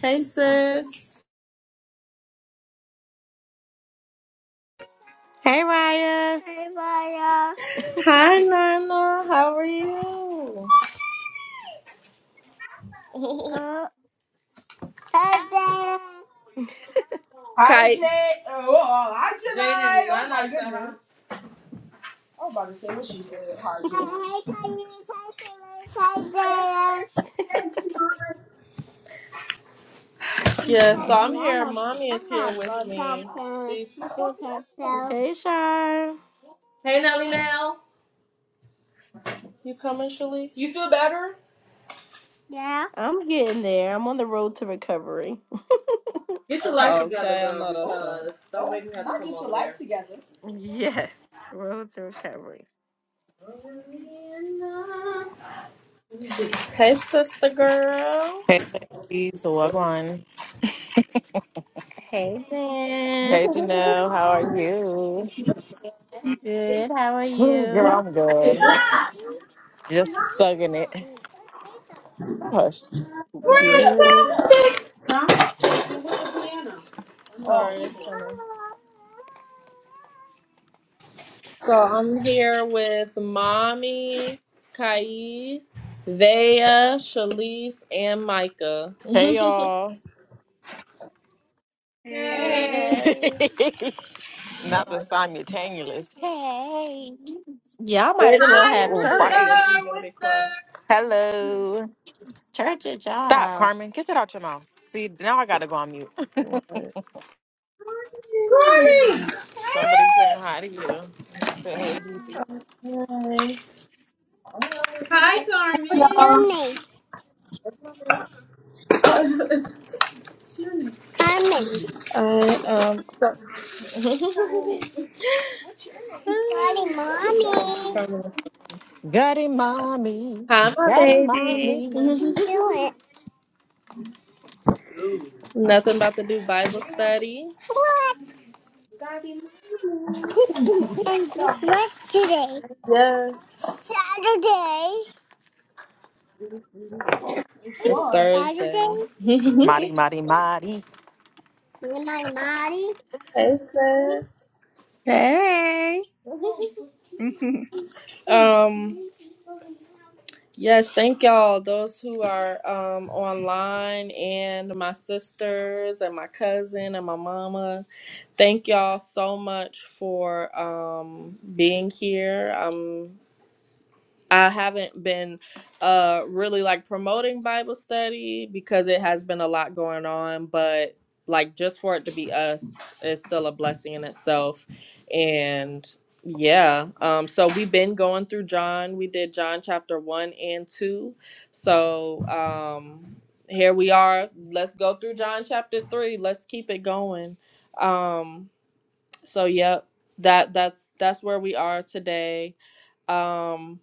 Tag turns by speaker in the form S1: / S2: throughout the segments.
S1: Hey sis.
S2: Hey, Raya. Hey, Maya.
S1: Hi, Nana. How are you?
S2: Uh, hey, Jada. Hey,
S1: Hi, Kite. Jay. Oh, hi, Janae. Jaden, Janai. I Oh, my you said hi. I was about to say what she said. Hi,
S2: hey,
S1: Jaden.
S2: communication. Hey, Shalou. Hey,
S1: Yeah,
S2: Jada.
S1: so I'm
S2: I'm not, I'm
S1: here.
S2: not,
S1: Mommy is
S2: I'm
S1: here
S2: not
S1: with
S2: going to
S1: me.
S2: talk to
S1: She's
S2: you yourself. Hey, Shar.
S1: You coming, Shalice? you feel better.
S2: Yeah? I'm getting there. I'm on the road to recovery.
S1: Get your life together Okay, I though, right. because don't make me have to Not come get your over
S2: Good.
S1: life there. together.
S2: Yes, road to recovery.
S1: Hey, sister girl.
S3: Hey, ladies, welcome.
S2: Hey, Jen.
S3: Hey, Janelle, how are you?
S2: Good. How are
S3: Ooh, Girl,
S2: you?
S3: I'm good. Just thugging it. Hush.
S2: Good.
S1: Huh? With the piano. Sorry, it's evil. kind of. So I'm here with Mommy, Kais, Vea, Shalise, and Micah.
S3: Hey, y'all.
S1: Hey. Hey.
S3: Not the simultaneous. Hey.
S2: Y'all might
S1: is
S2: as well
S1: Hi,
S2: have
S1: here
S3: All
S1: too
S2: church.
S1: if sister.
S3: right.
S1: If you want to be quiet.
S3: Hello.
S2: Church at your
S3: Stop,
S2: house.
S3: Carmen. Get that out your mouth. See, now I got to go on mute.
S1: What's up?
S3: Somebody saying hi to you. Say, hey, Gigi.
S1: Corey. Hi. Hi,
S3: What's
S1: Corey.
S4: y'all.
S3: your name?
S1: What's your name?
S3: Carmen.
S1: I um
S3: Daddy, Mommy. Got mommy.
S1: Hi my
S3: Got
S1: baby.
S3: mommy. do it.
S1: Nothing about to do Bible study.
S3: What? And guess what today?
S1: Yes.
S3: Saturday.
S1: It's Thursday.
S3: Saturday. Marty, Marty, Marty. Money, money.
S1: hey sis.
S5: Hey.
S1: Um, yes, thank y'all. Those who are um online and my sisters and my cousin and my mama. Thank y'all so much for um being here. Um I haven't been uh really like promoting Bible study because it has been a lot going on, but like just for it to be us is still a blessing in itself. And yeah, um so we've been going through John. We did John chapter 1 and 2. So, um here we are. Let's go through John chapter 3. Let's keep it going. Um so yep, that that's that's where we are today. Um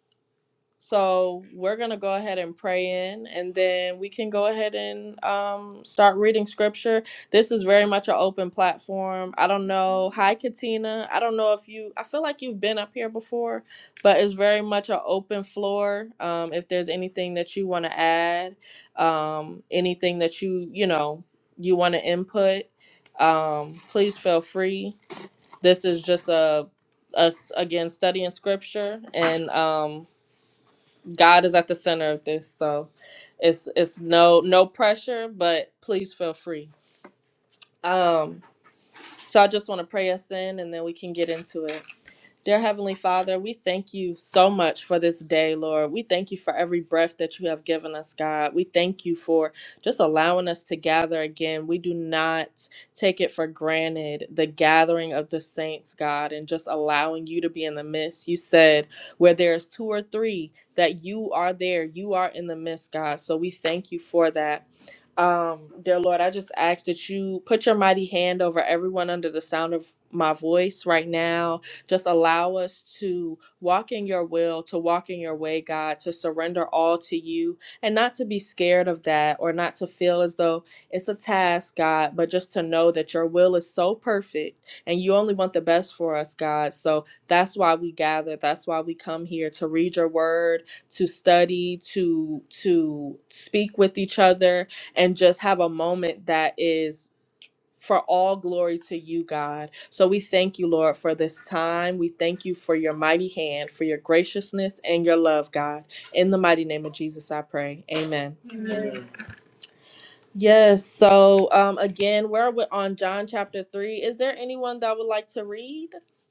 S1: so we're going to go ahead and pray in, and then we can go ahead and um, start reading scripture. This is very much an open platform. I don't know. Hi, Katina. I don't know if you, I feel like you've been up here before, but it's very much an open floor. Um, if there's anything that you want to add, um, anything that you, you know, you want to input, um, please feel free. This is just a us again studying scripture and um God is at the center of this, so it's it's no no pressure, but please feel free. Um, so I just want to pray us in, and then we can get into it. Dear Heavenly Father, we thank you so much for this day, Lord. We thank you for every breath that you have given us, God. We thank you for just allowing us to gather again. We do not take it for granted the gathering of the saints, God, and just allowing you to be in the midst. You said, where there's two or three, that you are there, you are in the midst, God. So we thank you for that. Um, dear Lord, I just ask that you put your mighty hand over everyone under the sound of my voice right now. Just allow us to walk in your will, to walk in your way, God, to surrender all to you and not to be scared of that or not to feel as though it's a task, God, but just to know that your will is so perfect and you only want the best for us, God. So that's why we gather. That's why we come here to read your word, to study, to to speak with each other, and just have a moment that is for all glory to you, God. So we thank you, Lord, for this time. We thank you for your mighty hand, for your graciousness and your love, God. In the mighty name of Jesus, I pray. Amen. Amen. Yes. So um, again, we're wi- on John chapter three. Is there anyone that would like to read?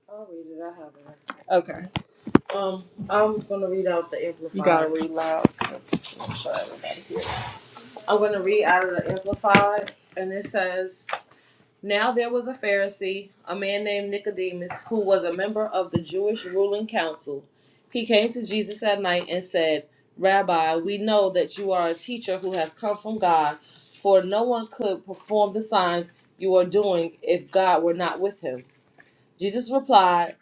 S1: I'll read it. I have it. Okay. Um, I'm gonna read out the amplified. You gotta read loud. 'cause- I'm gonna read out of the amplified, and it says. Now there was a Pharisee, a man named Nicodemus, who was a member of the Jewish ruling council. He came to Jesus at night and said, Rabbi, we know that you are a teacher who has come from God, for no one could perform the signs you are doing if God were not with him. Jesus replied,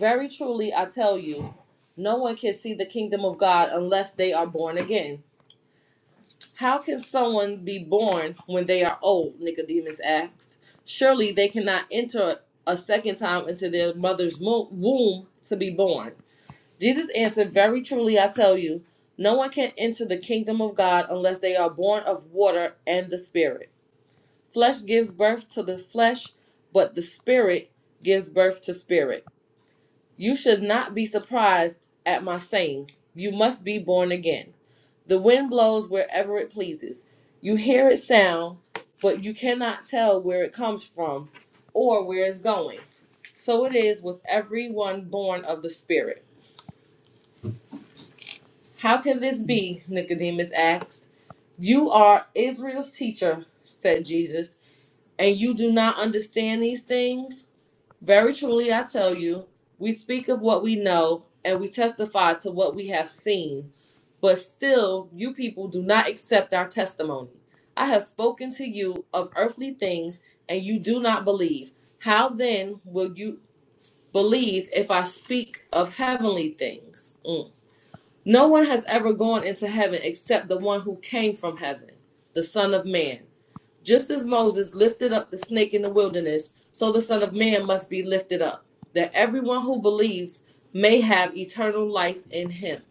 S1: Very truly, I tell you, no one can see the kingdom of God unless they are born again. How can someone be born when they are old? Nicodemus asked. Surely they cannot enter a second time into their mother's mo- womb to be born. Jesus answered, Very truly I tell you, no one can enter the kingdom of God unless they are born of water and the Spirit. Flesh gives birth to the flesh, but the Spirit gives birth to spirit. You should not be surprised at my saying, You must be born again. The wind blows wherever it pleases. You hear its sound, but you cannot tell where it comes from or where it's going. So it is with everyone born of the Spirit. How can this be? Nicodemus asked. You are Israel's teacher, said Jesus, and you do not understand these things? Very truly, I tell you, we speak of what we know and we testify to what we have seen, but still, you people do not accept our testimony. I have spoken to you of earthly things and you do not believe. How then will you believe if I speak of heavenly things? Mm. No one has ever gone into heaven except the one who came from heaven, the Son of Man. Just as Moses lifted up the snake in the wilderness, so the Son of Man must be lifted up, that everyone who believes may have eternal life in him.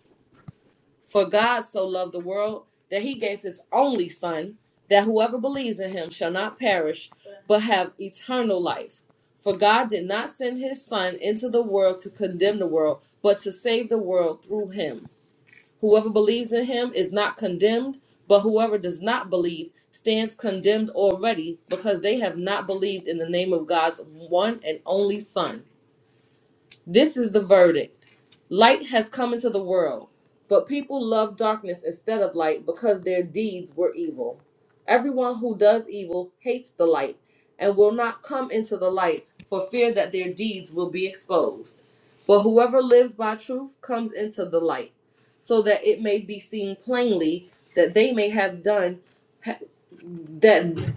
S1: For God so loved the world that he gave his only Son, that whoever believes in him shall not perish, but have eternal life. For God did not send his Son into the world to condemn the world, but to save the world through him. Whoever believes in him is not condemned, but whoever does not believe stands condemned already because they have not believed in the name of God's one and only Son. This is the verdict. Light has come into the world, but people love darkness instead of light because their deeds were evil. Everyone who does evil hates the light and will not come into the light for fear that their deeds will be exposed. But whoever lives by truth comes into the light, so that it may be seen plainly that they may have done ha- that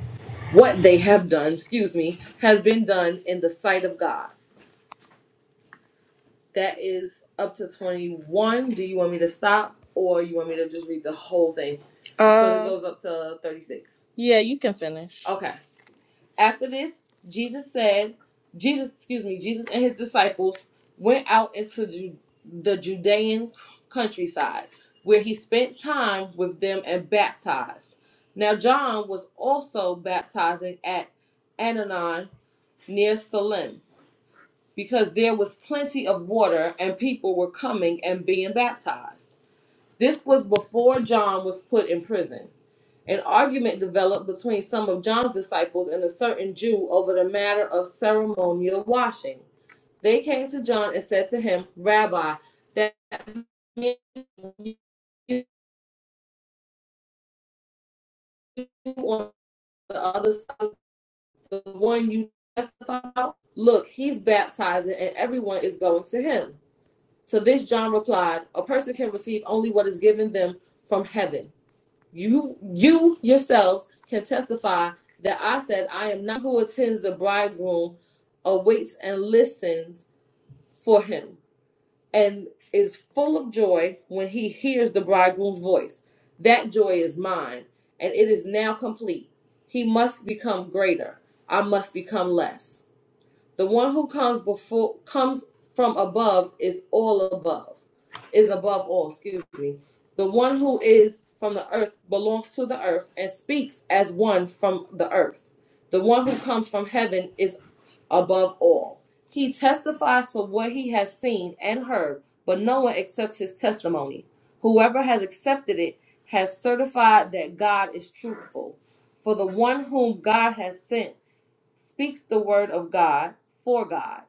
S1: what they have done, excuse me, has been done in the sight of God. That is up to 21. Do you want me to stop or you want me to just read the whole thing? Because it Uh, goes up to 36. yeah, you can finish. Okay. After this, Jesus said, Jesus, excuse me, Jesus and his disciples went out into Ju- the Judean countryside, where he spent time with them and baptized. Now, John was also baptizing at Ananon near Salim because there was plenty of water and people were coming and being baptized. This was before John was put in prison. An argument developed between some of John's disciples and a certain Jew over the matter of ceremonial washing. They came to John and said to him, Rabbi, that man on the other side, the one you testify about, look, he's baptizing and everyone is going to him. To this John replied, A person can receive only what is given them from heaven. You you yourselves can testify that I said, I am not who attends the bridegroom, awaits and listens for him, and is full of joy when he hears the bridegroom's voice. That joy is mine, and it is now complete. He must become greater. I must become less. The one who comes before comes from above is all above, is above all, excuse me. The one who is from the earth belongs to the earth and speaks as one from the earth. The one who comes from heaven is above all. He testifies to what he has seen and heard, but no one accepts his testimony. Whoever has accepted it has certified that God is truthful. For the one whom God has sent speaks the word of God for God,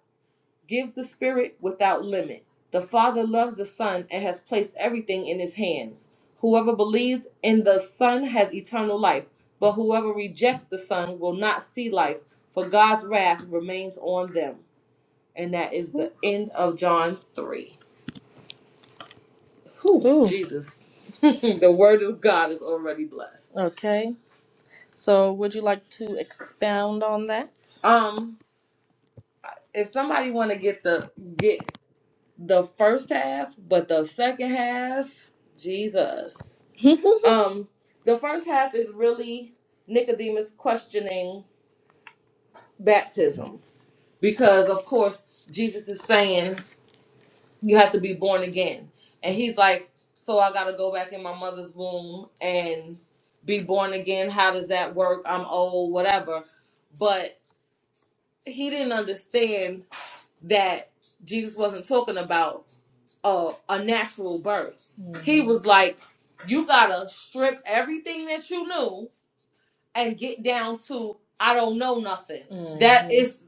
S1: gives the Spirit without limit. The Father loves the Son and has placed everything in his hands. Whoever believes in the Son has eternal life, but whoever rejects the Son will not see life, for God's wrath remains on them. And that is the end of John 3. Whew, Ooh. Jesus. the word of God is already blessed. Okay. So, would you like to expound on that? Um, if somebody want to get the get the first half, but the second half, Jesus. Um, the first half is really Nicodemus questioning baptism because, of course, Jesus is saying you have to be born again, and he's like, so I gotta go back in my mother's womb and be born again. How does that work? I'm old, whatever. But he didn't understand that Jesus wasn't talking about. a, a natural birth. Mm-hmm. He was like, you gotta strip everything that you knew and get down to I don't know nothing. Mm-hmm. That is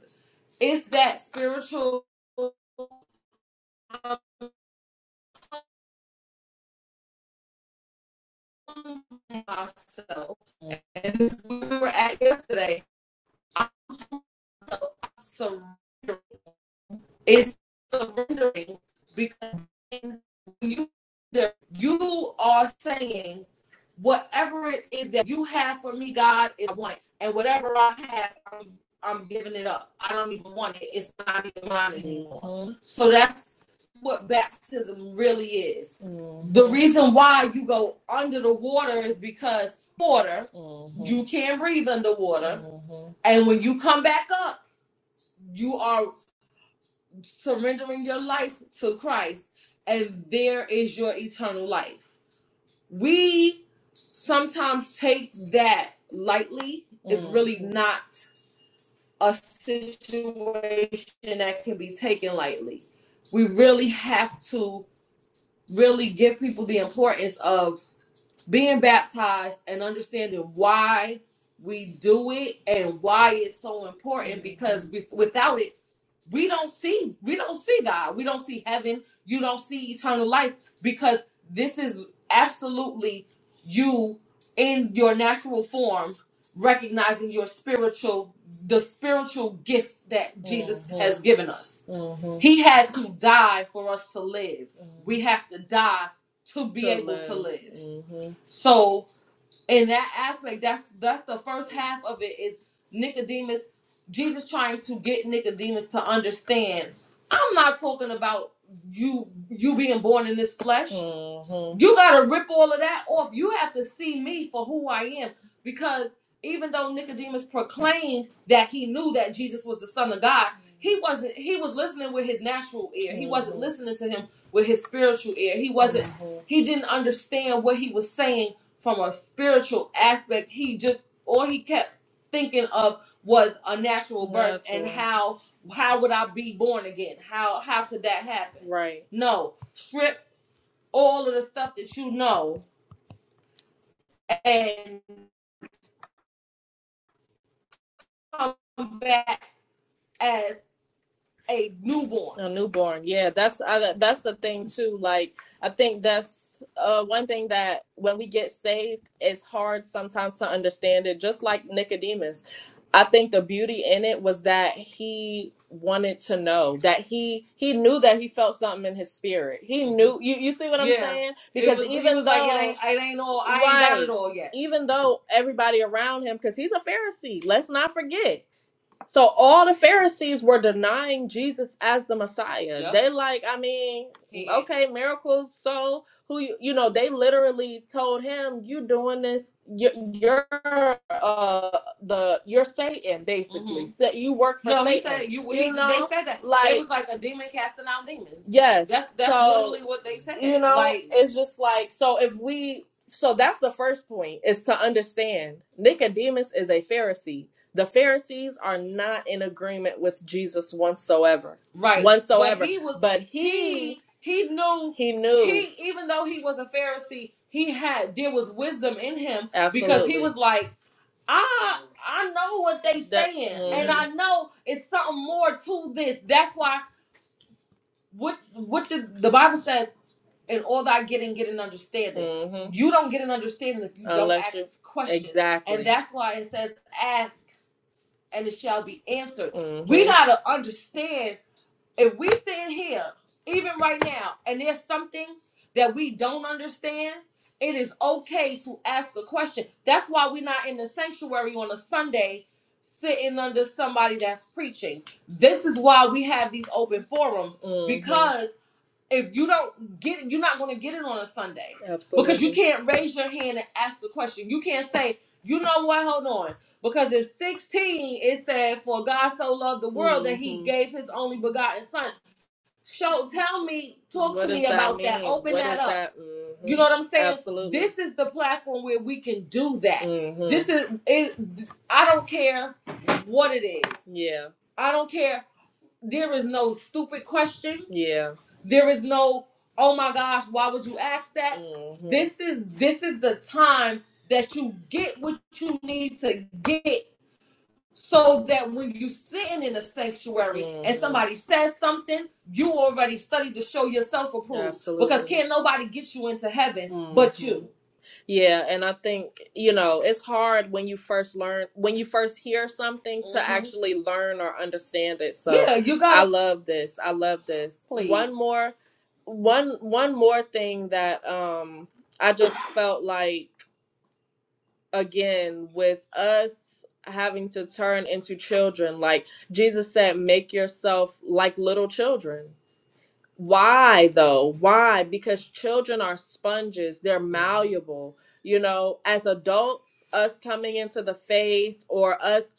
S1: is that spiritual I'm myself. Mm-hmm. And this is where we were at yesterday. I surrender. It's surrendering because when you you are saying whatever it is that you have for me, God is one, and whatever I have, I'm, I'm giving it up. I don't even want it. It's not even mine anymore. Mhm. So that's what baptism really is. Mhm. The reason why you go under the water is because water Mhm. you can't breathe underwater, Mhm. and when you come back up, you are surrendering your life to Christ, and there is your eternal life. We sometimes take that lightly. Mm. It's really Mhm. not a situation that can be taken lightly. We really have to really give people the importance of being baptized and understanding why we do it and why it's so important because Mhm. we, without it we don't see we don't see god we don't see heaven you don't see eternal life because this is absolutely you in your natural form recognizing your spiritual the spiritual gift that jesus has hmm given us hmm he had to die for us to live hmm we have to die to be To able to live. live Mm-hmm in that aspect that's that's the first half of it is nicodemus jesus trying to get nicodemus to understand i'm not talking about you you being born in this flesh Mhm. you gotta rip all of that off you have to see me for who i am because even though nicodemus proclaimed that he knew that jesus was the son of god he wasn't he was listening with his natural ear he wasn't Mhm. listening to him with his spiritual ear he wasn't Mhm. he didn't understand what he was saying from a spiritual aspect, he just all he kept thinking of was a natural birth and Natural. how how would I be born again? How how could that happen? Right. No, strip all of the stuff that you know and come back as. a newborn. A newborn. Yeah, that's I, that's the thing too. Like I think that's uh, one thing that when we get saved, it's hard sometimes to understand it. Just like Nicodemus, I think the beauty in it was that he wanted to know that he he knew that he felt something in his spirit. He knew you you see what I'm Yeah, saying? Because was. even was like, it though ain't, it ain't all. I right, ain't got it Right. all yet. Even though everybody around him, because he's a Pharisee, let's not forget, so all the Pharisees were denying Jesus as the Messiah. Yep. They like, I mean, Yeah. okay, miracles. So who you, you know? They literally told him, "You doing this? You're, you're uh the you're Satan basically. hmm So you work for No, he Satan. They said you. You He, they said that Like it was like a demon casting out demons. yes. That's that's So literally what they said. you know, Like, it's just like so. If we so that's the first point is to understand Nicodemus is a Pharisee the Pharisees are not in agreement with Jesus whatsoever. Right. Whatsoever. But he was But he he he knew he knew. he even though he was a Pharisee, he had there was wisdom in him Absolutely. because he was like, I I know what they That saying mhm. and mhm. I know it's something more to this. That's why what what the, the Bible says in all that getting get an understanding. Mhm. You don't get an understanding if you don't Unless you ask you- questions. Exactly. And exactly. that's why it says ask and it shall be answered. Mm-hmm. We Mm-hmm. gotta understand if we stand here, even right now, and there's something that we don't understand, it is okay to ask a question. That's why we're not in the sanctuary on a Sunday sitting under somebody that's preaching. This is why we have these open forums hmm because if you don't get it, you're not going to get it on a Sunday Absolutely. because you can't raise your hand and ask the question. You can't say, you know what, hold on. Because in 16, it said, For God so loved the world that he hmm gave his only begotten son. Show, tell me, talk What to does me that about that. mean? Open What that is up. that? Mhm. You hmm know what I'm saying? Absolutely. This is the platform where we can do that. hmm This is, it, I don't care what it is. Yeah. I don't care. There is no stupid question. Yeah. There is no, oh my gosh, why would you ask that? hmm This is this is the time that you get what you need to get so that when you sitting in a sanctuary mm-hmm. and hmm somebody says something, you already studied to show yourself approved. Because Absolutely. Because can't nobody get you into heaven hmm but you. Yeah, and I think, you know, it's hard when you first learn, when you first hear something to hmm actually learn or understand it. So, Yeah, you I gotta love this. I love this. One please. more one one more thing that um I just felt like again with us having to turn into children, like Jesus said, make yourself like little children. Why though? Why? Because children are sponges, they're malleable. You know, as adults, us coming into the faith or us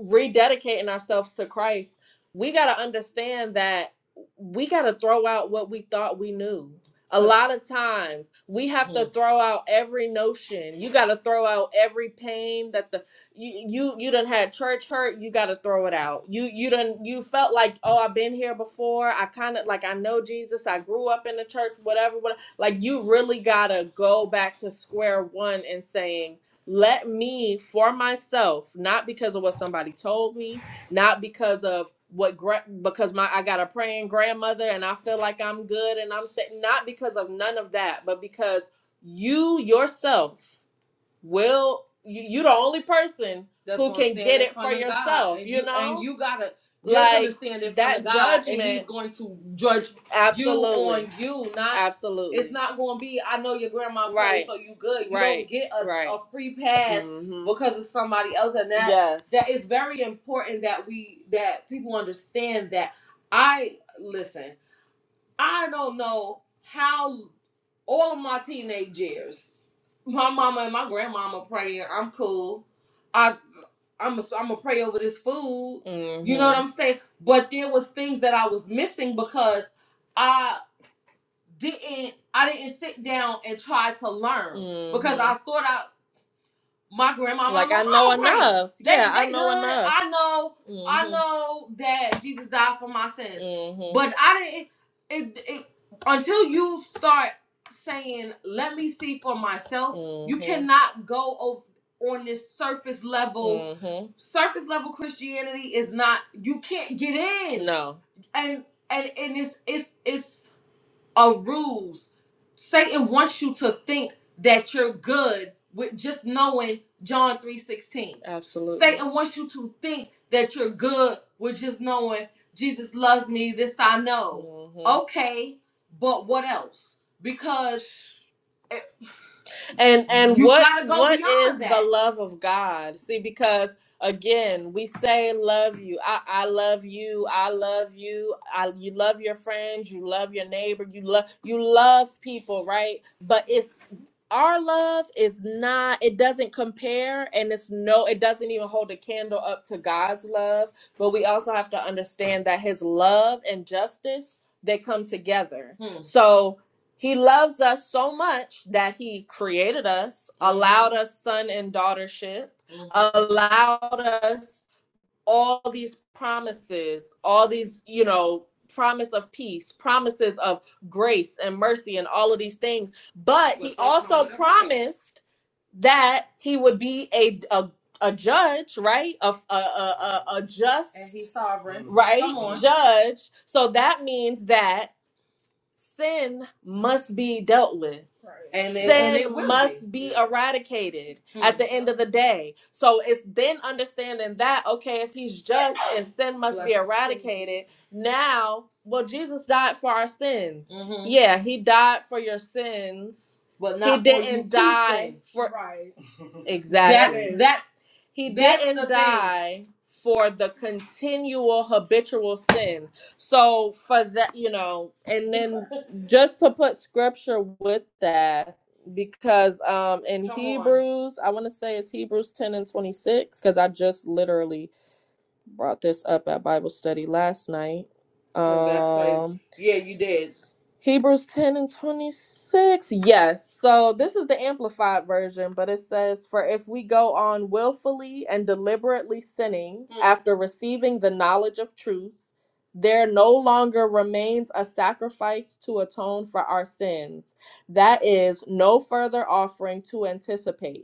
S1: rededicating ourselves to Christ, we got to understand that we got to throw out what we thought we knew. A lot of times we have to throw out every notion. You got to throw out every pain that the you you you done had church hurt. You got to throw it out. You you done you felt like oh I've been here before. I kind of like I know Jesus. I grew up in the church. Whatever. whatever. like you really gotta go back to square one and saying let me for myself, not because of what somebody told me, not because of what gra- because my I got a praying grandmother and I feel like I'm good and I'm set, not because of none of that, but because you yourself well, you, you the only person That's who gonna can stand get in it for front of God, yourself, and you you and know? you gotta you're gonna Like stand in front of that God, and He's judgment, going to judge you absolutely. on you. Not it's Absolutely. not gonna be I know your grandma prayed, Right, so you good. You don't right, get a, right. a free pass hmm because of somebody else, and that that Yes. is very important that we that people understand that. I listen. I don't know how all of my teenage years, my mama and my grandmama praying, I'm cool. I I'm a, I'm gonna pray over this food. You know what Mm-hmm. I'm saying? But there was things that I was missing because I didn't I didn't sit down and try to learn because Mm-hmm. I thought I my grandma, my Like I mom, know all great. enough. They Yeah, they I know good. enough. I know I Mhm. know that Jesus died for my sins, Mhm. but I didn't. It, it, until you start saying, "Let me see for myself," you Mhm. cannot go over on this surface level. Mhm. Surface level Christianity is not. You can't get in, No. and and and it's it's it's of rules. Satan wants you to think that you're good with just knowing John 3:16. Absolutely. Satan wants you to think that you're good with just knowing Jesus loves me, this I know. hmm Okay, but what else? Because and and You what gotta go what is beyond the that. love of god see because again we say love you i i love you i love you i you love your friends you love your neighbor you love you love people right but it's our love is not it doesn't compare and it's no it doesn't even hold a candle up to god's love but we also have to understand that his love and justice they come together Hmm. so he loves us so much that he created us Mhm. allowed us son and daughtership Mhm. allowed us all these promises, all these, you know, promise of peace, promises of grace and mercy and all of these things. But he also promised that he would be a a, a judge, right? A a, a, a a just And he's sovereign. right Come on. judge. So that means that sin must be dealt with. Right. And it, sin and it Sin will must be be eradicated hmm. at Hmm. the end of the day. So it's then understanding that, okay, if he's just and sin must Bless be eradicated, now, well, Jesus died for our sins. you. hmm Yeah, he died for your sins. But He not for didn't to die sin. for. That's Exactly. that's that's He that's didn't the thing. die for the continual habitual sin. So for that, you know, and then just to put scripture with that, because um in Come on. Hebrews, I want to say it's Hebrews 10 and 26, because I just literally brought this up at Bible study last night. Um, Oh, that's crazy. Um, Yeah, you did. Hebrews 10 and 26. Yes. So this is the amplified version, but it says, For if we go on willfully and deliberately sinning Mm. after receiving the knowledge of truth, there no longer remains a sacrifice to atone for our sins. That is no further offering to anticipate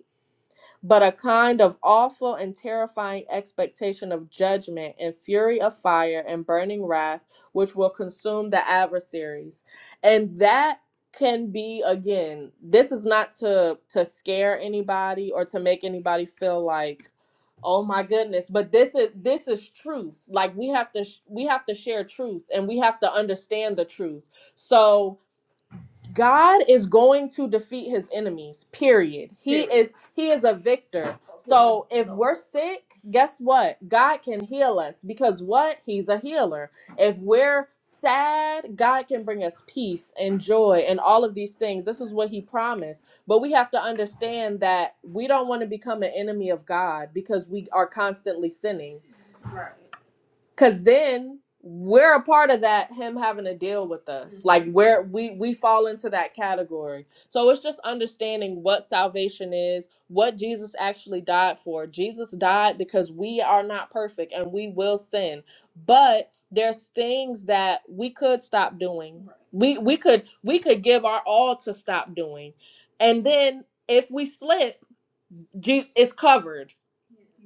S1: but a kind of awful and terrifying expectation of judgment and fury of fire and burning wrath, which will consume the adversaries. And that can be again this is not to to scare anybody or to make anybody feel like oh my goodness but this is this is truth like we have to sh- we have to share truth and we have to understand the truth so God is going to defeat his enemies. Period. He is he is a victor. So if we're sick, guess what? God can heal us because what? He's a healer. If we're sad, God can bring us peace and joy and all of these things. This is what he promised. But we have to understand that we don't want to become an enemy of God because we are constantly sinning. Cause then we're a part of that him having to deal with us. Like where we we fall into that category. So it's just understanding what salvation is, what Jesus actually died for. Jesus died because we are not perfect and we will sin. But there's things that we could stop doing. We we could we could give our all to stop doing. And then if we slip Je- it's covered.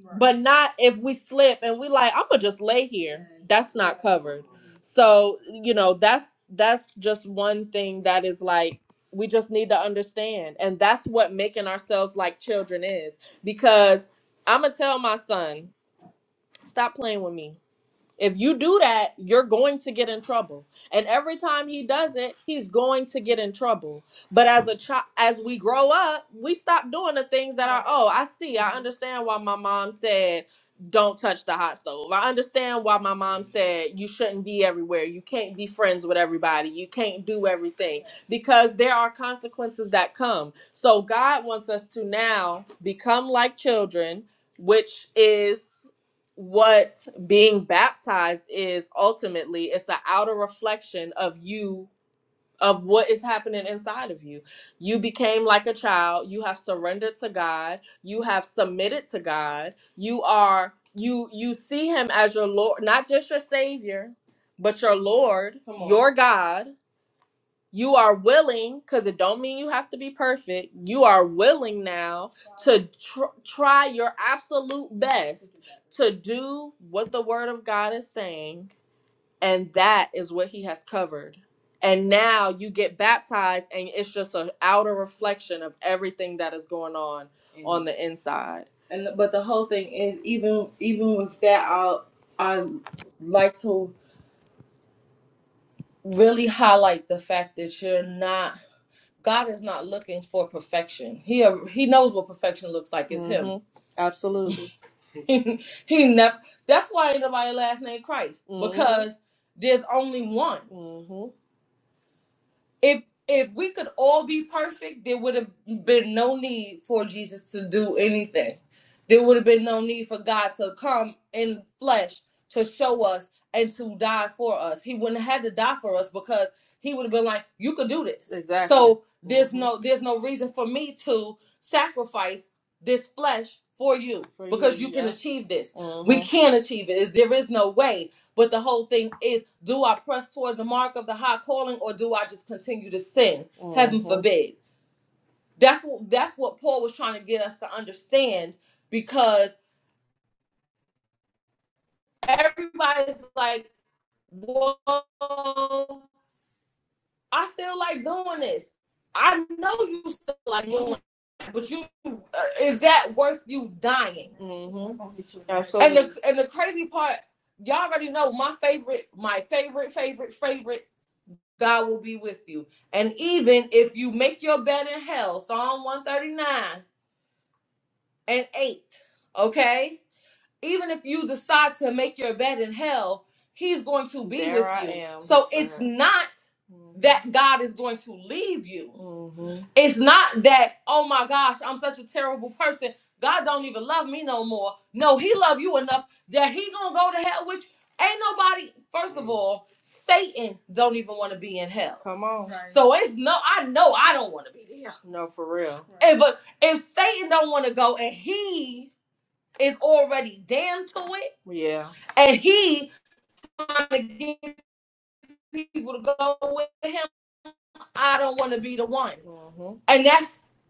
S1: Right. But not if we slip and we like, I'm gonna just lay here. That's not covered. So, you know, that's that's just one thing that is like we just need to understand. And that's what making ourselves like children is. Because I'ma tell my son, stop playing with me if you do that, you're going to get in trouble. And every time he does it, he's going to get in trouble. But as a child, as we grow up, we stop doing the things that are, oh, I see. I understand why my mom said, don't touch the hot stove. I understand why my mom said, you shouldn't be everywhere. You can't be friends with everybody. You can't do everything because there are consequences that come. So God wants us to now become like children, which is what being baptized is ultimately it's an outer reflection of you of what is happening inside of you you became like a child you have surrendered to god you have submitted to god you are you you see him as your lord not just your savior but your lord Come on. your god you are willing because it don't mean you have to be perfect you are willing now to tr- try your absolute best to do what the word of god is saying and that is what he has covered and now you get baptized and it's just an outer reflection of everything that is going on on the inside and but the whole thing is even even with that i i like to really highlight the fact that you're not God is not looking for perfection. He uh, he knows what perfection looks like. It's mm-hmm. him. hmm Absolutely. he he never. That's why ain't nobody last name Christ hmm because there's only one. Mm-hmm if if we could all be perfect, there would have been no need for Jesus to do anything. There would have been no need for God to come in flesh to show us and to die for us. He wouldn't have had to die for us because he would have been like, "You could do this." Exactly. So there's hmm no there's no reason for me to sacrifice this flesh for you For because you, you can yeah. achieve this. Mm-hmm. We hmm can achieve it. There is no way but the whole thing is, do I press toward the mark of the high calling or do I just continue to sin? Mm-hmm. Heaven hmm forbid. That's what that's what Paul was trying to get us to understand because everybody's like, Whoa, I still like doing this. I know you still like doing it, but you uh, is that worth you dying? hmm And the and the crazy part, y'all already know my favorite, my favorite, favorite, favorite. God will be with you. And even if you make your bed in hell, Psalm 139 and 8, okay? even if you decide to make your bed in hell, he's going to be There with I you. am. So Yes, it's not that God is going to leave you. Mm-hmm. It's not that, oh my gosh, I'm such a terrible person. God don't even love me no more. No, he love you enough that he gonna go to hell, which ain't nobody, first of all, Satan don't even want to be in hell. Come on. Right. So it's no, I know I don't want to be there. No, for real. Right. And but if Satan don't want to go and he is already damned to it, Yeah. and he trying to get people to go with him I don't want to be the one. Mhm. And that's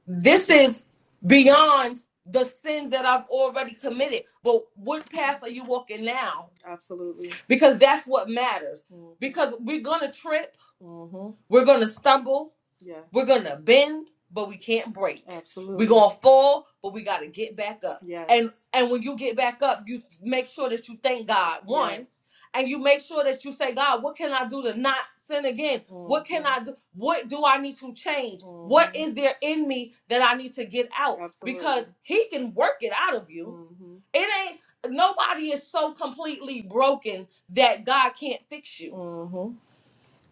S1: this is beyond the sins that I've already committed. But what path are you walking now? Absolutely. Because that's what matters. Mhm. Because we're gonna trip, Mhm. we're gonna stumble, Yeah. we're gonna bend, but we can't break. Absolutely, We're gonna fall, but we gotta get back up. Yes. And Yes. and when you get back up, you make sure that you thank God. One, Yes and you make sure that you say, God, what can I do to not sin again? Mm-hmm. What can I do? What do I need to change? Mm-hmm. What is there in me that I need to get out? Absolutely. Because He can work it out of you. Mm-hmm. It ain't nobody is so completely broken that God can't fix you. Mm-hmm.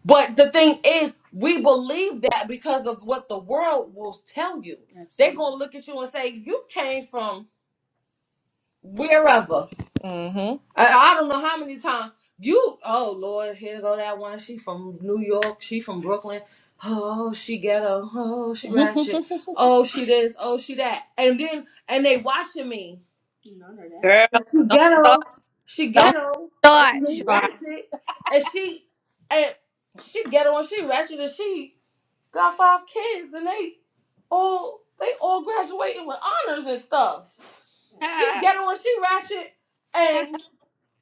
S1: But the thing is, we believe that because of what the world will tell you. Absolutely. They're gonna look at you and say, You came from wherever. hmm I, I don't know how many times you. Oh Lord, here go that one. She from New York. She from Brooklyn. Oh, she ghetto. Oh, she ratchet. Oh, she this. Oh, she that. And then and they watching me. She
S4: Girl, don't start.
S1: ghetto. She
S4: Don't
S1: ghetto and
S4: start,
S1: she
S4: Sean.
S1: ratchet and she and she ghetto and she ratchet and she got five kids and they all they all graduating with honors and stuff. She ghetto and she ratchet. And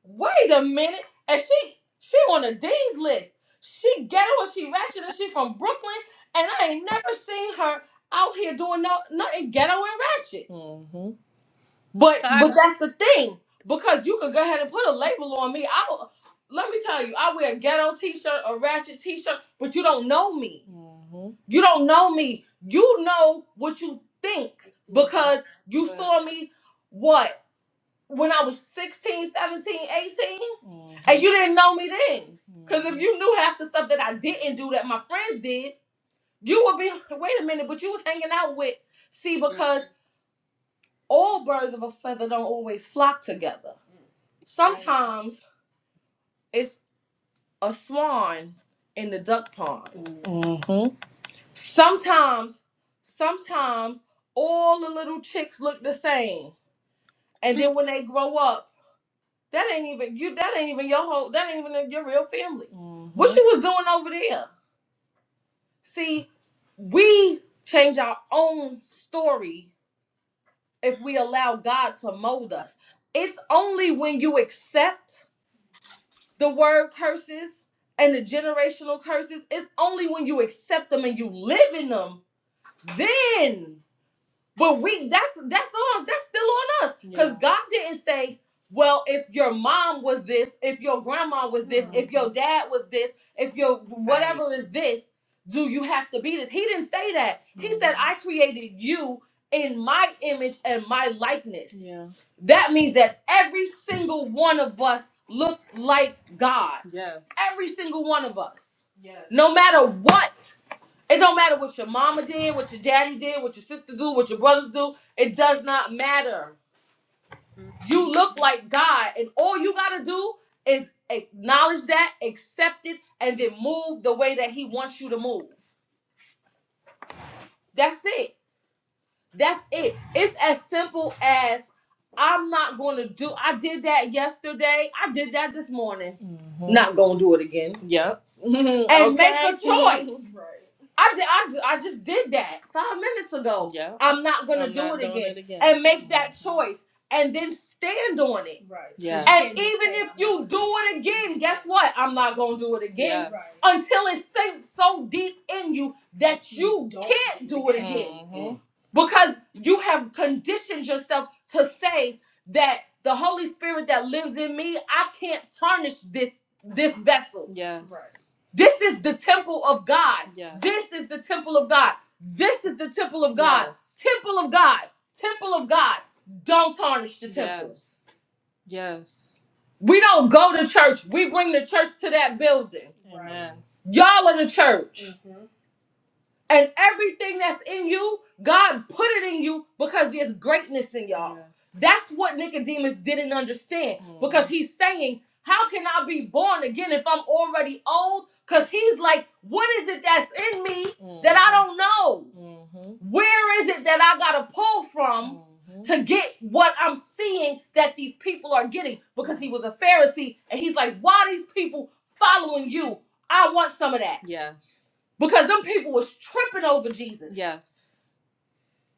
S1: wait a minute, and she she on the D's list. She ghetto and she ratchet and she from Brooklyn. And I ain't never seen her out here doing no, nothing ghetto and ratchet. hmm But
S4: Sorry.
S1: but that's the thing because you could go ahead and put a label on me. I will. Let me tell you, I wear a ghetto t-shirt, a ratchet t-shirt, but you don't know me. Mhm. You don't know me. You know what you think because you saw me. What? when I was 16, 17, 18, and you didn't know me then. Because if you knew half the stuff that I didn't do that my friends did, you would be like, wait a minute, but you was hanging out with. See,
S4: Mm,
S1: because all birds of a feather don't always flock together.
S4: Right.
S1: Sometimes it's a swan in the duck pond. Mhm. Sometimes, sometimes all the little chicks look the same. And then when they grow up, That ain't even you. That ain't even your whole. That ain't even your real family. What Mhm. What you was doing over there? See, we change our own story if we allow God to mold us. It's only when you accept the word curses and the generational curses. It's only when you accept them and you live in them. Then But we that's that's on that's still on us. Because Yeah. God didn't say, well, if your mom was this, if your grandma was this, if your dad was this, if your whatever is this, do you have to be this? He didn't say that. He said, Mm-hmm. I created you in my image and my likeness. Yeah. That means that every single one of us looks like God. Yes. Every single one of us. Yes. No matter what. It don't matter what your mama did, what your daddy did, what your sisters do, what your brothers do. It does not matter. You look like God, and all you gotta do is acknowledge that, accept it, and then move the way that He wants you to move. That's it. That's it. It's as simple as I'm not going to do. I did that yesterday. I did that this morning. Mm-hmm. Not going to do it again. Yep. Mhm. And okay. make okay. a choice. Right. I did. I, ju- I just did that five minutes ago. Yep. I'm not going to do it again. it again. And make that Mhm. choice. And then stand on it. Right. Yeah. And even if you do it again, guess what? I'm not going to do it again Yes. until it sinks so deep in you that you you can't do it again. Mm-hmm because you have conditioned yourself to say that the holy spirit that lives in me i can't tarnish this this vessel Yes. Right. this is the temple of god Yes. this is the temple of god this is the temple of god Yes. temple of god temple of god don't tarnish the temple Yes. Yes. we don't go to church we bring the church to that building Amen. y'all are the church Mm-hmm and everything that's in you, God put it in you because there's greatness in y'all. Yes. That's what Nicodemus didn't understand Mm. because he's saying, How can I be born again if I'm already old? Because he's like, What is it that's in me mm. that I do don't know? Mhm. Where is it that I got to pull from? Mhm. To get what I'm seeing that these people are getting, because he was a Pharisee and he's like, Why these people following you? I want some of that. Yes because them people was tripping over Jesus. Yes.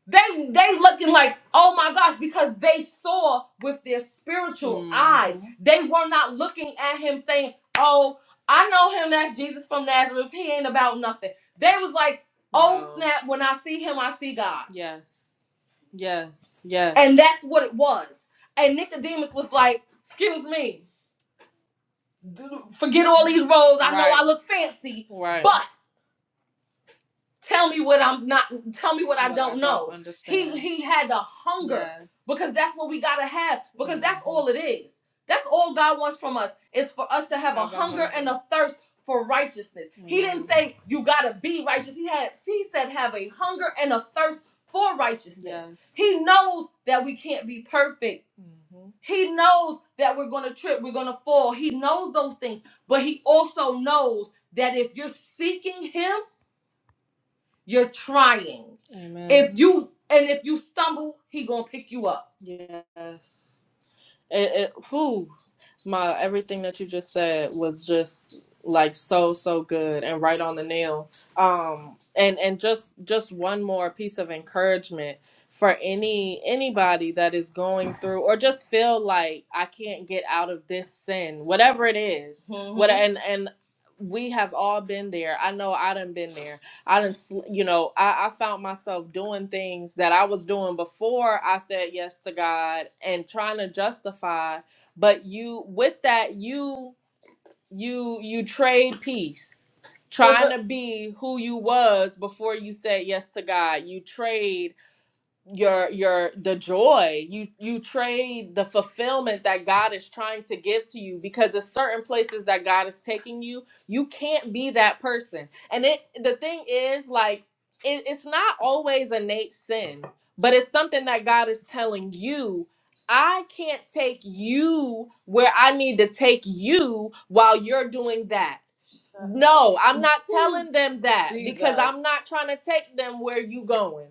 S1: They they looking like, oh my gosh, because they saw with their spiritual mm. eyes. Mm-hmm. They were not looking at him saying, Oh, I know him, that's Jesus from Nazareth. He ain't about nothing. They was like, oh Wow. snap, when I see him, I see God. Yes. Yes. Yes. And Yes. that's what it was. And Nicodemus was like, excuse me, forget all these roles. I right. know I Right. look fancy, Right. but tell me what I'm not tell me what I don't know. He he had the hunger Yes. because that's what we got to have because that's Mhm. all it is. That's all God wants from us is for us to have a hunger and a thirst for righteousness. He didn't Mhm. say you got to be righteous. He had he said have a hunger and a thirst for righteousness. Yes. He knows that we can't be perfect. Mhm. He knows that we're going to trip, we're going to fall. He knows those things, but he also knows that if you're seeking him, you're trying. Amen. If you and if you stumble, he gonna pick you up. Yes. It, it, whew my everything that you just said was just like so so good and right on the nail um and and just just one more piece of encouragement for any anybody that is going through or just feel like i can't get out of this sin whatever it is what hmm and and we have all been there i know i done been there i didn't you know I, I found myself doing things that i was doing before i said yes to god and trying to justify but you with that you you you trade peace Well, trying the, to be who you was before you said yes to god you trade your your the joy you you trade the fulfillment that god is trying to give to you because it's certain places that god is taking you you can't be that person and it the thing is like it, it's not always innate sin but it's something that god is telling you i can't take you where i need to take you while you're doing that no, I'm not telling them that because I'm Jesus. not trying to take them where you going.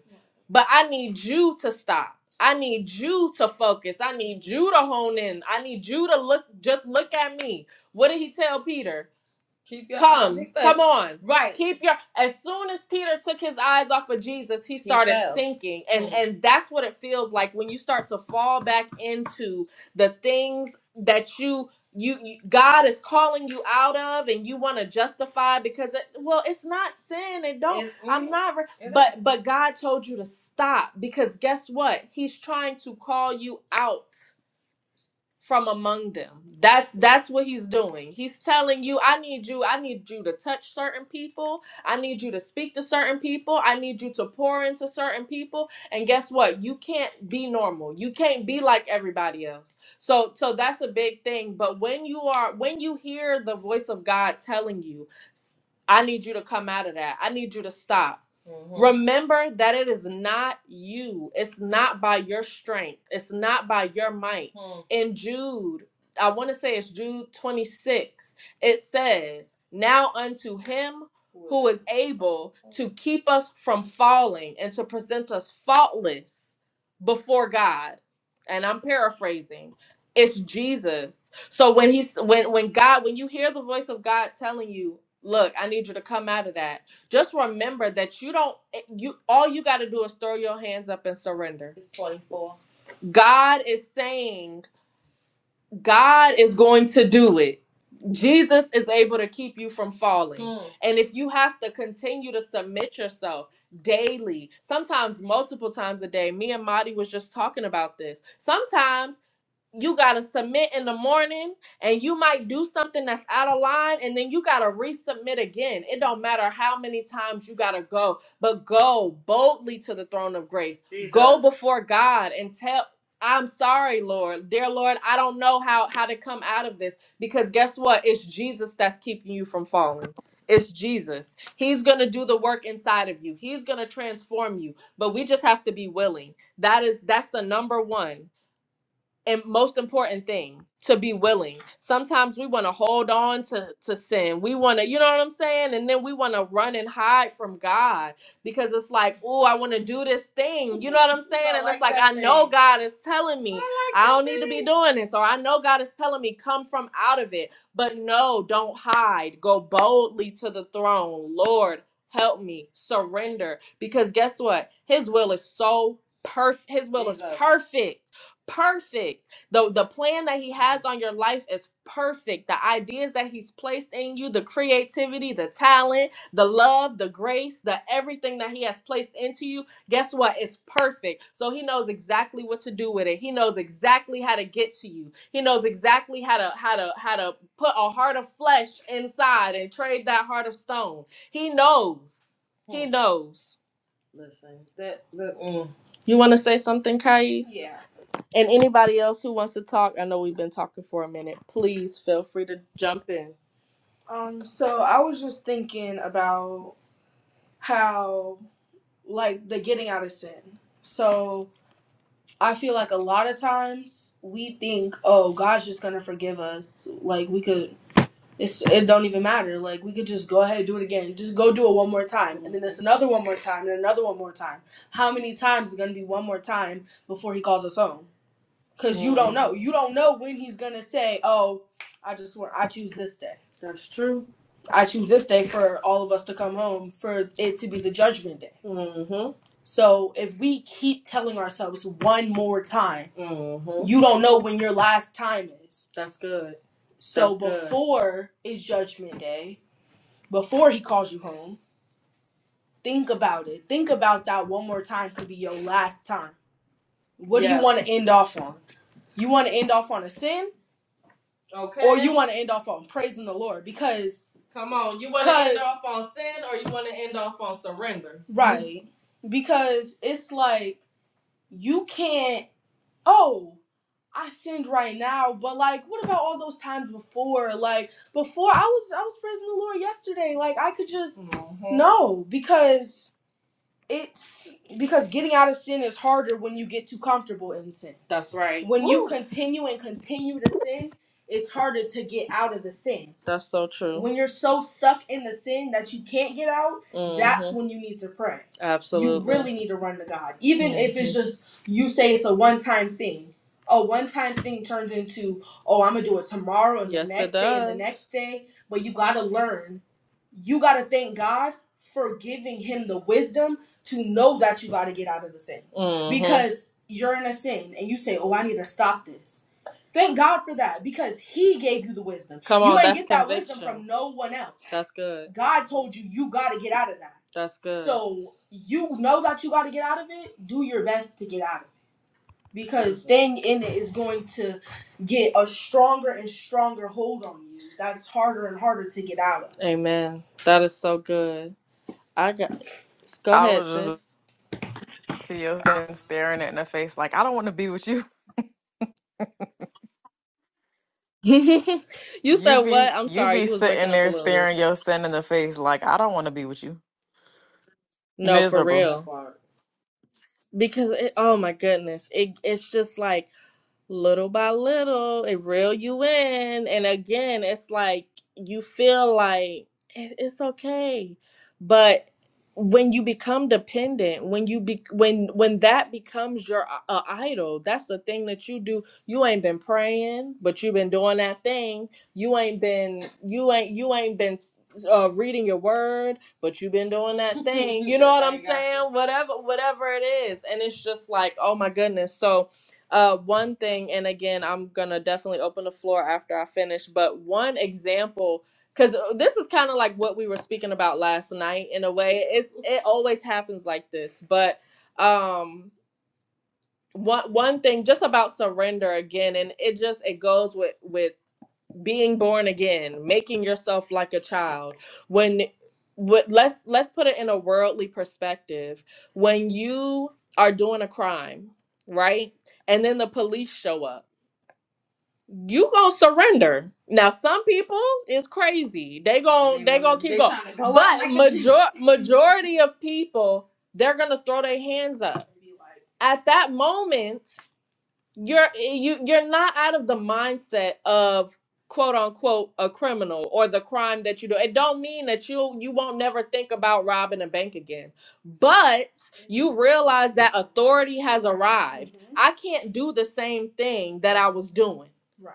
S1: But I need you to stop. I need you to focus. I need you to hone in. I need you to look just look at me. What did he tell Peter? Keep your Come, fixed. come on. Right. Keep your as soon as Peter took his eyes off of Jesus, he started fell. sinking. And Mm. and that's what it feels like when you start to fall back into the things that you you, you God is calling you out of and you want to justify because it, well, it's not sin and don't It, I'm mm, not re- it is. but is. but God told you to stop because guess what? He's trying to call you out from among them. That's that's what he's doing. He's telling you, I need you, I need you to touch certain people, I need you to speak to certain people, I need you to pour into certain people. And guess what? You can't be normal. You can't be like everybody else. So so that's a big thing. But when you are when you hear the voice of God telling you, I need you to come out of that. I need you to stop hmm Remember that it is not you. It's not by your strength. It's not by your might. Mm. In Jude, I want to say it's Jude 26, it says, Now unto him who is able to keep us from falling and to present us faultless before God. And I'm paraphrasing. It's Jesus. So when he's when when God, when you hear the voice of God telling you, look, I need you to come out of that just remember that you don't eh, you all you got to do is throw your hands up and surrender. It's 24. God is saying God is going to do it. Jesus is able to keep you from falling. Mm. And if you have to continue to submit yourself daily, sometimes multiple times a day, me and Madi was just talking about this. Sometimes you gotta submit in the morning and you might do something that's out of line and then you gotta resubmit again it don't matter how many times you gotta go but go boldly to the throne of grace go Jesus. before god and tell i'm sorry lord dear lord i don't know how how to come out of this because guess what it's jesus that's keeping you from falling it's jesus he's gonna do the work inside of you he's gonna transform you but we just have to be willing that is that's the number one and most important thing to be willing sometimes we want to hold on to to sin we want to you know what i'm saying and then we want to run and hide from god because it's like oh i want to do this thing you know what i'm saying and it's like i know god is telling me i don't need to be doing this or i know god is telling me come from out of it but no don't hide go boldly to the throne lord help me surrender because guess what his will is so perfect his will is perfect perfect. The the plan that he has on your life is perfect. The ideas that he's placed in you, the creativity, the talent, the love, the grace, the everything that he has placed into you, guess what? It's perfect. So he knows exactly what to do with it. He knows exactly how to get to you. He knows exactly how to how to how to put a heart of flesh inside and trade that heart of stone. He knows. He knows. Listen. That that You want to say something, Kais? And anybody else who wants to talk, I know we've been talking for a minute. Please feel free to jump in. Um, so I was just thinking about how, like, the getting out of sin. So I feel like a lot of times we think, oh, God's just gonna forgive us. Like we could, it's it don't even matter. Like we could just go ahead and do it again. Just go do it one more time, and then there's another one more time, and another one more time. How many times is it gonna be one more time before He calls us home? Cause you don't Mm, know. You don't know when he's gonna say, "Oh, I just want. I choose this day. that's true. I choose this day for all of us to come home for it to be the judgment day." Mm-hmm. So if we keep telling ourselves one more time, Mm-hmm. you don't know when your last time is. That's good. So That's good. before good. is judgment day, before he calls you home, think about it. Think about that one more time could be your last time. What yes. do you Yes. want to end off on? You want to end off on a sin? Okay. or you want to end off on praising the Lord because Come on. You want to end off on sin or you want to end off on surrender? Mm. right because it's like you can't oh I sinned right now, but like, what about all those times before? Like, before I was I was praising the Lord yesterday. Like, I could just Mhm. no because it's because getting out of sin is harder when you get too comfortable in sin. That's right. When Woo. you continue and continue to sin, it's harder to get out of the sin. That's so true. When you're so stuck in the sin that you can't get out, hmm that's when you need to pray. Absolutely, You really need to run to God. Even mm-hmm. if hmm it's just you say it's a one time thing. A one time thing turns into, oh, I'm going to do it tomorrow and the Yes, it next day and the next day. But you got to learn you got to thank God for giving him the wisdom to know that you got to get out of the sin Mm-hmm. because you're in a sin and you say, "Oh, I need to stop this." Thank God for that because He gave you the wisdom. Come You on, you ain't that's get that wisdom conviction. Wisdom from no one else. That's good. God told you you got to get out of that. That's good. So you know that you got to get out of it. Do your best to get out of it because staying in it is going to get a stronger and stronger hold on you. That's harder and harder to get out of. Amen. That is so good. I got. Go
S3: I
S1: ahead,
S3: was just
S1: sis.
S3: to your son staring it in the face like I don't want to be with you.
S1: you
S3: You
S1: said
S3: be
S1: what? I'm
S3: you
S1: sorry,
S3: be
S1: you was breaking
S3: sitting
S1: up a
S3: there
S1: little bit.
S3: staring your sin in the face like I don't want to be with you.
S1: No, for
S3: Miserable.
S1: real. Because it, oh my goodness, it it's just like little by little it reel you in and again it's like you feel like "It- it's okay but when you become dependent when you be when when that becomes your uh, idol that's the thing that you do you ain't been praying but you've been doing that thing you ain't been you ain't you ain't been uh, reading your word but you've been doing that thing you know what i'm saying whatever whatever it is and it's just like oh my goodness so uh one thing and again i'm gonna definitely open the floor after i finish but one example because this is kind of like what we were speaking about last night in a way it's it always happens like this but um one one thing just about surrender again and it just it goes with with being born again making yourself like a child when what let's let's put it in a worldly perspective when you are doing a crime right and then the police show up you gonna surrender. Now, some people is crazy. They gon' they, they gonna keep they going. go but like major- majority of people, they're gonna throw their hands up. At that moment, you're eh, you you're not out of the mindset of quote unquote a criminal or the crime that you do it don't mean that you you won't never think about robbing a bank again but you realize that authority has arrived Mhm. i can't do the same thing that i was doing right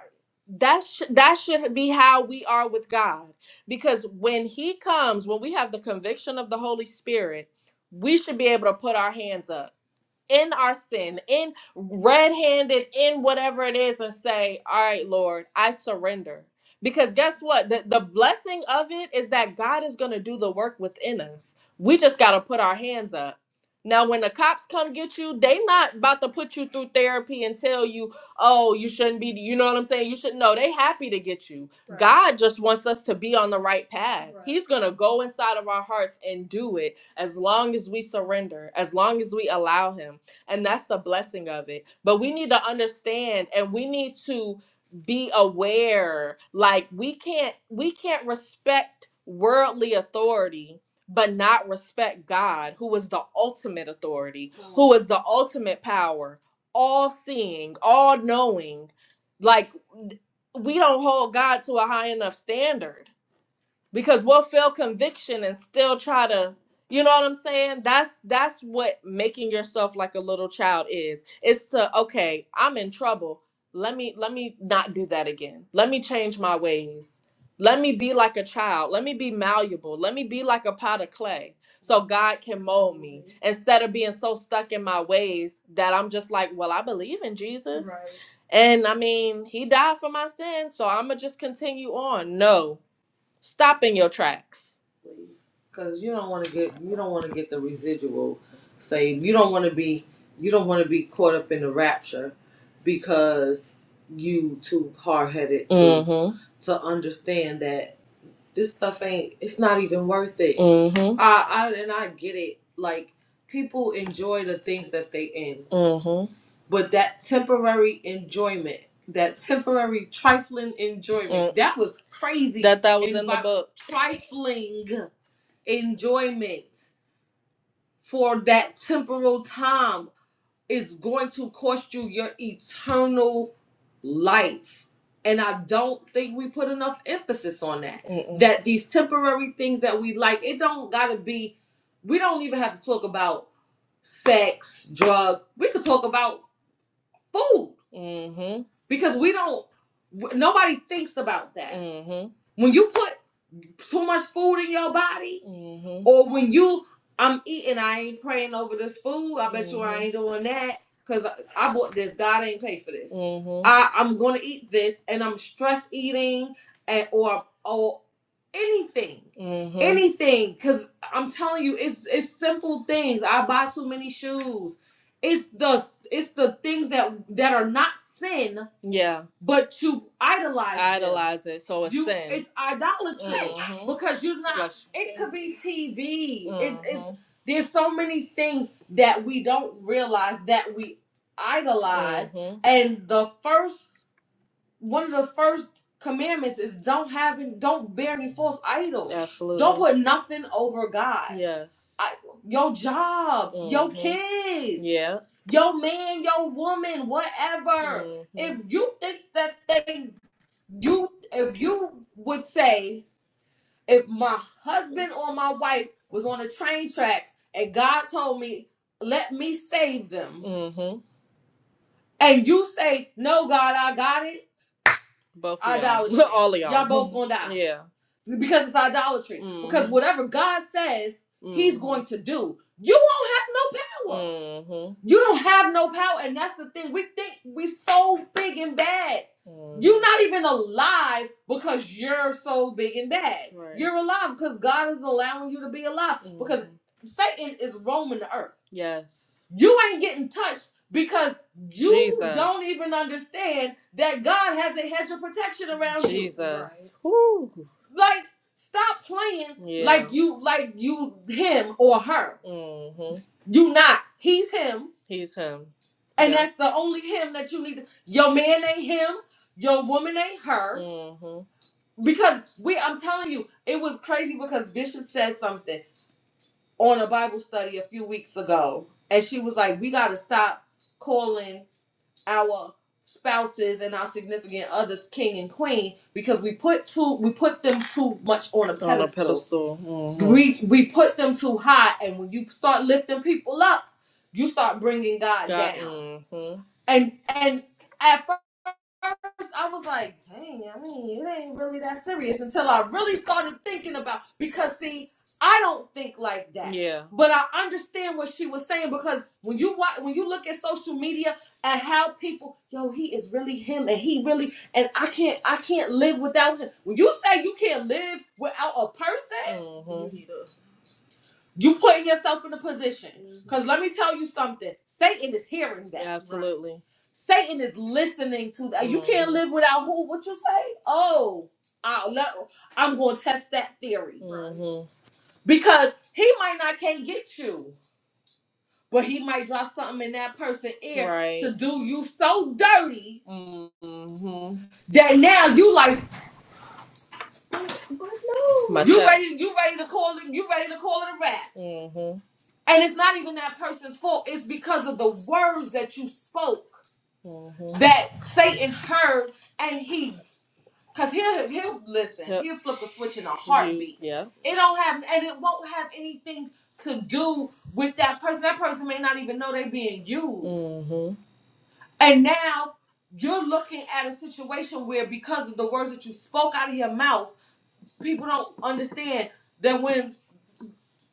S1: that sh- that should be how we are with god because when he comes when we have the conviction of the holy spirit we should be able to put our hands up in our sin, in red handed, in whatever it is, and say, All right, Lord, I surrender. Because guess what? The, the blessing of it is that God is going to do the work within us. We just got to put our hands up. Now, when the cops come get you, they not about to put you through therapy and tell you, oh, you shouldn't be, you know what I'm saying? You should know they happy to get you. Right. God just wants us to be on the right path. Right. He's going to go inside of our hearts and do it as long as we surrender, as long as we allow Him. And that's the blessing of it. But we need to understand and we need to be aware like we can't we can't respect worldly authority but not respect God who is the ultimate authority, who is the ultimate power, all seeing, all knowing. Like we don't hold God to a high enough standard because we'll feel conviction and still try to you know what i'm saying that's that's what making yourself like a little child is it's to okay i'm in trouble let me let me not do that again let me change my ways let me be like a child let me be malleable let me be like a pot of clay so god can mold me instead of being so stuck in my ways that i'm just like well i believe in jesus Right. and i mean he died for my sins so i'm gonna just continue on no Stop in your tracks. please, because you don't want to get you don't want to get the residual save. You don't want to be you don't want to be caught up in the rapture because you too hard headed to Mm-hmm. to understand that this stuff ain't it's not even worth it Mhm. I, I and i get it like people enjoy the things that they in Mhm. but that temporary enjoyment that temporary trifling enjoyment Mm. that was crazy That that was and in the book. trifling enjoyment for that temporal time is going to cost you your eternal life. And I don't think we put enough emphasis on that. Mm-mm. That these temporary things that we like, it don't gotta be, we don't even have to talk about sex, drugs. We could talk about food Mm-hmm. because we don't, w- nobody thinks about that. Mm-hmm. When you put too much food in your body, hmm or when you I'm eating, I ain't praying over this food. I bet mm-hmm. you I hmm ain't doing that because I, I bought this. God ain't paid for this. hmm I I'm gonna eat this, and I'm stress eating, and or or anything, hmm anything. Because I'm telling you, it's it's simple things. I buy too many shoes. It's the it's the things that that are not sin Yeah but you idolize them. idolize them. it, so it's You sin. it's idolatry Mm-hmm. because you're not. Yes. It could be TV. It's it's Mm-hmm. there's so many things that we don't realize that we idolize, Mm-hmm. and the first one of the first commandments is don't have and don't bear any false idols. Absolutely. Don't put nothing over God. Yes. I, your job, your Mm-hmm. your kids, Yeah. your man, your woman, whatever. Mm-hmm. If you think that they you if you would say if my husband or my wife was on the train tracks and God told me, let me save them, Mm-hmm. and you say, No, God, I got it both Idolatry. All of Y'all y'all. both gonna die. Yeah. because it's idolatry. Because Mm-hmm. Because whatever God says, mm-hmm. He's going Mm-hmm. to do. You won't have no power. Mm-hmm. You don't have no power, and that's the thing. We think we so big and bad. Mm-hmm. You're Mm-hmm. not even alive because you're so big and bad. Right. You're alive because God is allowing you to be alive. Because Mm-hmm. Because Satan is roaming the earth. Yes. You ain't getting touched because you Jesus. don't even understand that God has a hedge of protection around Jesus. you. Jesus. Whoo. Like, stop playing Yeah. like you like you him or her. Mm-hmm. You not. He's him. He's him. And Yep. that's the only him that you need. To, Your man ain't him. Your woman ain't her. Mm-hmm. Because we I'm telling you, it was crazy because Bishop said something on a Bible study a few weeks ago. And she was like, We gotta stop calling our spouses and our significant others king and queen because we put too we put them too much on a pedestal. On a pedestal Mm-hmm. we we put them too high and when you start lifting people up you start bringing god God. down Mm-hmm. and and at I was like, dang, I mean, it ain't really that serious until I really started thinking about because see, I don't think like that. Yeah. But I understand what she was saying because when you watch, when you look at social media and how people, yo, he is really him and he really and I can't I can't live without him. When you say you can't live without a person, hmm you putting yourself in a position. Because let me tell you something. Satan is hearing that. Absolutely. Satan is listening to that. You can't Mm-hmm. live without who? What you say? Oh, I am going to test that theory Mm-hmm. because he might not can't get you, but he might drop something in that person's ear Right. to do you so dirty Mm-hmm. that now you like. My You ready? You ready to call it? You ready to call it a rap? Mm-hmm. And it's not even that person's fault. It's because of the words that you spoke Mm-hmm. that Satan heard, and he, cause he'll he'll listen. Yep. He'll flip a switch in a heartbeat. Yeah. It don't have, and it won't have anything to do with that person. That person may not even know they're being used. Mm-hmm. And now you're looking at a situation where because of the words that you spoke out of your mouth people don't understand that when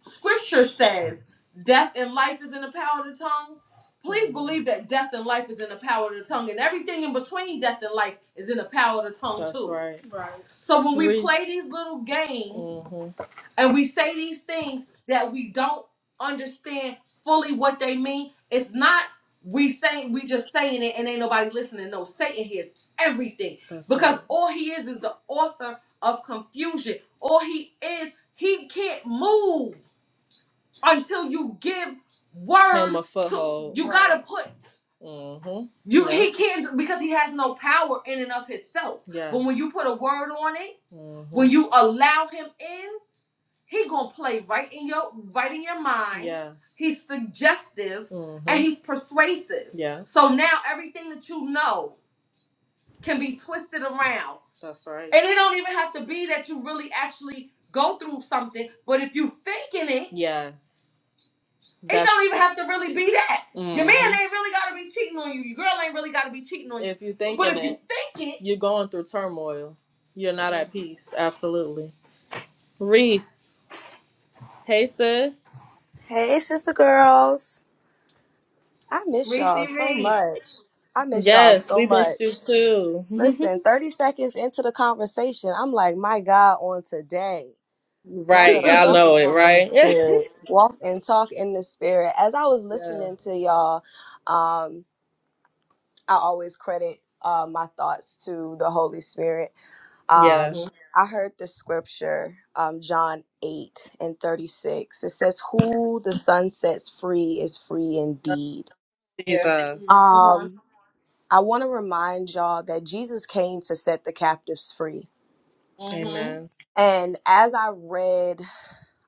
S1: Scripture says death and life is in the power of the tongue. Please believe that death and life is in the power of the tongue, and everything in between death and life is in the power of the tongue, That's too. Right. Right. So when we we play these little games Mhm. and we say these things that we don't understand fully what they mean, it's not we saying we just saying it and ain't nobody listening. No, Satan hears everything. That's because right. all he is is the author of confusion. All he is, he can't move until you give Him word a to foothold. you Right. gotta put Mm-hmm. you Yep. he can't because he has no power in and of himself. Yeah. But Yes. when you put a word on it, Mm-hmm. when you allow him in, he gonna play right in your right in your mind. Yes. He's suggestive Mm-hmm. and Mm-hmm. he's persuasive. Yes. So now everything that you know can be twisted around. That's right. And it don't even have to be that you really actually go through something, but if you thinking it, Yes. That's, It don't even have to really be that. Mm-hmm. Your man hmm ain't really gotta be cheating on you. Your girl ain't really gotta be cheating on you. if you're But thinking if it, you think it, you're going through turmoil. You're not at peace. Absolutely. Reese. Hey sis.
S6: Hey, sister girls. I miss
S1: Reese
S6: y'all so
S1: Reese.
S6: much. I miss y'all
S1: Yes,
S6: so
S1: we missed
S6: much.
S1: you too.
S6: Listen, 30 seconds into the conversation, I'm like, my God, on today. Y'all
S1: right.
S6: better
S1: I
S6: walk and
S1: know it,
S6: talk in the
S1: right? yes.
S6: spirit. Walk and talk in the spirit. As I was
S1: hmm
S6: listening to y'all, um, I always credit uh, my thoughts to the Holy Spirit.
S1: Yes. Yeah.
S6: Um, I heard the scripture, um, John 8 and 36. It says, Who the sun sets free is free indeed.
S1: Jesus. Come on.
S6: Um, I want to remind y'all that Jesus came to set the captives free.
S1: hmm Amen. Mm-hmm.
S6: And as I read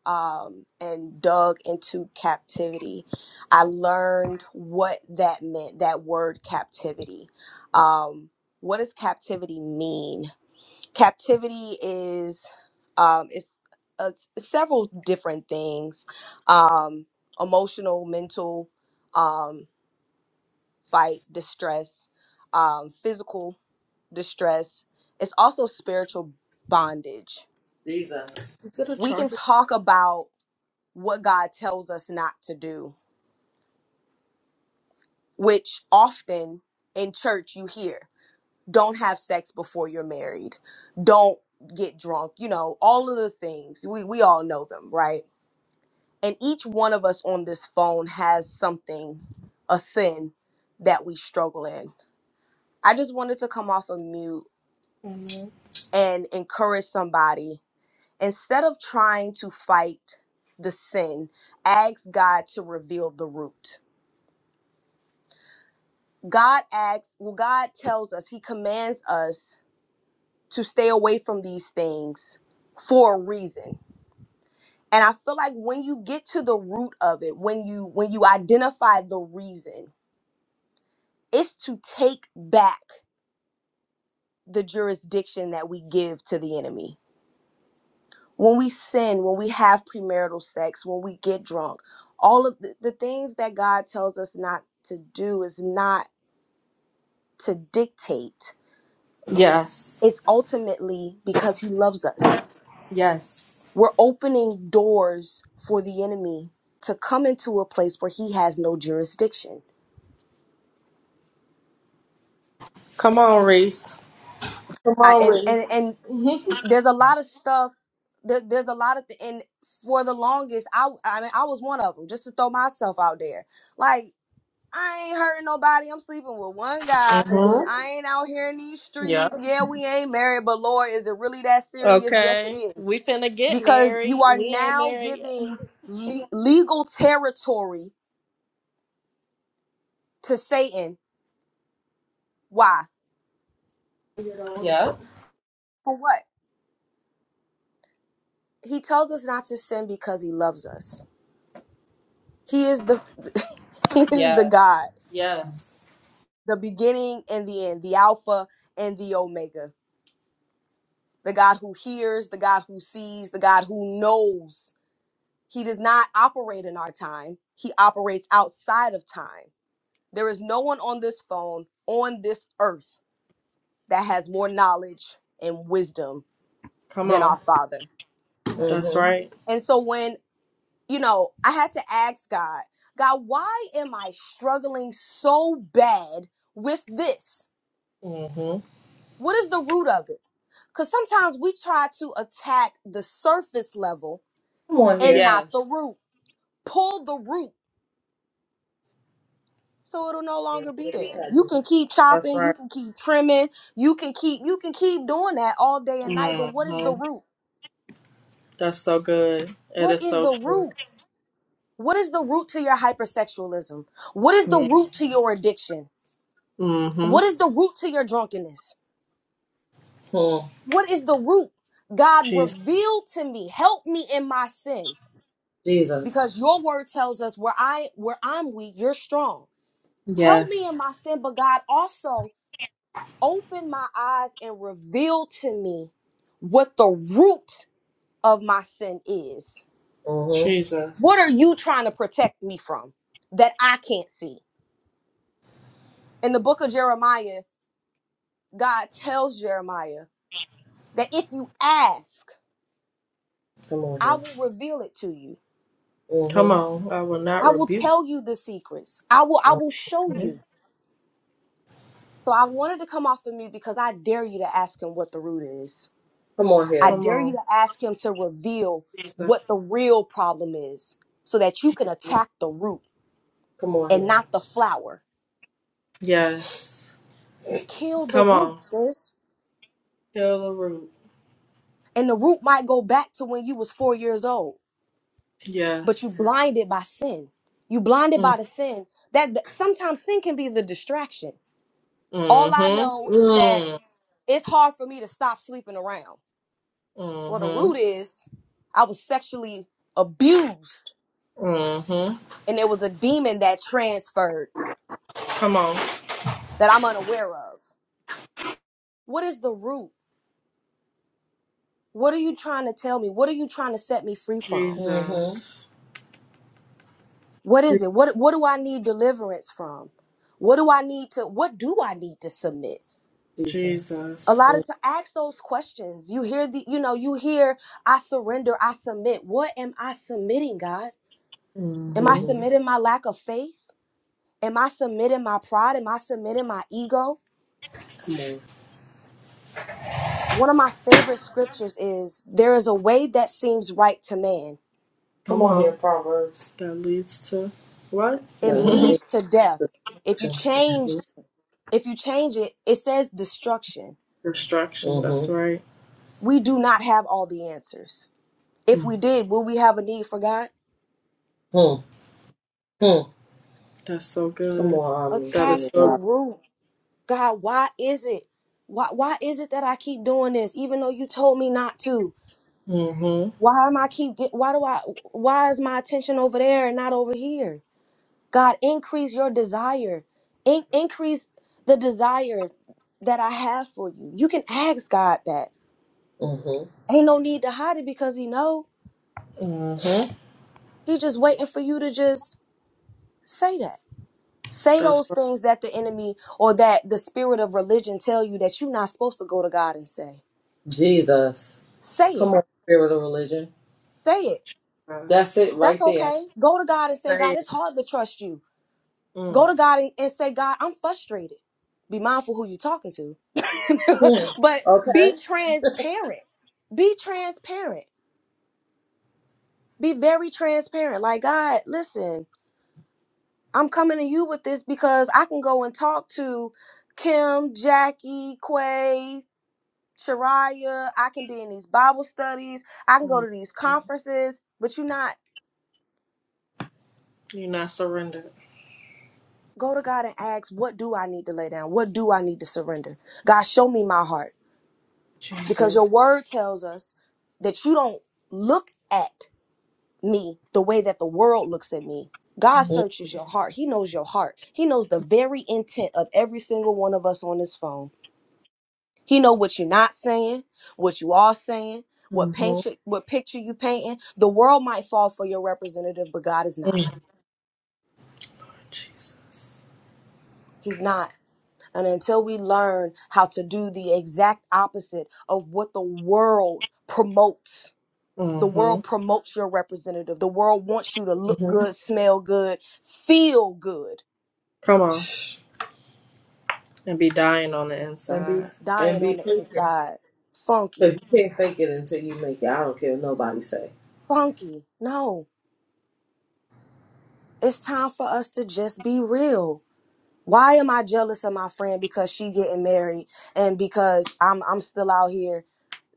S6: um, and dug into captivity, I learned what that meant, that word captivity. Um, what does captivity mean? Captivity is, um, it's, uh, several different things um, emotional, mental, um, fight, distress, um, physical distress. It's also spiritual bondage.
S1: Is it a
S6: We can
S1: charger?
S6: talk about what God tells us not to do, which often in church you hear don't have sex before you're married, don't get drunk, you know, all of the things. We, we all know them, right? And each one of us on this phone has something, a sin that we struggle in. I just wanted to come off of mute
S1: Amen.
S6: and encourage somebody instead of trying to fight the sin, ask God to reveal the root. God asks, well, God tells us, He commands us to stay away from these things for a reason. And I feel like when you get to the root of it, when you when you identify the reason, it's to take back the jurisdiction that we give to the enemy when we sin, when we have premarital sex, when we get drunk, all of the, the things that God tells us not to do is not to dictate.
S1: Yes.
S6: It's ultimately because He loves us.
S1: Yes.
S6: We're opening doors for the enemy to come into a place where He has no jurisdiction.
S1: Come on, Reese. Come
S6: I,
S1: on,
S6: and and and
S1: Reese.
S6: there's a lot of stuff. There, there's a lot of th- and for the longest, I I mean I was one of them. Just to throw myself out there, like. I ain't hurting nobody. I'm sleeping with one guy.
S1: Mhm.
S6: I ain't out here in these streets.
S1: Yep.
S6: Yeah, we ain't married, but Lord, is it really that serious? Yes, it
S1: Okay.
S6: is.
S1: We finna get
S6: Because you
S1: married.
S6: are
S1: We ain't
S6: now
S1: married yet.
S6: giving le- legal territory to Satan. Why?
S1: Yep.
S6: For what? He tells us not to sin because he loves us. He is the he is the
S1: Yeah.
S6: God,
S1: Yes.
S6: the beginning and the end, the alpha and the omega. The God who hears, the God who sees, the God who knows He does not operate in our time, He operates outside of time. There is no one on this phone, on this earth, that has more knowledge and wisdom
S1: Come
S6: than
S1: on.
S6: our Father.
S1: That's hmm right.
S6: And so when, you know, I had to ask God, God, why am I struggling so bad with this?
S1: hmm
S6: What is the root of it? Because sometimes we try to attack the surface level
S1: One here.
S6: and not the
S1: Yes.
S6: root. Pull the root so it'll no longer be there. You can keep
S1: That's
S6: chopping, you
S1: right.
S6: can keep trimming, you can keep you can keep doing that all day and night, but what is the
S1: hmm
S6: root?
S1: That's so good. It
S6: What
S1: is
S6: is
S1: so
S6: the
S1: true.
S6: root? What is the root to your hypersexualism? What is the root to your addiction?
S1: Mm-hmm.
S6: What is the root to your drunkenness?
S1: Hmm.
S6: What is the root? God
S1: Jesus.
S6: reveal to me, help me in my sin,
S1: Jesus.
S6: because your word tells us where I where I'm weak, you're strong. Help me in
S1: Yes.
S6: my sin, but God also open my eyes and reveal to me what the root of my sin is.
S1: hmm
S6: What
S1: Jesus.
S6: are you trying to protect me from that I can't see? In the book of Jeremiah, God tells Jeremiah that if you ask,
S1: Come on
S6: I
S1: here.
S6: will reveal it to you.
S1: Mhm. Come Mm-hmm. on. I will not
S6: I will
S1: rebuke
S6: tell you the secrets. I will I
S1: you.
S6: will show you. So I wanted to come off of me because I dare you to ask him what the root is.
S1: Come on here.
S6: I
S1: Come
S6: dare you
S1: on.
S6: to ask him to reveal
S1: Jesus.
S6: what the real problem is so that you can attack the root
S1: Come on
S6: and
S1: here.
S6: not the flower.
S1: Yes.
S6: Kill the
S1: Come
S6: root,
S1: on.
S6: sis.
S1: Kill the root.
S6: And the root might go back to when you was four years old, but you
S1: Yes.
S6: blinded by sin. You blinded
S1: Mm.
S6: by the sin. That, that sometimes sin can be the distraction. All I know
S1: Mm-hmm.
S6: is that
S1: Mm.
S6: it's hard for me to stop sleeping around. Well, the root
S1: Mm-hmm.
S6: is I was sexually abused
S1: Mm-hmm.
S6: and there was a demon that transferred
S1: Come on. Mm-hmm.
S6: that I'm unaware of. What is the root? What are you trying to tell me? What are you trying to set me free from?
S1: Jesus.
S6: What
S1: Jesus.
S6: is it? What what do I need deliverance from? What do I need to what do I need to submit? A
S1: Jesus.
S6: lot of to ask those questions. You hear the you know, you hear I surrender, I submit. What am I submitting, God?
S1: Mm-hmm. Mm-hmm.
S6: Am I
S1: Come
S6: submitting my lack of faith? Am I submitting my pride? Am I submitting my ego? One of my favorite scriptures is there is a way that seems right to man.
S1: Come on on. here, Proverbs. That leads to what?
S6: It
S1: mm
S6: leads to death. If you change If you change it, it says destruction.
S1: Distraction. That's Mm-hmm. right.
S6: We do not have all the answers. If
S1: Mm.
S6: we did, will we have a need for God?
S1: Mm-hmm. That's so Come good. on, Omni, That is
S6: Attack
S1: so
S6: the root. God, why is it? Why why is it that I keep doing this even though you told me not to?
S1: Mm-hmm.
S6: Why am I keep get, why do I why is my attention over there and not over here? God, increase your desire. In- increase the desire that I have for you. You can ask God that. Ain't no need to hide it because he know. He just waiting for you to just say that say
S1: That's
S6: those
S1: right.
S6: things that the enemy or that the spirit of religion tell you that you're not supposed to go to god and say say it say it
S1: good. That's guys. it.
S6: that's okay go to god and say
S1: Say
S6: god
S1: it.
S6: it's hard to trust you
S1: Mm.
S6: go to god and, and say god i'm frustrated be mindful who you're talking to but be transparent be transparent be very transparent like god listen i'm coming to you with this because i can go and talk to kim jackie quay Shariah, I can be in these Bible studies, I can go
S1: Mm.
S6: to these conferences, but you not
S1: You're not surrendered.
S6: go to God and ask, what do I need to lay down? What do I need to surrender? God, show me my heart. Because your
S1: Jesus.
S6: word tells us that you don't look at me the way that the world looks at me. God
S1: Mm.
S6: searches your heart. He knows your heart. He knows the very intent of every single one of us on this phone. He know what you're not saying, what you are saying, what
S1: Mm-hmm.
S6: picture, what picture you painting. The world might fall for your representative, but God is not.
S1: Mm. Jesus.
S6: He's not. And until we learn how to do the exact opposite of what the world promotes, the
S1: Mm-hmm.
S6: world promotes your representative. The world wants you to look
S1: hmm
S6: good, smell good, feel good,
S1: Come on. And be dying on the
S6: dying on the inside. Funky, funky. No, it's time for us to just be real. why am I jealous of my friend because she getting married and because I'm I'm still out here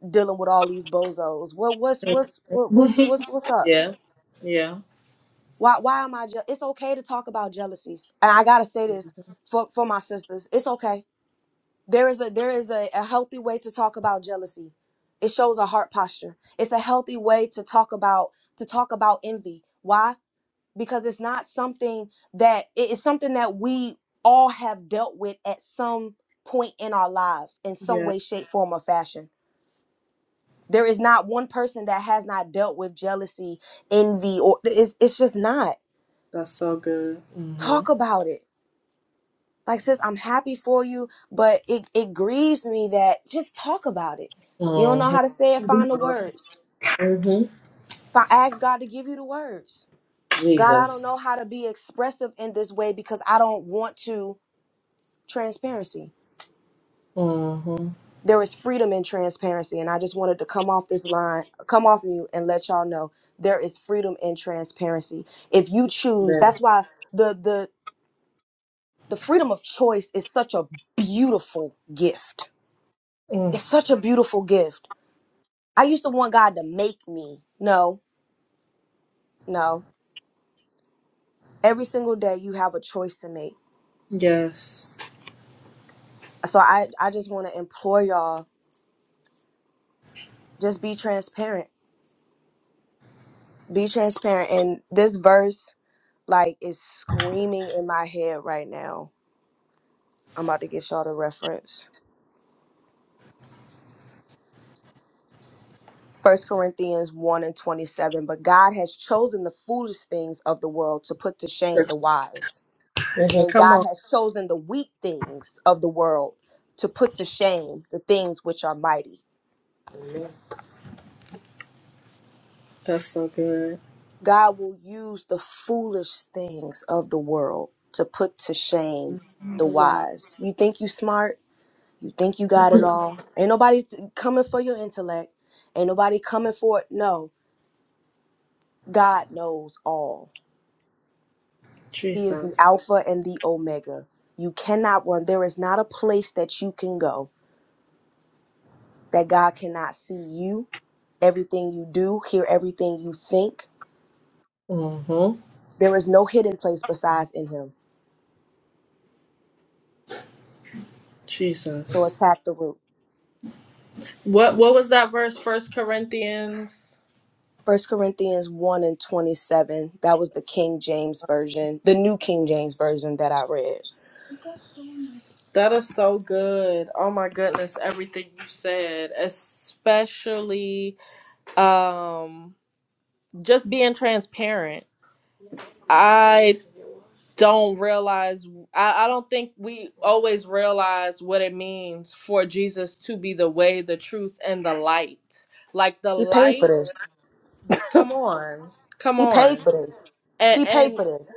S6: dealing with all these bozos? What what's
S1: inside.
S6: what's what, what's what's what's up?
S1: yeah. Yeah.
S6: Why why am I? Je- it's okay to talk about jealousies, and I gotta say this for for my sisters. It's okay. There is a there is a, a healthy way to talk about jealousy. It shows a heart posture. It's a healthy way to talk about to talk about envy. Why? because it's not something that it is something that we all have dealt with at some point in our lives in some
S1: Yeah.
S6: way shape form or fashion there is not one person that has not dealt with jealousy envy or it's, it's just not
S1: That's so good. hmm
S6: talk about it like sis i'm happy for you but it, it grieves me that just talk about it you don't know
S1: hmm
S6: how to say it find the words
S1: hmm
S6: if i ask god to give you the words god i don't
S1: Jesus.
S6: know how to be expressive in this way because i don't want to transparency
S1: hmm
S6: there is freedom in transparency and i just wanted to come off this line come off mute and let y'all know there is freedom in transparency if you choose that's why the the the freedom of choice is such a beautiful gift
S1: Mm.
S6: it's such a beautiful gift i used to want god to make me no no every single day you have a choice to make
S1: Yes.
S6: so i i just want to implore y'all just be transparent be transparent and this verse like is screaming in my head right now I'm about to get y'all the reference. First Corinthians 1 and 27. But God has chosen the foolish things of the world to put to shame the wise.
S1: Mhm.
S6: And
S1: Come
S6: God
S1: on.
S6: has chosen the weak things of the world to put to shame the things which are mighty.
S1: That's so good.
S6: God will use the foolish things of the world to put to shame the
S1: The why.
S6: wise. You think you smart? You think you got it all? Ain't nobody t- coming for your intellect. Ain't nobody coming for it. No, God knows all. He is the
S1: Jesus.
S6: Alpha and the Omega. You cannot run. There is not a place that you can go that God cannot see you, everything you do, hear everything you think.
S1: hmm
S6: There is no hidden place besides in Him. So
S1: Jesus.
S6: attack the root.
S1: What what was that verse? First Corinthians.
S6: First Corinthians 1 and 27. That was the King James Version, the New King James Version that I read.
S1: That is so good. Oh my goodness, everything you said, especially um just being transparent. I don't realize I, I don't think we always realize what it means for Jesus to be the way, the truth, and the light. Like the
S6: He paid for
S1: light,
S6: this.
S1: come on. Come
S6: He
S1: on.
S6: paid for this. He paid
S1: And.
S6: for this.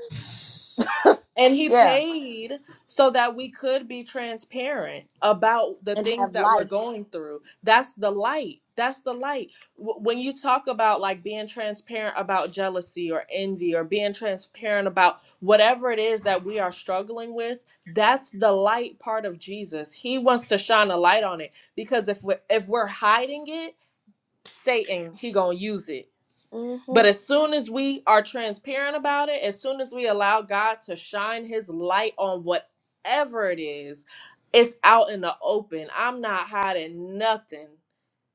S1: And he
S6: Yeah.
S1: paid so that we could be transparent about the
S6: And
S1: things
S6: have
S1: that we're
S6: life.
S1: going through. That's the light. That's the light. W- When you talk about like being transparent about jealousy or envy or being transparent about whatever it is that we are struggling with, that's the light part of Jesus. He wants to shine a light on it because if we if we're hiding it, Satan, he going to use it
S6: mm hmm
S1: but as soon as we are transparent about it, as soon as we allow God to shine his light on whatever it is, it's out in the open. I'm not hiding nothing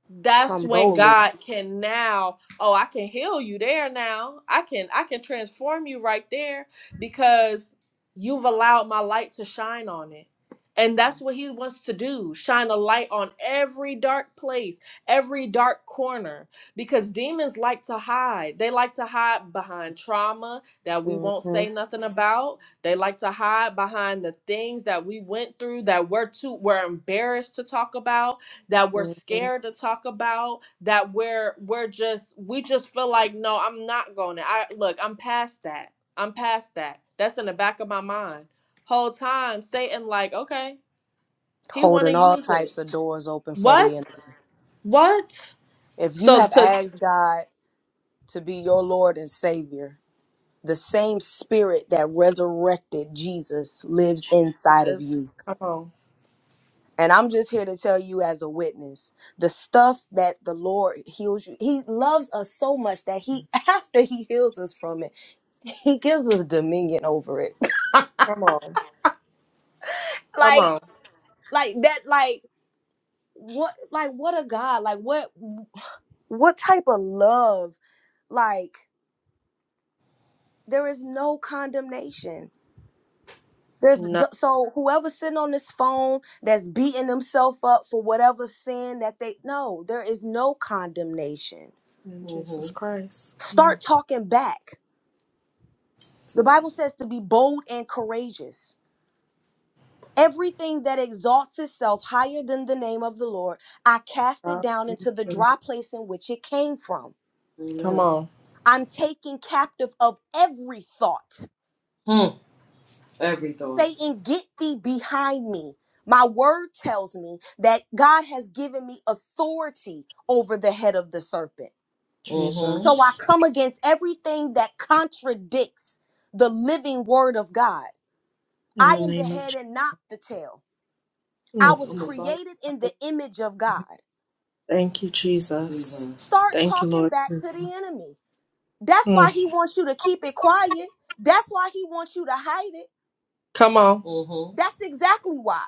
S1: that's
S6: Come
S1: when
S6: boldly.
S1: God can now, oh, I can heal you there now. I can I can transform you right there because you've allowed my light to shine on it. And that's what he wants to do. Shine a light on every dark place, every dark corner because demons like to hide. They like to hide behind trauma that we
S6: hmm
S1: won't say nothing about. They like to hide behind the things that we went through that we're too we're embarrassed to talk about that we're
S6: hmm
S1: scared to talk about that we're we're just we just feel like no i'm not going to i look i'm past that i'm past that that's in the back of my mind whole time satan like okay he want to
S6: holding all
S1: use it
S6: types of doors open for the
S1: what
S6: enemy.
S1: what
S6: If you
S1: so
S6: have
S1: to
S6: asked God to be your Lord and Savior, the same spirit that resurrected Jesus lives inside of you.
S1: come on
S6: And I'm just here to tell you as a witness, the stuff that the Lord heals you, he loves us so much that he after he heals us from it, he gives us dominion over it.
S1: come on come
S6: like
S1: on
S6: like that like what like what a God, like what what type of love like there is no condemnation there's
S1: no
S6: so whoever's sitting on this phone that's beating themselves up for whatever sin that they no there is no condemnation
S1: jesus Mhm. christ come on
S6: start talking back the bible says to be bold and courageous everything that exalts itself higher than the name of the lord i cast it down into the
S1: Come
S6: dry place in which it came from
S1: Amen. on,
S6: i'm taking captive of every thought Satan, get thee behind me. My word tells me that God has given me authority over the head of the serpent.
S1: Mhm.
S6: So I
S1: Jesus.
S6: come against everything that contradicts the living word of God.
S1: In the
S6: I am the
S1: name of
S6: head
S1: Jesus.
S6: and not the tail. I was
S1: I'm about
S6: created in the
S1: to
S6: image of God.
S1: Thank you, Jesus. Jesus.
S6: Start
S1: Thank you,
S6: talking
S1: Lord.
S6: back to the enemy. That's why he wants you to keep it quiet. That's why he wants you to hide it.
S1: Come on.
S6: That's exactly why.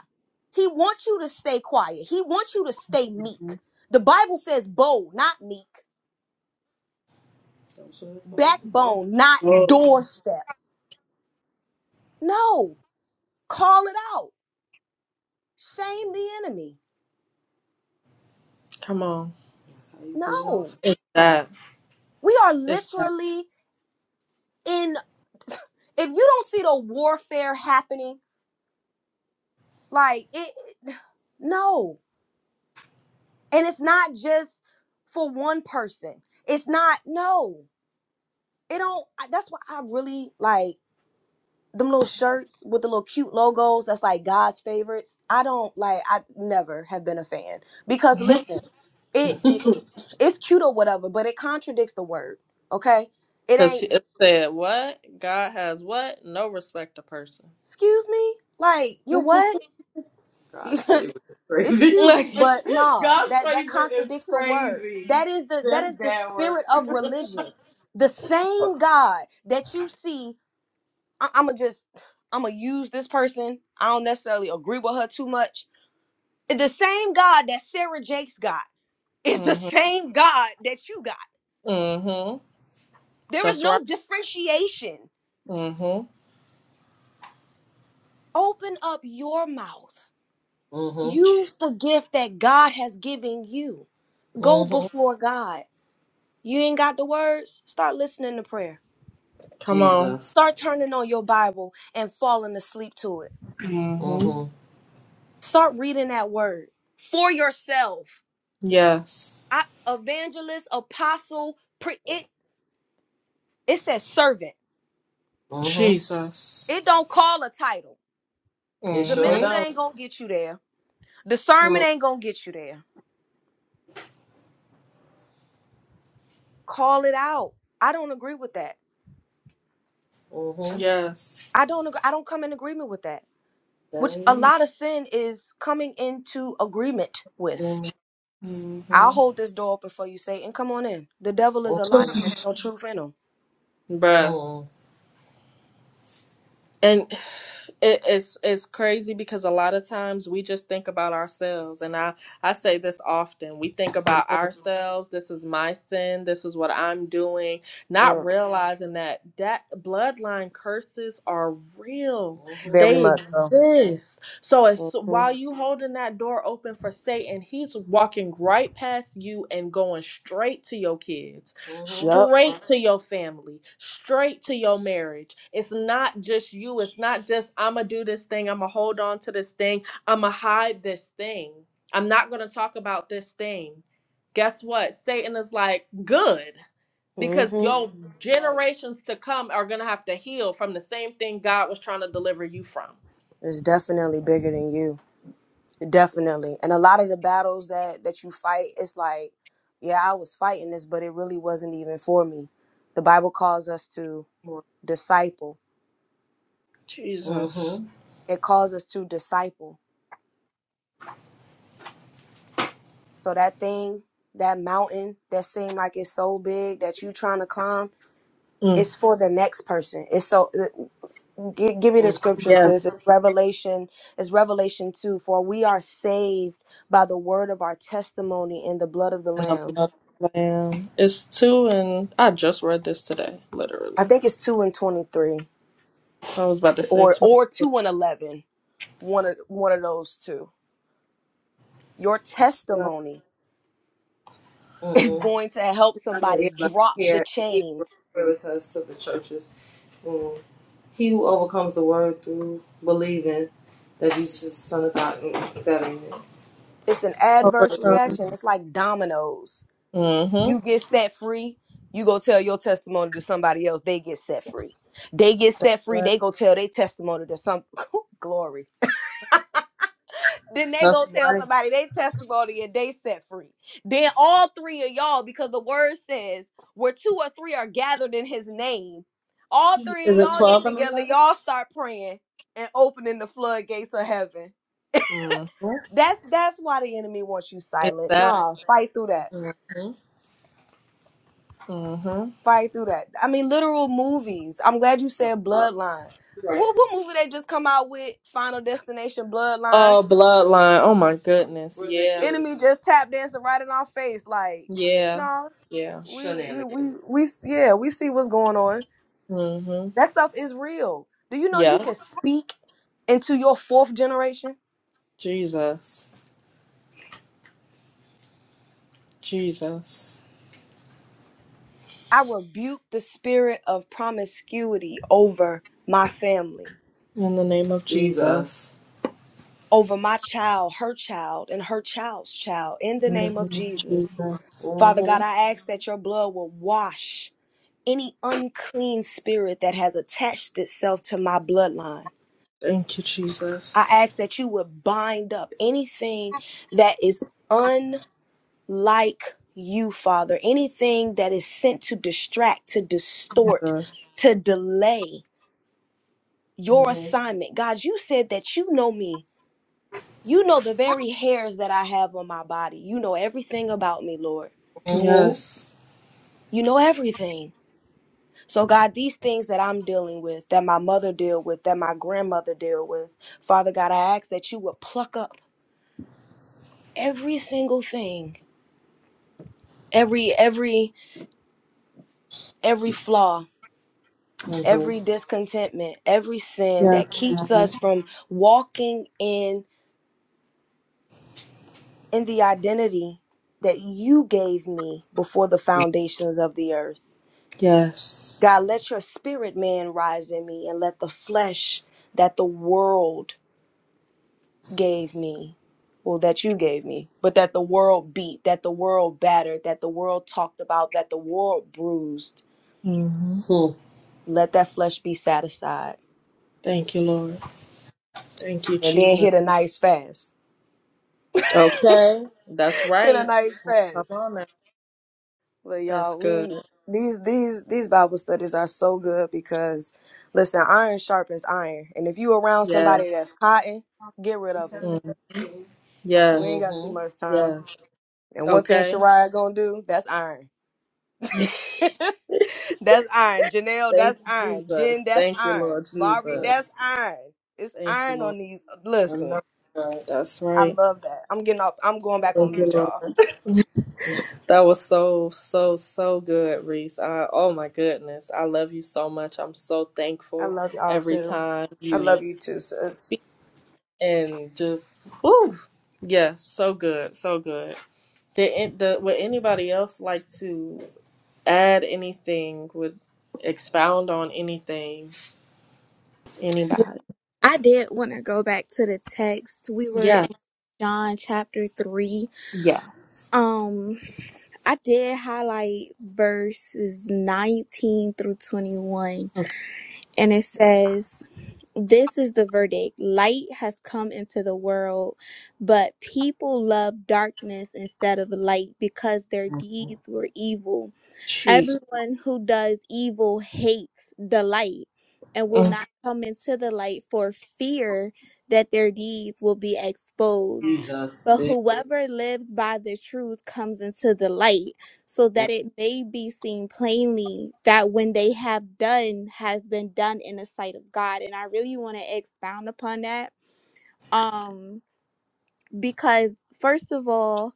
S6: He wants you to stay quiet. He wants you to stay meek. The Bible says bold, not meek,
S1: Don't swing the phone. Both.
S6: backbone, not doorstep. No, call it out. Shame the enemy.
S1: Come on. That's how you get it off.
S6: No,
S1: It's that.
S6: we are
S1: It's
S6: literally in. If you don't see the warfare happening, like it, it- no. And it's not just for one person. It's not, no. It don't, I- that's why I really like. them little shirts with the little cute logos that's like God's favorites. I don't like I never have been a fan because
S1: that.
S6: listen, it, it it's cute or whatever, but it contradicts the word. Okay? It
S1: Because
S6: ain't
S1: it said, what? God has what? No respect to person.
S6: excuse me? Like, you what?
S1: God's
S6: it's
S1: favorite is crazy.
S6: cute,
S1: Like,
S6: but nah,
S1: God's
S6: that that
S1: favorite is
S6: contradicts the word.
S1: crazy.
S6: That is the that
S1: That's
S6: is the
S1: bad work.
S6: spirit of religion. The same God that you see I, I'm gonna just I'm gonna use this person. I don't necessarily agree with her too much the same God that Sarah Jakes got is the
S1: mm hmm.
S6: same God that you got.
S1: Mm hmm.
S6: There is
S1: That's right.
S6: no differentiation.
S1: Mm hmm.
S6: Open up your mouth. Use the gift that God has given you. Go
S1: Mhm.
S6: before God. You ain't got the words? Start listening to prayer.
S1: Come Jesus.
S6: Start turning on your Bible and falling asleep to it.
S1: on. Mm hmm. Mm-hmm.
S6: Start reading that word for yourself.
S1: Yes.
S6: I, evangelist, apostle, pre, it, it says servant.
S1: Mhm. Jesus.
S6: It don't call a title. The minister
S1: Mm hmm.
S6: ain't gonna get you there. The sermon ain't gonna get you there. Call it out. I don't agree with that.
S1: Yes.
S6: I don't agree. I don't come in agreement with that. Which a
S1: Mhm.
S6: lot of sin is coming into agreement with.
S1: Yes. Mm-hmm.
S6: I'll hold this door open for you, Satan. Come on in. The devil is a liar. and No truth in him.
S1: Bruh. Oh. And it, it's it's crazy because a lot of times we just think about ourselves and I I say this often we think about
S6: Mhm,
S1: ourselves this is my sin this is what I'm doing not
S6: mm,
S1: realizing that that bloodline curses are real hmm
S6: Very
S1: they
S6: much so.
S1: exist so it's so
S6: hmm
S1: while you holding that door open for Satan he's walking right past you and going straight to your kids Mm-hmm.
S6: Yep.
S1: straight to your family, straight to your marriage. It's not just you. It's not just, I'm going to do this thing. I'm going to hold on to this thing. I'm going to hide this thing. I'm not going to talk about this thing. Guess what? Satan is like, good. Because
S6: hmm
S1: your Right. generations to come are going to have to heal from the same thing God was trying to deliver you from.
S6: It's definitely bigger than you. Definitely. And a lot of the battles that that you fight, it's like, yeah, I was fighting this, but it really wasn't even for me. The Bible calls us to disciple.
S1: Jesus.
S6: It calls us to disciple. So that thing, that mountain that seemed like it's so big that you trying to climb,
S1: hmm Mm,
S6: it's for the next person. It's so gi- give me the scripture says it's
S1: yes.
S6: revelation it's revelation 2 for we are saved by the word of our testimony and the blood of the
S1: And I
S6: lamb
S1: love Lamb. It's two, and I just read this today,
S6: i
S1: literally.
S6: think it's 2 and 23
S1: I was about to say
S6: or or 2 and eleven, one of one of those two your
S1: love,
S6: testimony
S1: Mm-mm,
S6: is going to help somebody
S1: yeah,
S6: drop the
S1: here. We,
S6: chains it's an adverse
S1: overcome.
S6: reaction it's like dominoes you
S1: mm-hmm.
S6: get set free you go tell your testimony to somebody else they get set free they get set free
S1: Right.
S6: they go tell their testimony to some glory Then they go
S1: That's
S6: tell
S1: right.
S6: somebody they testimony and they set free. Then all three of y'all, because the word says where two or three are gathered in his name, all three of
S1: Is it
S6: y'all
S1: 12
S6: get
S1: and
S6: together,
S1: 11?
S6: y'all start praying and opening the floodgates of heaven.
S1: Mm-hmm. Yeah.
S6: That's that's why the enemy wants you
S1: It's
S6: silent.
S1: that.
S6: Nah, fight through that.
S1: Mm-hmm. Mm-hmm.
S6: Fight through that. I mean, literal movies. I'm glad you said Bloodline.
S1: Right.
S6: What what movie they just come out with? Final Destination Bloodline
S1: Oh, bloodline. Oh my goodness. Ridiculous. Yeah.
S6: Enemy just tap dancing right in our face. Like,
S1: Yeah.
S6: no,
S1: Yeah.
S6: we we we
S1: Shenanigans.
S6: we yeah, we see what's going on.
S1: Mm-hmm.
S6: That stuff is real. Do you know you
S1: Yeah.
S6: can speak into your fourth generation?
S1: Jesus. Jesus.
S6: I rebuke the spirit of promiscuity over my family,
S1: In the name of Jesus. Jesus.
S6: over my child, her child, and her child's child in the
S1: In the
S6: name of
S1: name of
S6: Jesus.
S1: Jesus.
S6: Father
S1: Mm-hmm.
S6: God, I ask that your blood will wash any unclean spirit that has attached itself to my bloodline.
S1: Thank you,
S6: I
S1: Jesus.
S6: ask that you would bind up anything that is unlike you, Father, anything that is sent to distract, to distort,
S1: Yes.
S6: to delay your
S1: Mm-hmm.
S6: assignment. God, you said that you know me. You know the very hairs that I have on my body. You know everything about me, Lord.
S1: Yes.
S6: You know everything. So, God, these things that I'm dealing with, that my mother dealt with, that my grandmother dealt with, Father God, I ask that you would pluck up every single thing every every every flaw every discontentment every sin that keeps
S1: Yes.
S6: us from walking in in the identity that you gave me before the foundations of the earth
S1: Yes.
S6: god let your spirit man rise in me and let the flesh that the world gave me well that you gave me but that the world beat that the world battered that the world talked about that the world bruised
S1: hmm Hmm.
S6: let that flesh be satisfied
S1: Thank you, Lord. Thank you,
S6: and then
S1: Jesus.
S6: hit a nice fast
S1: Okay, that's
S6: in a
S1: right.
S6: nice
S1: Come
S6: fast.
S1: on now.
S6: But
S1: That's
S6: y'all,
S1: good.
S6: we these these these Bible studies are so good because listen, iron sharpens iron, and if you around somebody
S1: Yes.
S6: that's cotton, get rid of them.
S1: Mm. Yes.
S6: We ain't got too
S1: Mhm.
S6: much time.
S1: Yes.
S6: And one thing
S1: Okay.
S6: Shariah gonna do, that's iron. That's iron. Janelle,
S1: Thank
S6: that's
S1: you,
S6: iron.
S1: Jesus.
S6: Jen, that's
S1: Thank you, Lord
S6: iron. Mari,
S1: Jesus. Mm.
S6: that's iron. It's
S1: Thank you,
S6: iron
S1: Lord.
S6: on these.
S1: I know
S6: Listen,
S1: God. That's
S6: I
S1: right.
S6: love that. I'm getting off. I'm going back on
S1: Thank you,
S6: mute,
S1: Lord.
S6: y'all.
S1: That was so, so, so good, Reese. I, oh my goodness. I love you so much. I'm so
S6: I
S1: thankful
S6: love y'all
S1: every
S6: too.
S1: time
S6: I
S1: you
S6: love you too,
S1: speak.
S6: sis.
S1: and just whoo, yeah, so good, so good. Did the would anybody else like to add anything? Would expound on anything?
S7: Yeah,
S1: Anybody?
S7: I did want to go back to the text. We were
S1: Yes,
S7: in John chapter 3.
S1: Yes.
S7: Um I did highlight verses 19 through 21,
S1: Okay.
S7: and it says, This is the verdict light has come into the world, but people love darkness instead of light because their deeds were evil.
S1: Jesus.
S7: Everyone who does evil hates the light and will
S1: Mm,
S7: not come into the light for fear that their deeds will be exposed.
S1: Jesus.
S7: But
S1: Yes.
S7: whoever lives by the truth comes into the light so that it may be seen plainly that when they have done has been done in the sight of God. And I really want to expound upon that. Um, because first of all,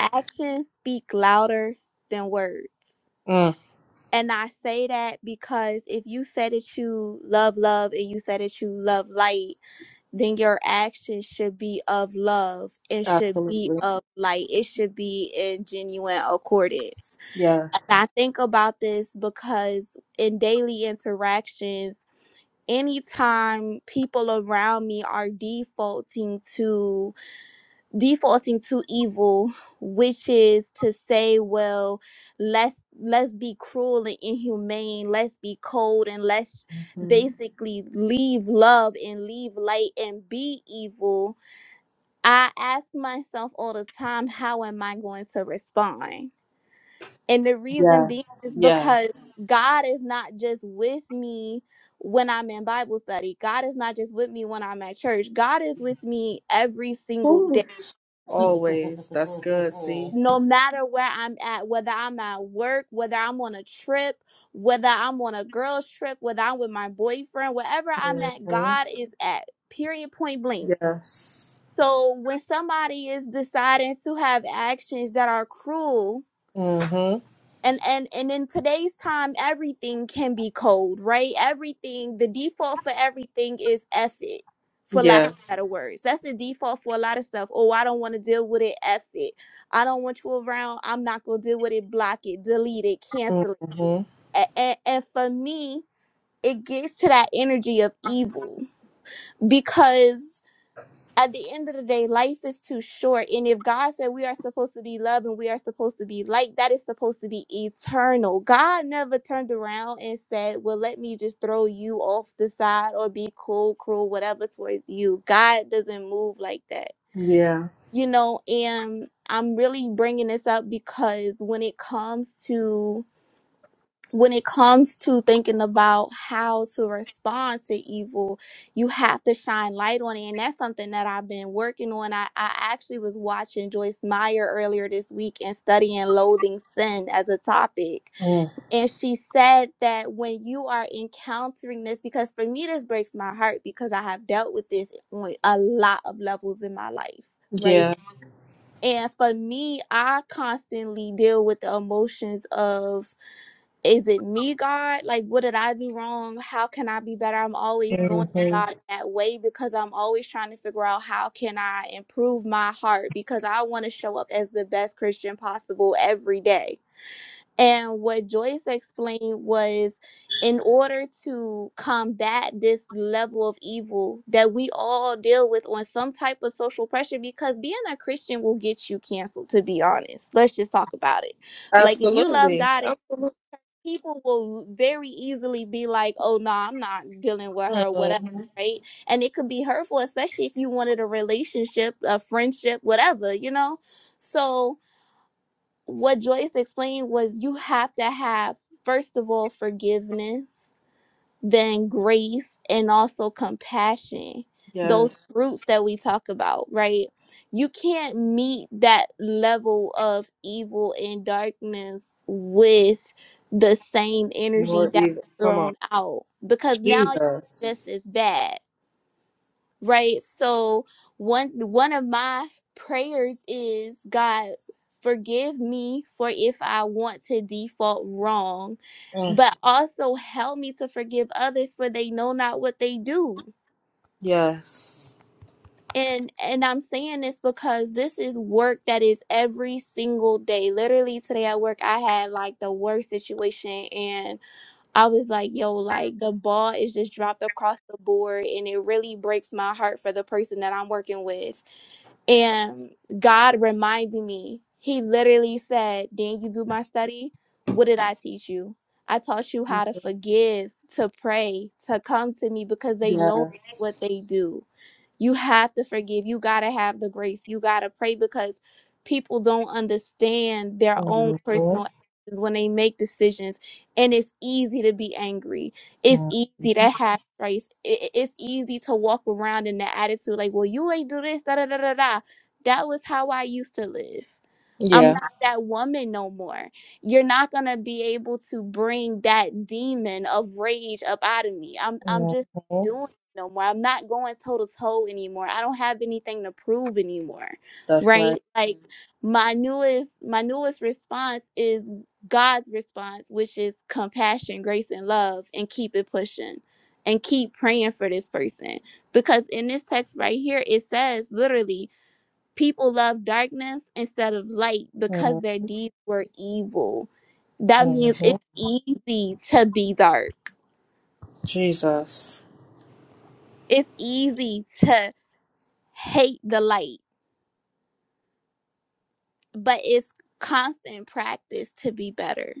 S7: actions speak louder than words
S1: mm,
S7: and I say that because if you say that you love love and you say that you love light, then your actions should be of love and should be
S1: absolutely.
S7: of light. It should be in genuine accordance. And I
S1: Yes.
S7: think about this because in daily interactions, anytime people around me are defaulting to defaulting to evil which is to say well let's let's be cruel and inhumane let's be cold and let's
S1: hmm
S7: basically leave love and leave light and be evil i ask myself all the time how am i going to respond and the reason
S1: Yes.
S7: being is
S1: Yes.
S7: because god is not just with me when i'm in bible study god is not just with me when i'm at church god is with me every single day
S1: Woo. Always. That's good. See.
S7: no matter where I'm at, whether I'm at work, whether I'm on a trip, whether I'm on a girl's trip, whether I'm with my boyfriend, wherever I'm at,
S1: hmm
S7: God is at, period, point blank.
S1: Yes.
S7: So when somebody is deciding to have actions that are cruel,
S1: Mm-hmm.
S7: and and and in today's time everything can be cold right everything the default for everything is F it for lack
S1: Yeah.
S7: of better words that's the default for a lot of stuff oh i don't want to deal with it F it i don't want you around i'm not going to deal with it block it delete it cancel it
S1: Mm-hmm.
S7: and, and, and for me it gets to that energy of evil because at the end of the day, life is too short. And if God said we are supposed to be love and we are supposed to be light, that is supposed to be eternal. God never turned around and said, Well, let me just throw you off the side or be cool, cruel, whatever towards you. God doesn't move like that,
S1: Yeah.
S7: you know. And I'm really bringing this up because when it comes to when it comes to thinking about how to respond to evil, you have to shine light on it. And that's something that I've been working on. I, I actually was watching Joyce Meyer earlier this week and studying loathing sin as a topic. And she said that when you are encountering this, because for me, this breaks my heart because I have dealt with this on a lot of levels in my life, right?
S1: Yeah.
S7: And for me, I constantly deal with the emotions of is it me, God? Like, what did I do wrong? How can I be better? I'm always going to
S1: hmm
S7: God that way because I'm always trying to figure out how can I improve my heart because I want to show up as the best Christian possible every day. And what Joyce explained was in order to combat this level of evil that we all deal with on some type of social pressure, because being a Christian will get you canceled, to be honest. Let's just talk about it. Like if you love
S1: Absolutely.
S7: God and
S1: Absolutely.
S7: people will very easily be like, oh, no, I'm not dealing with her, whatever,
S1: hmm
S7: right? And it could be hurtful, especially if you wanted a relationship, a friendship, whatever, you know? So, what Joyce explained was you have to have, first of all, forgiveness than grace and also compassion
S1: Yes.
S7: those Yeah. fruits that we talk about right you can't meet that level of evil and darkness with the same energy
S1: More
S7: that was
S1: evil. Come on.
S7: thrown out because now it's
S1: Jesus.
S7: just as bad right? So one one of my prayers is God forgive me for if I want to default wrong,
S1: Mm.
S7: but also help me to forgive others for they know not what they do.
S1: Yes.
S7: And and I'm saying this because this is work that is every single day. Literally today at work I had like the worst situation and I was like, yo, like the ball is just dropped across the board and it really breaks my heart for the person that I'm working with And God reminded me, He literally said, Didn't you do my study? What did I teach you? I taught you how to forgive, to pray, to come to me because they know what
S1: Yes.
S7: they do. You have to forgive. You got to have the grace. You got to pray because people don't understand their own
S1: hmm
S7: personal actions when they make decisions. And it's easy to be angry. It's easy to have grace. I- It's easy to walk around in the attitude like, well, you ain't do this, da da da da da. That was how I used to live. I'm
S1: Yeah.
S7: not that woman no more. You're not gonna be able to bring that demon of rage up out of me. I'm I'm
S1: hmm
S7: just doing it no more. I'm not going toe to toe anymore. I don't have anything to prove anymore.
S1: That's
S7: Right?
S1: right.
S7: Like Mhm. my newest my newest response is God's response, which is compassion, grace, and love, and keep it pushing and keep praying for this person. Because in this text right here, it says literally People love darkness instead of light
S1: hmm
S7: because their deeds were evil. That means it's easy to be dark.
S1: Jesus.
S7: It's easy to hate the light, but it's constant practice to be better.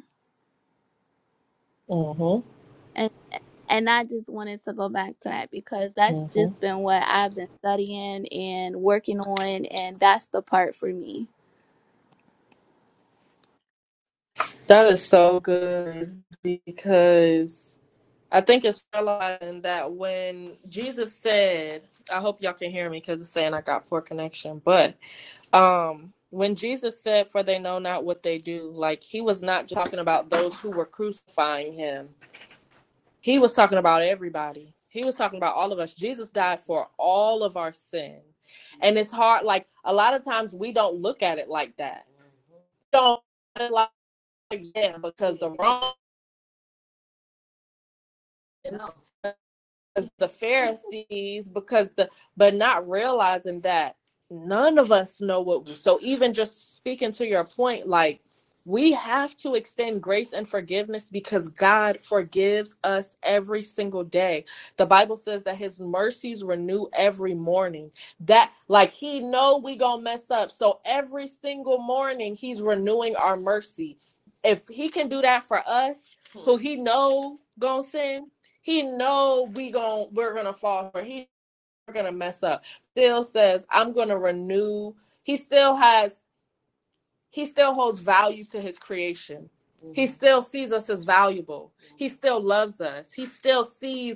S1: hmm
S7: And and I just wanted to go back to that because that's
S1: hmm
S7: just been what I've been studying and working on and that's the part for me.
S1: That is so good because I think it's realizing that when Jesus said, I hope y'all can hear me because it's saying I got poor connection, but um when jesus said for they know not what they do like he was not just talking about those who were crucifying him he was talking about everybody he was talking about all of us jesus died for all of our sin and it's hard like a lot of times we don't look at it like that we don't look at it like yeah because the wrong is the Pharisees because the but not realizing that none of us know what so even just speaking to your point like we have to extend grace and forgiveness because God forgives us every single day. The Bible says that his mercies renew every morning. That like he know we going to mess up. So every single morning he's renewing our mercy. If he can do that for us who he know going to sin he know we gon' we're gonna fall for. he's gonna mess up. Still says I'm gonna renew. He still has. He still holds value to his creation. Mm-hmm. He hmm still sees us as valuable. Mm-hmm. He still loves us. He still sees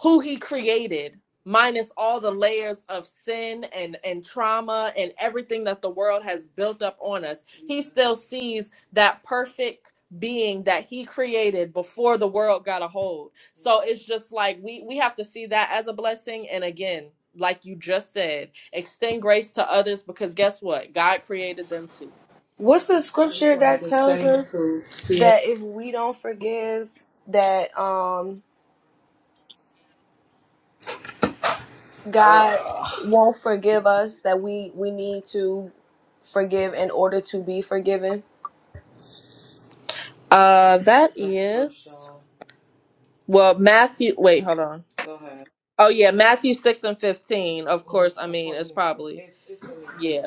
S1: who he created minus all the layers of sin and and trauma and everything that the world has built up on us he still sees that perfect being that he created before the world got a hold so it's just like we we have to see that as a blessing and again like you just said extend grace to others because guess what god created them too
S6: What's the scripture that tells us
S1: Yeah.
S6: that if we don't forgive, that um God
S1: Uh,
S6: won't forgive us? That we we need to forgive in order to be forgiven.
S1: uh that is Well, Matthew, wait, hold on. Go ahead. Oh yeah, Matthew six and fifteen. Of Mhm. course, I Of mean course it's it is. probably It's it's in there yeah,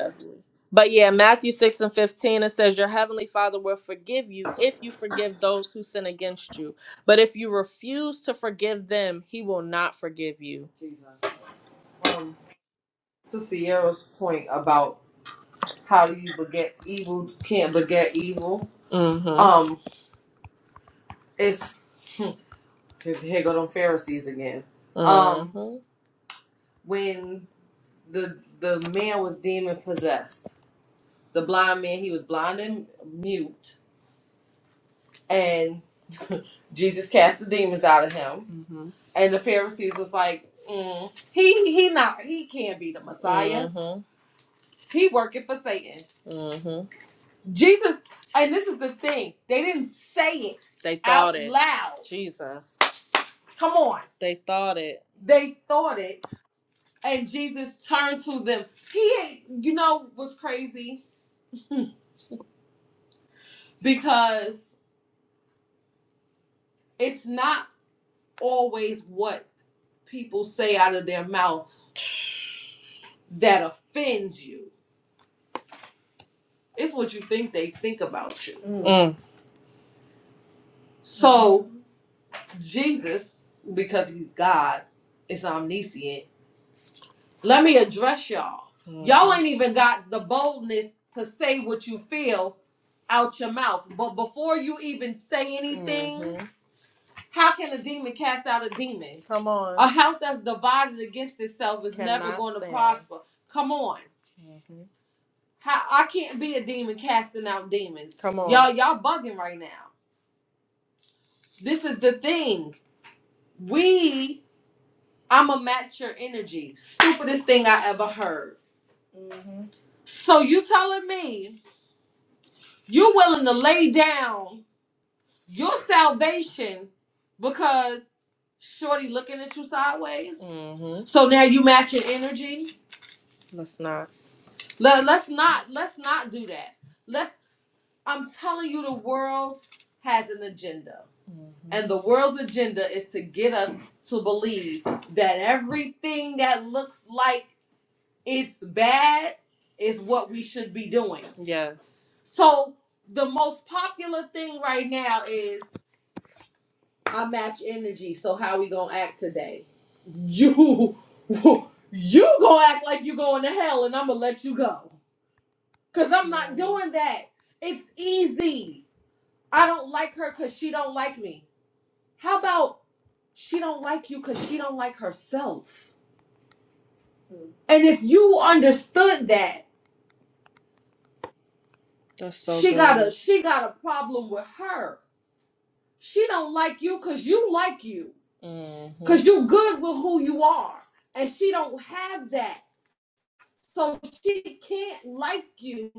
S1: but yeah, Matthew six and fifteen. It says your heavenly Father will forgive you if you forgive those who sin against you. But if you refuse to forgive them, He will not forgive you. Jesus. Um, to Sierra's point about how do you beget evil can't beget evil. Mhm. Um, it's here here go them Pharisees again. hmm. Um, Mhm. when the the man was demon possessed. The blind man, he was blind and mute, and Jesus cast the demons out of him. Mhm. And the Pharisees was like, "Mm, he he not he can't be the Messiah. Mhm. He working for Satan. Mhm. Jesus, and this is the thing, they didn't say it. They thought out it loud. Jesus, come on. They thought it. They thought it. and Jesus turned to them. He, ain't- you know, was crazy because it's not always what people say out of their mouth that offends you. It's what you think they think about you. Mm. So Jesus, because he's God, is omniscient. Let me address y'all. Mm. Y'all Mhm. ain't even got the boldness to say what you feel out your mouth. But before you even say anything, mm-hmm. How can a demon cast out a demon? Come on. A house that's divided against itself is never Cannot never going stand. to prosper. Come on. hmm How I can't be a demon casting out demons. Come on. Y'all, y'all bugging right now. This is the thing. We, I'ma match your energy. Stupidest thing I ever heard. hmm So you telling me you willing to lay down your salvation because. Shorty looking at you sideways. Mm-hmm. So now you match your energy. Let's not. Let, let's not let's not do that. Let's I'm telling you the world has an agenda. Mm-hmm. And the world's agenda is to get us to believe that everything that looks like it's bad is what we should be doing. Yes. So the most popular thing right now is I match energy. So how we gonna act today? you you gonna act like you going to hell and i'm gonna let you go because i'm not doing that it's easy i don't like her because she don't like me how about she don't like you because she don't like herself and if you understood that That's so she got good. a good. she got a problem with her she don't like you because you like you Mm-hmm. Cause you good with who you are, and she don't have that, so she can't like you.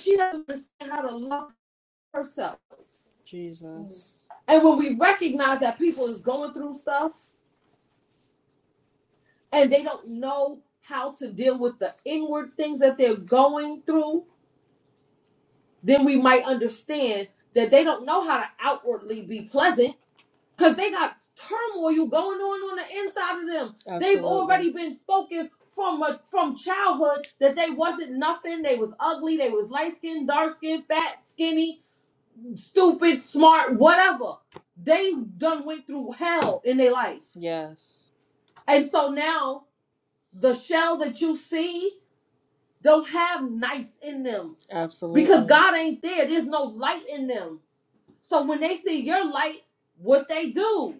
S1: she doesn't understand how to love herself. Jesus. And when we recognize that people is going through stuff and they don't know how to deal with the inward things that they're going through, then we might understand that they don't know how to outwardly be pleasant because they got turmoil going on on the inside of them. Absolutely. They've already been spoken from a, from childhood that they wasn't nothing. They was ugly. They was light skinned, dark skinned, fat, skinny stupid, smart, whatever. They done went through hell in their life. Yes. And so now the shell that you see don't have nice in them Absolutely. because God ain't there. There's no light in them. So when they see your light, what they do?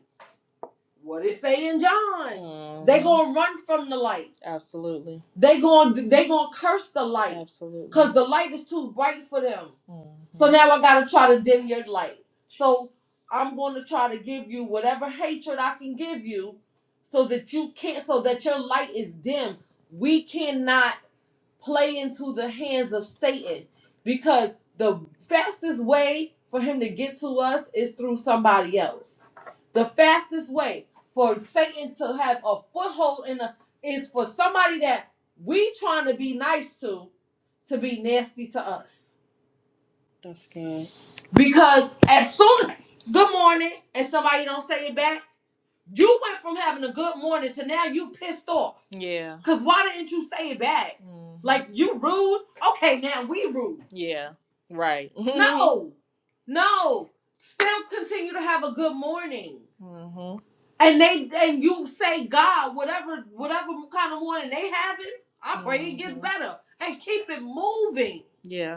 S1: What it say in John? Mm-hmm. They hmm gonna run from the light. Absolutely. They gonna they gonna curse the light, Absolutely. cause the light is too bright for them. Mm-hmm. So hmm now I gotta try to dim your light. So I'm gonna try to give you whatever hatred I can give you so that you can't so that your light is dim. We cannot play into the hands of Satan because the fastest way for him to get to us is through somebody else. The fastest way for Satan to have a foothold in a is for somebody that we trying to be nice to to be nasty to us. That's good. Because as soon good morning and somebody don't say it back, you went from having a good morning to now you pissed off. Yeah. Cause why didn't you say it back? Mhm. Like you rude. Okay, now we rude. Yeah. Right. No, no. Still continue to have a good morning. hmm And they and you say God, whatever whatever kind of morning they having, I pray mm-hmm. it gets hmm better. And keep it moving. Yeah.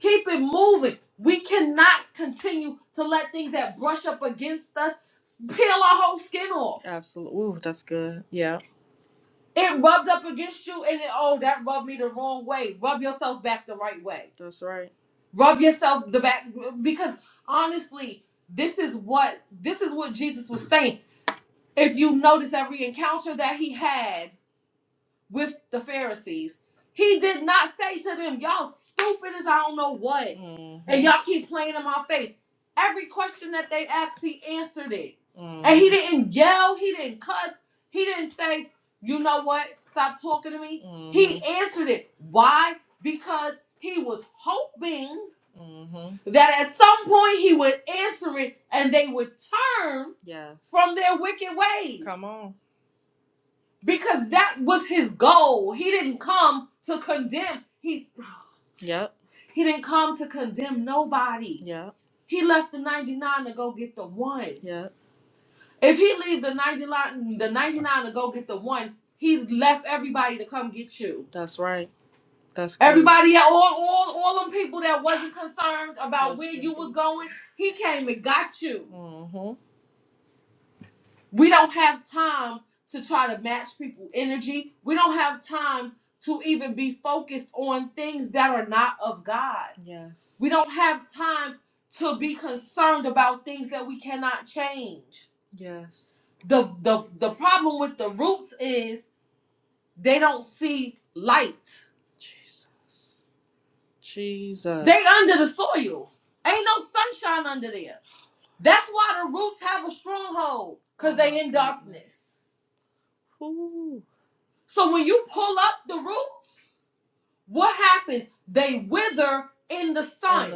S1: Keep it moving. We cannot continue to let things that brush up against us peel our whole skin off. Absolutely. Ooh, that's good. Yeah. It rubbed up against you, and it, oh, that rubbed me the wrong way. Rub yourself back the right way. That's right. Rub yourself the back because honestly, this is what this is what Jesus was saying. If you notice every encounter that he had with the Pharisees. He did not say to them, Y'all stupid as I don't know what. And hmm y'all keep playing in my face. Every question that they asked, he answered it. And he hmm didn't yell, he didn't cuss, he didn't say, You know what? Stop talking to me. He hmm answered it. Why? Because he was hoping hmm that at some point he would answer it and they would turn Yes. from their wicked ways. Come on because that was his goal. He didn't come to condemn. He Yep. he didn't come to condemn nobody. Yep. He left the 99 to go get the one. Yep. If he leave the 99 the 99 to go get the one, he left everybody to come get you. That's right. That's good. Everybody, all all all them people that wasn't concerned about Yes, where you was indeed. going, he came and got you. We don't have time to try to match people' energy. We don't have time to even be focused on things that are not of God. Yes. We don't have time to be concerned about things that we cannot change. Yes. The the the problem with the roots is they don't see light. Jesus. Jesus. They under the soil. Ain't no sunshine under there. That's why the roots have a stronghold, because Oh cause my they in goodness. darkness. Ooh. So when you pull up the roots, what happens? They wither in the And the sun.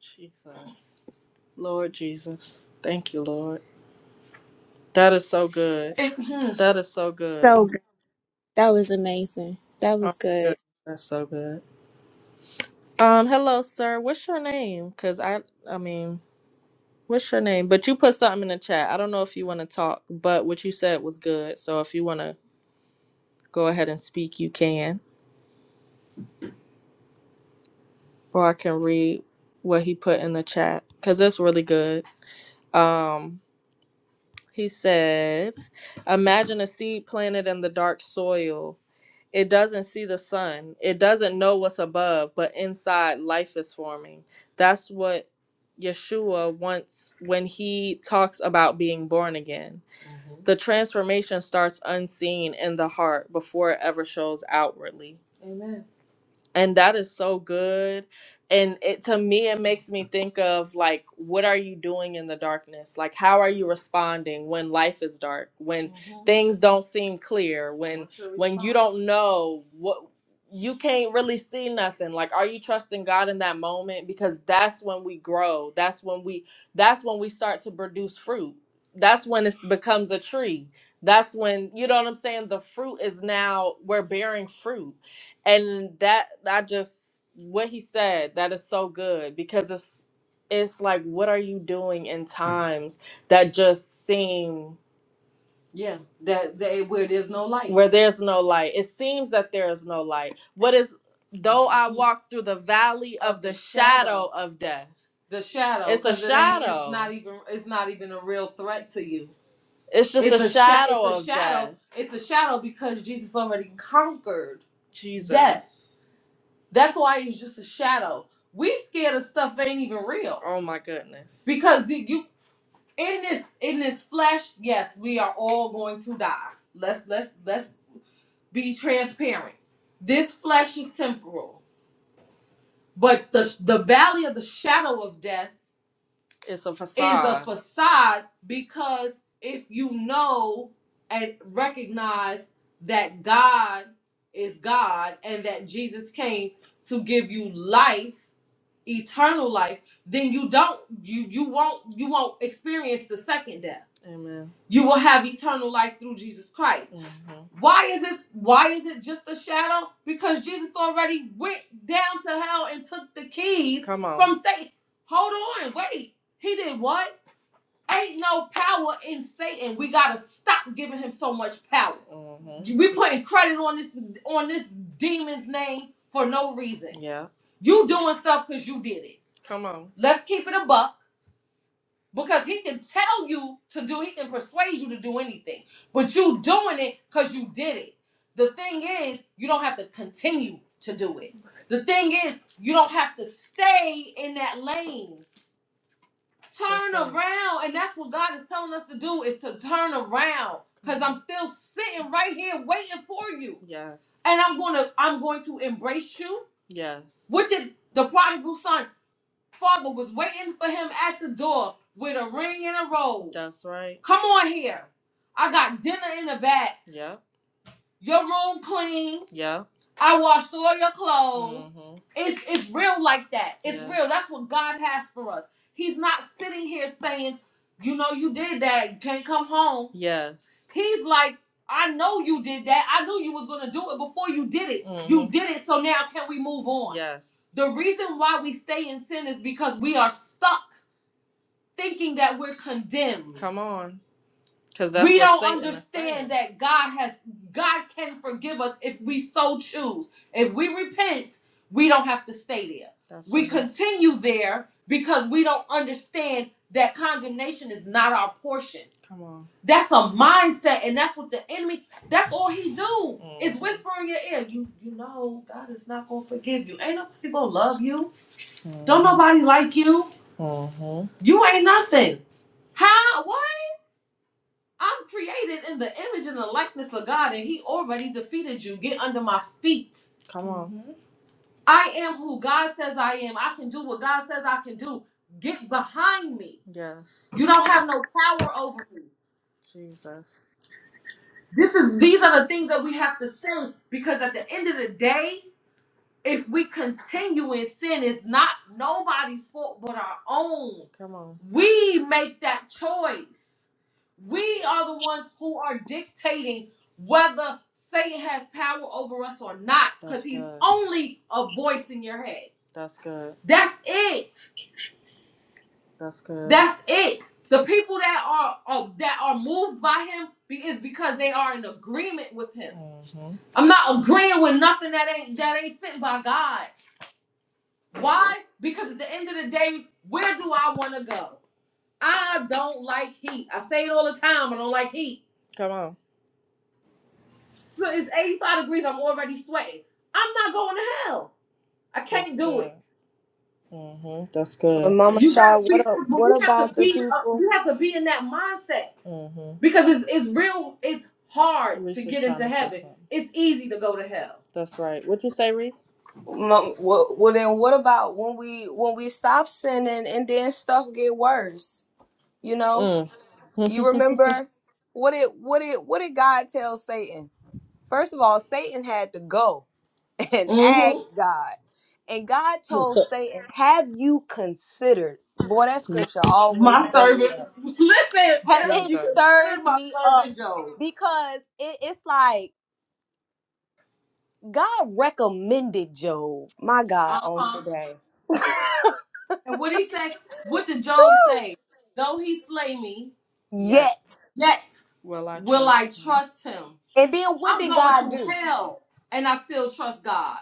S1: Jesus. Lord Jesus. Thank you, Lord. That is so good. hmm. That is so good.
S7: So good. That was amazing. That
S1: Oh
S7: was
S1: my
S7: good.
S1: goodness, that's so good. Um, hello, sir. What's your name? Cause I, I mean, what's your name? But you put something in the chat. I don't know if you want to talk, but what you said was good. So if you want to go ahead and speak, you can. or I can read what he put in the chat because it's really good. Um, he said, Imagine a seed planted in the dark soil. It doesn't see the sun, it doesn't know what's above, but inside life is forming. That's what Yeshua wants when he talks about being born again. Mhm. The transformation starts unseen in the heart before it ever shows outwardly. Amen. And that is so good. And it to me it makes me think of like what are you doing in the darkness? Like how are you responding when life is dark, when Mhm. things don't seem clear, when What's your when you don't response? know what you can't really see nothing. Like are you trusting God in that moment because that's when we grow. That's when we that's when we start to produce fruit. That's when it becomes a tree. That's when you know what I'm saying, the fruit is now we're bearing fruit and that I just what he said that is so good because it's it's like what are you doing in times that just seem Yeah, that they where there's no light. where there's no light it seems that there is no light what is though i walk through the valley Of of the the shadow, shadow of death the shadow, it's a because it ain't. It's shadow not even. It's not even a real threat to you. it's just It's a It's a sha- It's shadow a of shadow. death It's a shadow because Jesus already conquered death. jesus that's why it's just a shadow. We scared of stuff that ain't even real. Oh my goodness. Because the- you in this in this flesh, yes, we are all going to die. Let's let's let's be transparent. This flesh is temporal, but the the valley of the shadow of death It's a is a facade. facade because if you know and recognize that God is God and that Jesus came to give you life eternal life, then you don't you you won't you won't experience the second death. Amen. You will have eternal life through Jesus Christ. Mhm. Why is it why is it just a shadow? Because Jesus already went down to hell and took the keys Come on. from Satan. Hold on, wait. He did what? Ain't no power in Satan. We gotta stop giving him so much power. Mhm. We putting credit on this on this demon's name for no reason. Yeah. You doing stuff because you did it. Come on. Let's keep it a buck. Because he can tell you to do, he can persuade you to do anything. But you doing it because you did it. The thing is, you don't have to continue to do it. The thing is, you don't have to stay in that lane turn right. around and that's what god is telling us to do is to turn around because i'm still sitting right here waiting for you Yes. and i'm gonna i'm going to embrace you Yes. what did the prodigal son father was waiting for him at the door with a ring and a robe That's right. come on here i got dinner in the back. bag your room clean. Yeah. I washed all your clothes. Mm-hmm. It's it's real like that. It's Yeah. real. That's what God has for us. He's not sitting here saying, you know, you did that. You can't come home. Yes. He's like, I know you did that. I knew you was gonna do it before you did it. You Mm-hmm. You did it, so now can we move on? Yes. The reason why we stay in sin is because we are stuck thinking that we're condemned. Come on. Because that's We what don't Satan is saying. understand that God has God can forgive us if we so choose. If we repent, we don't have to stay there. That's We right. continue there because we don't understand that condemnation is not our portion. Come on. That's a mindset, and that's what the enemy. That's all he do is Mm-hmm. whisper in your ear. You you know God is not gonna forgive you. Ain't nobody gonna love you. Don't hmm nobody like you. hmm You ain't nothing. How? What? I'm created in the image and the likeness of God, and He already defeated you. Get under my feet. Come on. Mhm. I am who God says I am. I can do what God says I can do. Get behind me. Yes. You don't have no power over me. Jesus. This is these are the things that we have to say because at the end of the day, if we continue in sin, it's not nobody's fault but our own. Come on. We make that choice. We are the ones who are dictating whether Satan has power over us or not, because That's he's good. only a voice in your head. That's good. That's it. That's good. That's it. The people that are, are that are moved by him be- is because they are in agreement with him. hmm I'm not agreeing with nothing that ain't that ain't sent by God. Why? Because at the end of the day, where do I want to go? I don't like heat. I say it all the time. I don't like heat. Come on. So it's 85 degrees. I'm already sweating. I'm not going to hell. I can't That's do good. it. Mm-hmm. That's
S6: Uh,
S1: good.
S6: Mama
S1: You
S6: Shaw,
S1: gotta be,
S6: what a,
S1: but
S6: what
S1: we have to
S6: about the
S1: be, uh,
S6: people?
S1: we have to be in that mindset Mm-hmm. because it's it's real. It's hard to Reese is get trying into to say heaven. something. It's easy to go to hell. That's right. What'd you say, Reese?
S6: Mo- Well, well, then what about when we when we stop sinning and then stuff get worse? You know,
S1: Mm. hmm
S6: you remember what it what it what did God tell Satan? First of all, Satan had to go. and asked God. And God told
S1: so,
S6: Satan, Have you considered? Boy, that
S1: Mm-hmm.
S6: scripture
S1: My
S6: always stir me
S1: servant,
S6: up.
S1: listen,
S6: Ha- It
S1: you Jesus. consider
S6: stirs
S1: my
S6: me up
S1: servant Job.
S6: because it- it's like God recommended Job, my God,
S1: Uh
S6: on
S1: huh. Mhm.
S6: today.
S1: And what he said, what did Job
S6: Woo!
S1: say? Though he slay me, Yet
S6: Yet.
S1: yet will I will trust I him. trust him.
S6: And then what
S1: I'm
S6: did
S1: going
S6: God
S1: through
S6: do?
S1: hell and I still trust God.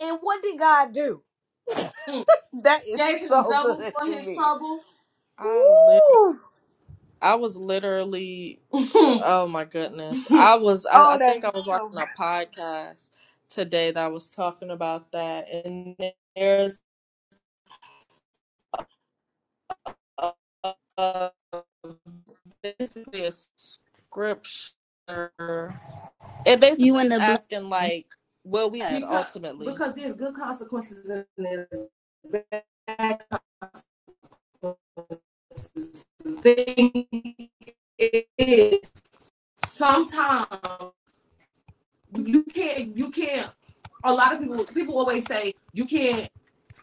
S6: And what did God do?
S1: Mm.
S6: That is
S1: Gave him
S6: so
S1: double
S6: good
S1: for
S6: to
S1: his
S6: me.
S1: trouble. I lit-
S6: Woo!
S1: I was literally oh my goodness. I was I,
S6: Oh,
S1: I think
S6: that
S1: I
S6: is
S1: was
S6: so
S1: watching a podcast today that was talking about that and there's. uh, basically a scripture. It
S7: You
S1: basically
S7: in
S1: is
S7: the blend,
S1: asking like, will we had Because ultimately? because there's good consequences and there's bad consequences. The thing is, sometimes you can't you can't. A lot of people people always say you can't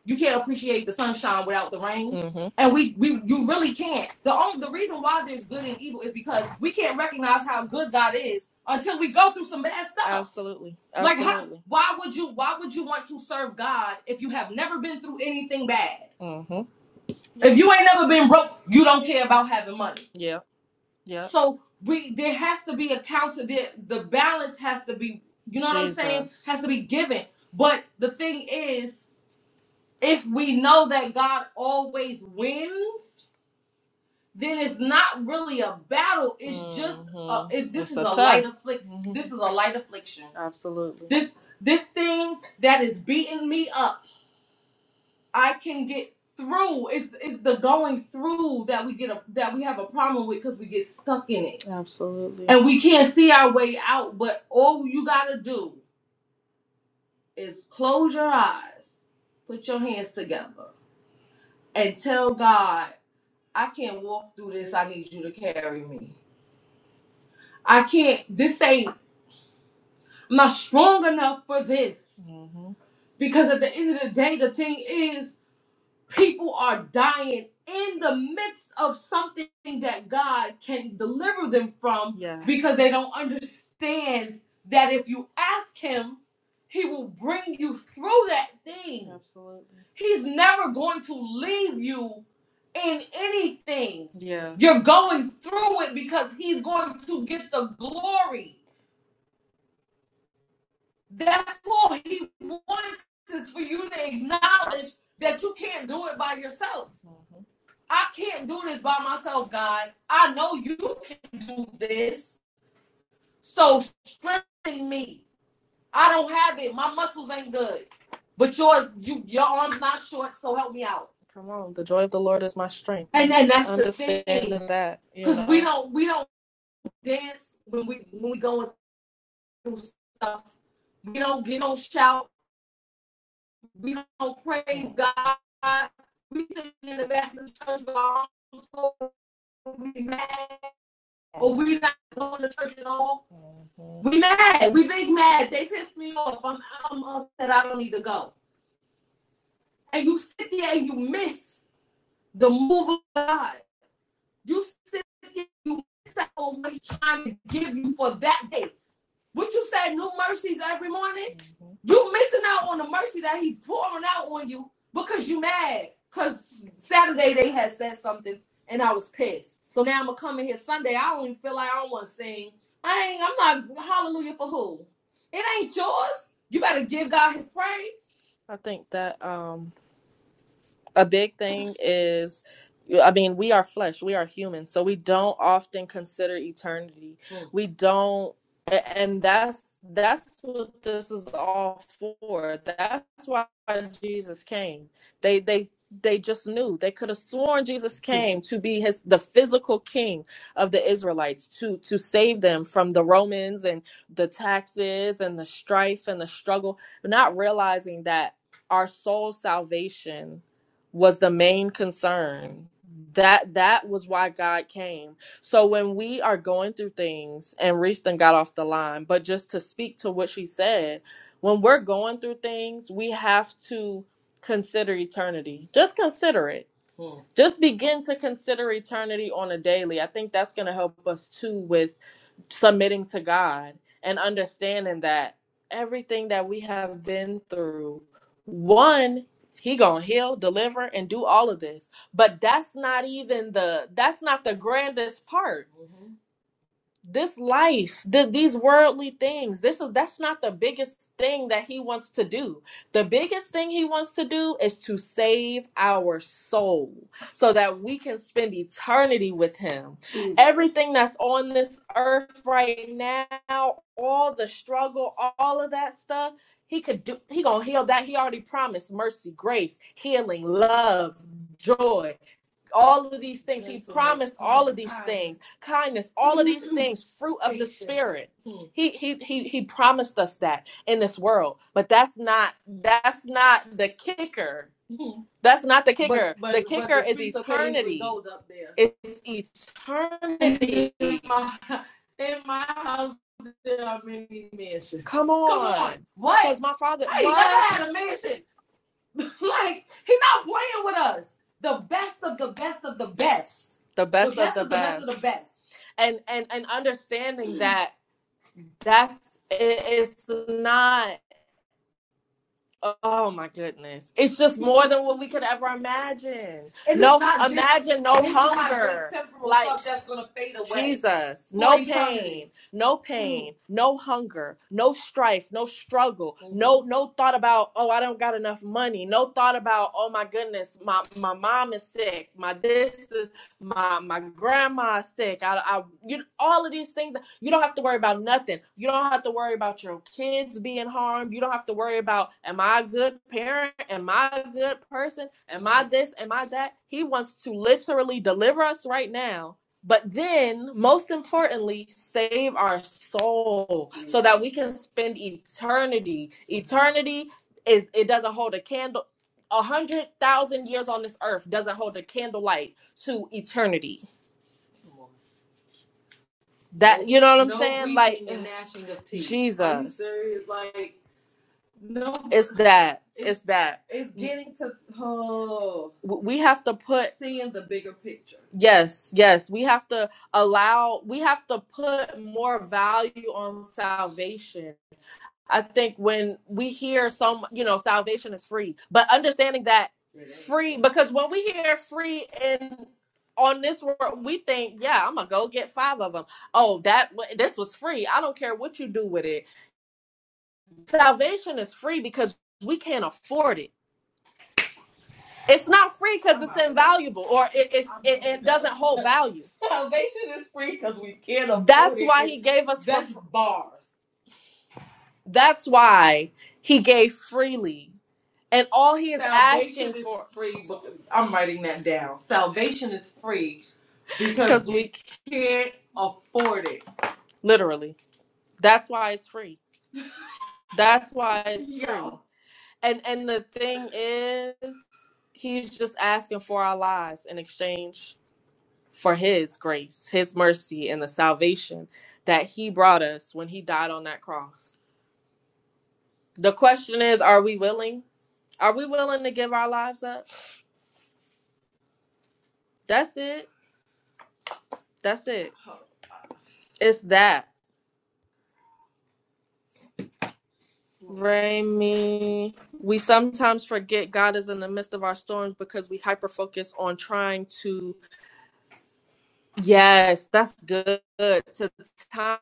S1: You can't appreciate the sunshine without the rain. hmm And we, we you really can't. The only the reason why there's good and evil is because we can't recognize how good God is until we go through some bad stuff. Absolutely. Absolutely. Like how why would you why would you want to serve God if you have never been through anything bad? hmm If you ain't never been broke, you don't care about having money. Yeah. Yeah. So we there has to be a counter. The, the balance has to be, you know what Jesus. I'm saying? Has to be given. But the thing is, if we know that God always wins, then it's not really a battle. It's just a, hmm it, this It's is a a light test. affliction. hmm This is a light affliction. Absolutely. This this thing that is beating me up, I can get through. It's it's the going through that we get a that we have a problem with because we get stuck in it Absolutely. and we can't see our way out. But all you gotta do is close your eyes, put your hands together, and tell God. I can't walk through this. I need you to carry me. I can't. This ain't. I'm not strong enough for this. hmm Because at the end of the day, the thing is people are dying in the midst of something that God can deliver them from Yes. because they don't understand that if you ask Him, He will bring you through that thing. Absolutely. He's never going to leave you in anything. Yeah, You're going through it because He's going to get the glory. That's all he wants is for you to acknowledge that you can't do it by yourself. Mhm. I can't do this by myself, God. I know you can do this. So strengthen me. I don't have it. My muscles ain't good. But yours, you your arm's not short, so help me out. Come on, the joy of the Lord is my strength. And and that's the thing. Understanding that, Cause we don't we don't dance when we when we going through stuff. We don't get on shout. We don't praise God. We sit in the back of the church by our own soul. We mad. Or we not going to church at all. Mm-hmm. We mad. We big mad. They pissed me off. I'm, I'm upset. I don't need to go. And you sit there and you miss the move of God. You sit there and you miss out on what he's trying to give you for that day. Would you say new mercies every morning? hmm You missing out on the mercy that he's pouring out on you because you mad. Cause Saturday they had said something and I was pissed. So now I'm gonna come in here Sunday. I don't even feel like I don't want to sing. I ain't. I'm not hallelujah for who. It ain't yours. You better give God His praise. I think that um a big thing is i mean we are flesh we are humans so we don't often consider eternity Mm. we don't and that's that's what this is all for that's why jesus came they they they just knew they could have sworn jesus came to be his the physical king of the israelites to to save them from the romans and the taxes and the strife and the struggle not realizing that our soul salvation was the main concern that that was why god came so when we are going through things and reeston got off the line but just to speak to what she said when we're going through things we have to consider eternity just consider it Hmm. just begin to consider eternity on a daily i think that's going to help us too with submitting to God and understanding that everything that we have been through, one, he gonna heal, deliver, and do all of this. But that's not even the that's not the grandest part this life the, these worldly things this is that's not the biggest thing that he wants to do the biggest thing he wants to do is to save our soul so that we can spend eternity with him everything that's on this earth right now all the struggle all of that stuff he could do he gonna heal that he already promised mercy grace healing love joy all of these things. He promised all of these things, kindness, all of these things, fruit of the spirit. He he he he promised us that in this world, but that's not that's not the kicker. That's not the kicker. But, but, The kicker the is eternity. Up there. It's eternity. in my in my house there are many mansions. Come on, Come on, what? because my father. I ain't never had a mansion. like he's not playing with us. The best of the best of the best. The best, The best of the of the best best of the best. and and and understanding that that's it, it's not Oh my goodness. It's just more than what we could ever imagine. And it's No, it's not this. imagine no This is not just hunger. just temporal Like, stuff that's going to fade away. Jesus, For no eternity. pain, no Mm. pain, no hunger, no strife, no struggle, no no thought about oh I don't got enough money, no thought about oh my goodness my my mom is sick, my this is- my my grandma is sick, I I you all of these things you don't have to worry about nothing. You don't have to worry about your kids being harmed. You don't have to worry about, am I a good parent? Am I a good person? Am I this? Am I that? He wants to literally deliver us right now. But then, most importantly, save our soul so that we can spend eternity. Eternity is, it doesn't hold a candle. A hundred thousand years on this earth doesn't hold a candlelight to eternity. That you know what I'm No saying? Like weeping and gnashing of teeth. Are you Jesus. serious? Like, no, It's that. it's It's that. it's getting to oh, W- We have to put seeing the bigger picture. Yes, yes. We have to allow, we have to put more value on salvation. I think when we hear some, you know, salvation is free, but understanding that free, because when we hear free in on this world, we think, yeah, I'm gonna go get five of them. Oh, that this was free. I don't care what you do with it. Salvation is free because we can't afford it. It's not free because it's invaluable or it, it's it, it doesn't hold value. Salvation is free because we can't afford That's it. That's why he gave us That's bars. That's why he gave freely And all he is Salvation asking is for, free. but- I'm writing that down. Salvation is free because 'cause we can't afford it. literally, that's why it's free. That's why it's free. Yo. And and the thing is, he's just asking for our lives in exchange for his grace, his mercy, and the salvation that he brought us when he died on that cross. The question is, are we willing? Are we willing to give our lives up? That's it. That's it. It's that. Rami, we sometimes forget God is in the midst of our storms because we hyper focus on trying to Yes, that's good. To the time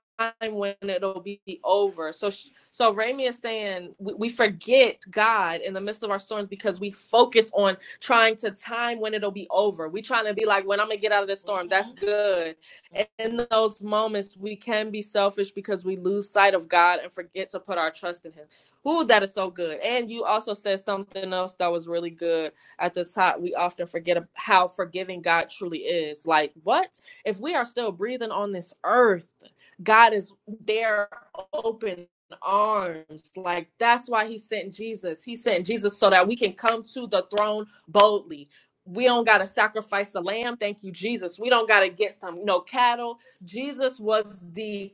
S1: when it'll be over. So, sh so Rami is saying we, we forget God in the midst of our storms because we focus on trying to time when it'll be over. We trying to be like, when I'm gonna get out of this storm. That's good. And in those moments, we can be selfish because we lose sight of God and forget to put our trust in Him. Ooh, that is so good. And you also said something else that was really good at the top, we often forget ab- how forgiving God truly is. Like, what? If we are still breathing on this earth, God is there open arms. Like that's why he sent Jesus. He sent Jesus so that we can come to the throne boldly. We don't gotta sacrifice a lamb. Thank you, Jesus. We don't gotta get some no cattle. Jesus was the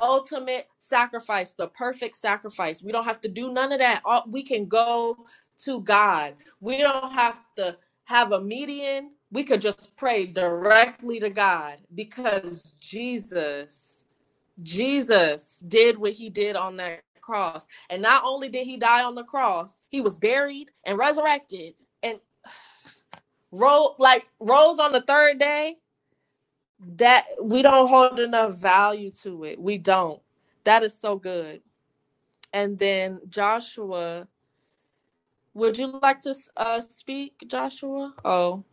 S1: ultimate sacrifice, the perfect sacrifice. We don't have to do none of that. All, we can go to God. We don't have to have a median. We could just pray directly to God because Jesus, Jesus did what he did on that cross. And not only did he die on the cross, he was buried and resurrected and rose like rose on the third day. That we don't hold enough value to it. We don't. That is so good and then Joshua. Would you like to uh, speak, Joshua? Oh,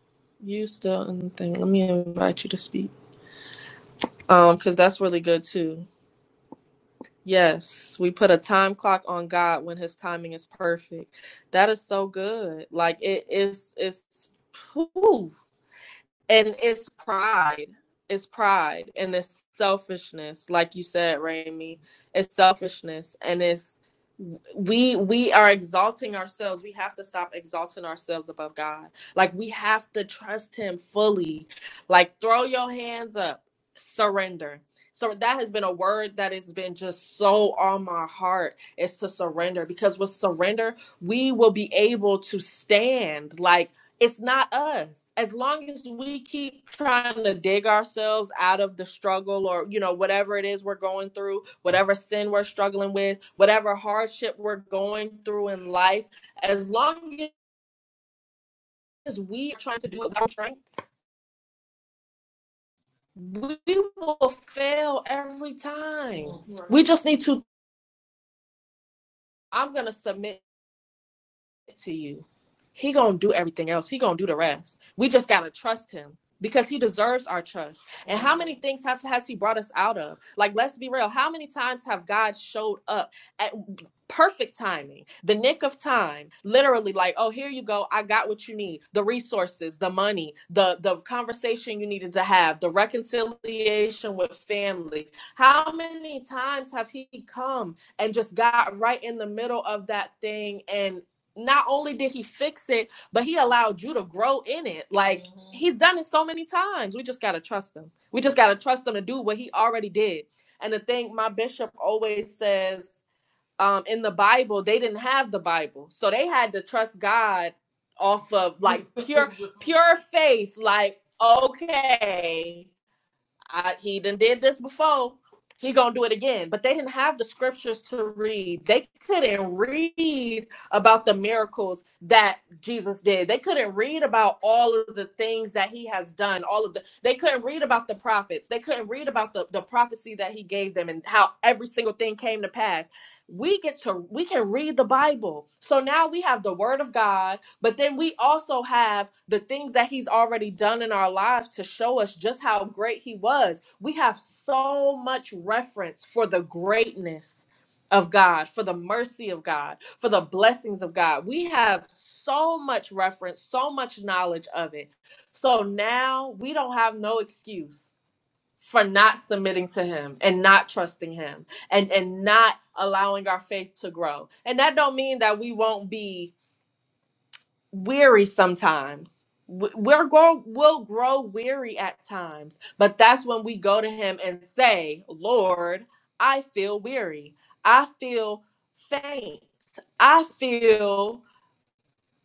S1: you still in the thing. Let me invite you to speak. Um, because that's really good too. Yes, we put a time clock on God when His timing is perfect. That is so good. Like it is. It's. it's whew, and it's pride it's pride and it's selfishness like you said Raimi. it's selfishness and it's we we are exalting ourselves we have to stop exalting ourselves above god like we have to trust him fully like throw your hands up surrender so that has been a word that has been just so on my heart is to surrender because with surrender we will be able to stand. Like it's not us as long as we keep trying to dig ourselves out of the struggle or you know whatever it is we're going through whatever sin we're struggling with whatever hardship we're going through in life as long as we are trying to do it with our strength we will fail every time we just need to i'm going to submit to you. He gonna do everything else. He gonna do the rest. We just gotta trust him because he deserves our trust. And how many things have has he brought us out of? Like, let's be real. How many times have God showed up at perfect timing, the nick of time, literally? Like, oh, here you go. I got what you need: the resources, the money, the the conversation you needed to have, the reconciliation with family. How many times have he come and just got right in the middle of that thing and not only did he fix it, but he allowed you to grow in it. Like Mhm. he's done it so many times. We just gotta trust him. We just gotta trust him to do what he already did. And the thing my bishop always says, um, in the Bible, they didn't have the Bible. So they had to trust God off of like pure pure faith, like, okay. I, he done did this before. He gonna do it again. But they didn't have the scriptures to read. They couldn't read about the miracles that Jesus did. They couldn't read about all of the things that he has done. All of the they couldn't read about the prophets. They couldn't read about the, the prophecy that he gave them and how every single thing came to pass. We get to we can read the Bible. So now we have the word of God but then we also have the things that he's already done in our lives to show us just how great he was. We have so much reference for the greatness of God, for the mercy of God, for the blessings of God. We have so much reference, so much knowledge of it. So now we don't have no excuse for not submitting to him and not trusting him and and not allowing our faith to grow. And that don't mean that we won't be weary sometimes. W- We're grow, we'll grow weary at times, but that's when we go to Him and say, Lord, I feel weary. I feel faint. I feel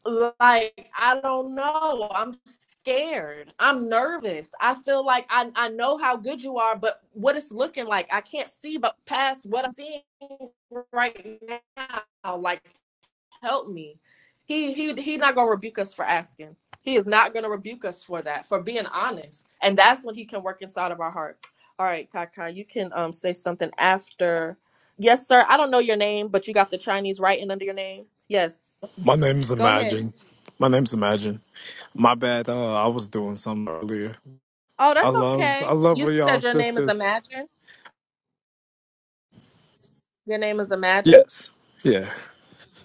S1: like I don't know. I'm scared. I'm nervous. I feel like I, I know how good you are, but what it's looking like, I can't see but past what I'm seeing right now. Like help me. He he he's not gonna rebuke us for asking. He is not gonna rebuke us for that, for being honest. And that's when he can work inside of our hearts. All right, Kaka, you can um say something after. Yes, sir. I don't know your name, but you got the Chinese writing under your name. Yes.
S8: My name's
S1: Go ahead.
S8: Imagine. My name's Imagine. My bad. Uh, I was doing something earlier.
S1: Oh,
S8: I
S1: that's
S8: love, I
S1: okay.
S8: love
S1: You
S8: what y'all
S1: said your name is
S8: sisters.
S1: Imagine. Your name is Imagine.
S8: Yes. Yeah.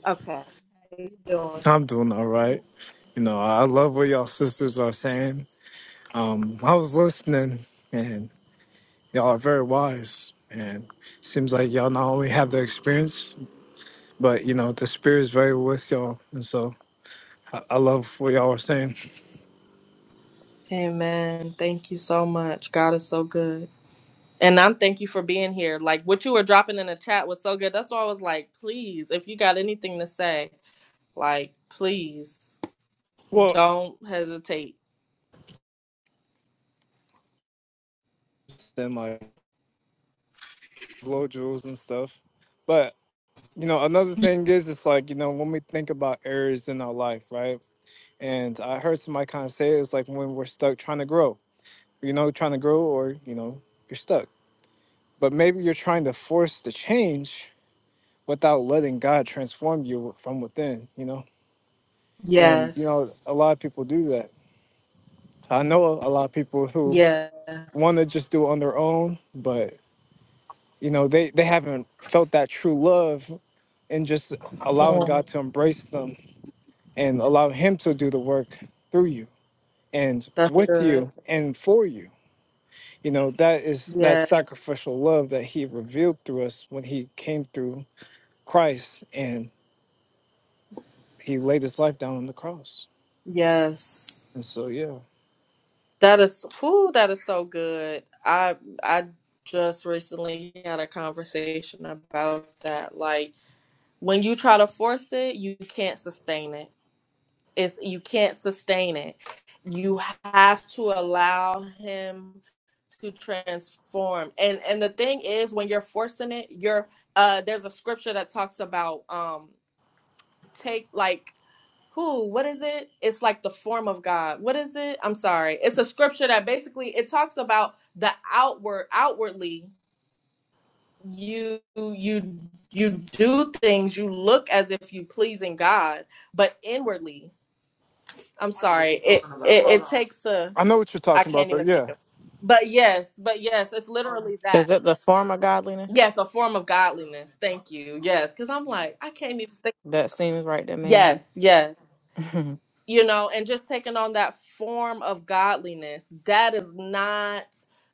S1: Okay. How you doing?
S8: I'm doing all right. You know, I love what y'all sisters are saying. Um, I was listening, and y'all are very wise. And seems like y'all not only have the experience, but you know, the spirit is very with y'all. And so, I, I love what y'all are saying.
S1: Amen. Thank you so much. God is so good. And I'm thank you for being here. Like what you were dropping in the chat was so good. That's why I was like, please, if you got anything to say, like please
S8: Well,
S1: don't hesitate.
S8: and like blow jewels and stuff. but. You know, another thing is, it's like, you know, when we think about areas in our life, right? And I heard somebody kind of say it's like when we're stuck trying to grow, you know, trying to grow or, you know, you're stuck. But maybe you're trying to force the change without letting God transform you from within, you know? And, you know,
S1: Yes.
S8: a lot of people do that. I know a lot of people who
S1: Yeah.
S8: want to just do it on their own, but, you know, they, they haven't felt that true love and just allowing
S1: Mm,
S8: God to embrace them and allow him to do the work through you and
S1: that's
S8: with
S1: good.
S8: you and for you you know that is that
S1: Yeah.
S8: sacrificial love that he revealed through us when he came through christ and he laid his life down on the cross
S1: Yes.
S8: and so yeah
S1: That is who that is so good. I I just recently had a conversation about that. Like when you try to force it, you can't sustain it. It's you can't sustain it. You have to allow him to transform. And and the thing is when you're forcing it, you're uh there's a scripture that talks about um take like who what is it it's like the form of god what is it i'm sorry it's a scripture that basically it talks about the outward outwardly you you you do things you look as if you pleasing god but inwardly I'm sorry. It it, it takes a
S8: i know what you're
S1: I
S8: talking about
S1: can't
S8: though
S1: even think
S8: yeah
S1: of. But yes, but yes, it's literally that.
S3: Is it the form of godliness?
S1: Yes, a form of godliness. Thank you. Yes, because I'm like I can't even think.
S3: That seems right to man.
S1: Yes, yes. You know, and just taking on that form of godliness. That is not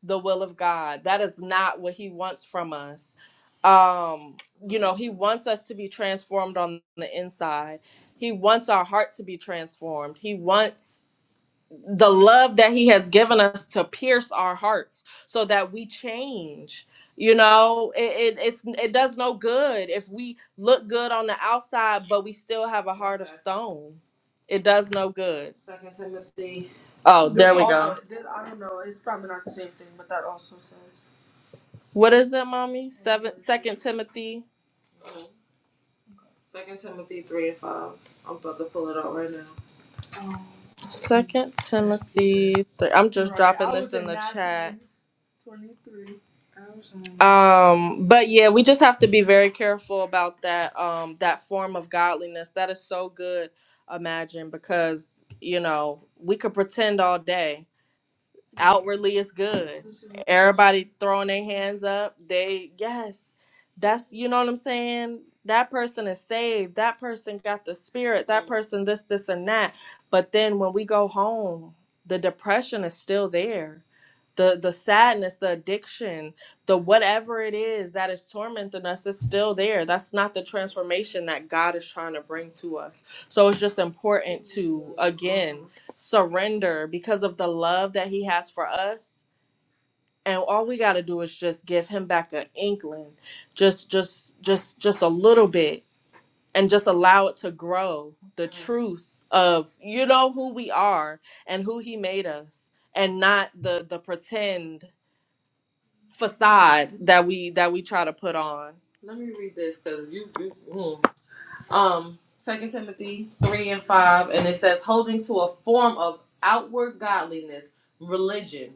S1: the will of God. That is not what He wants from us. Um, you know, He wants us to be transformed on the inside. He wants our heart to be transformed. He wants the love that he has given us to pierce our hearts so that we change you know it, it it's it does no good if we look good on the outside but we still have a heart of stone it does no good second timothy oh there There's we also, go also- i don't know it's probably not the same thing but that also says what is it mommy seven second timothy second timothy 3 and 5 i'm about to pull it out right now Second Timothy. Th- I'm just right. dropping I this in in the chat. twenty-three. Um, but yeah, we just have to be very careful about that. Um, that form of godliness that is so good. Imagine because you know we could pretend all day, outwardly it's good. Everybody throwing their hands up. They yes, that's you know what I'm saying. That person is saved. That person got the spirit. That person this this and that. But then when we go home, the depression is still there. The the sadness, the addiction, the whatever it is that is tormenting us is still there. That's not the transformation that God is trying to bring to us. So it's just important to again surrender because of the love that he has for us and all we got to do is just give him back an inkling just just just just a little bit and just allow it to grow the Mhm. truth of you know who we are and who he made us and not the the pretend facade that we that we try to put on let me read this because you, you mm um second timothy 3 and 5 and it says holding to a form of outward godliness religion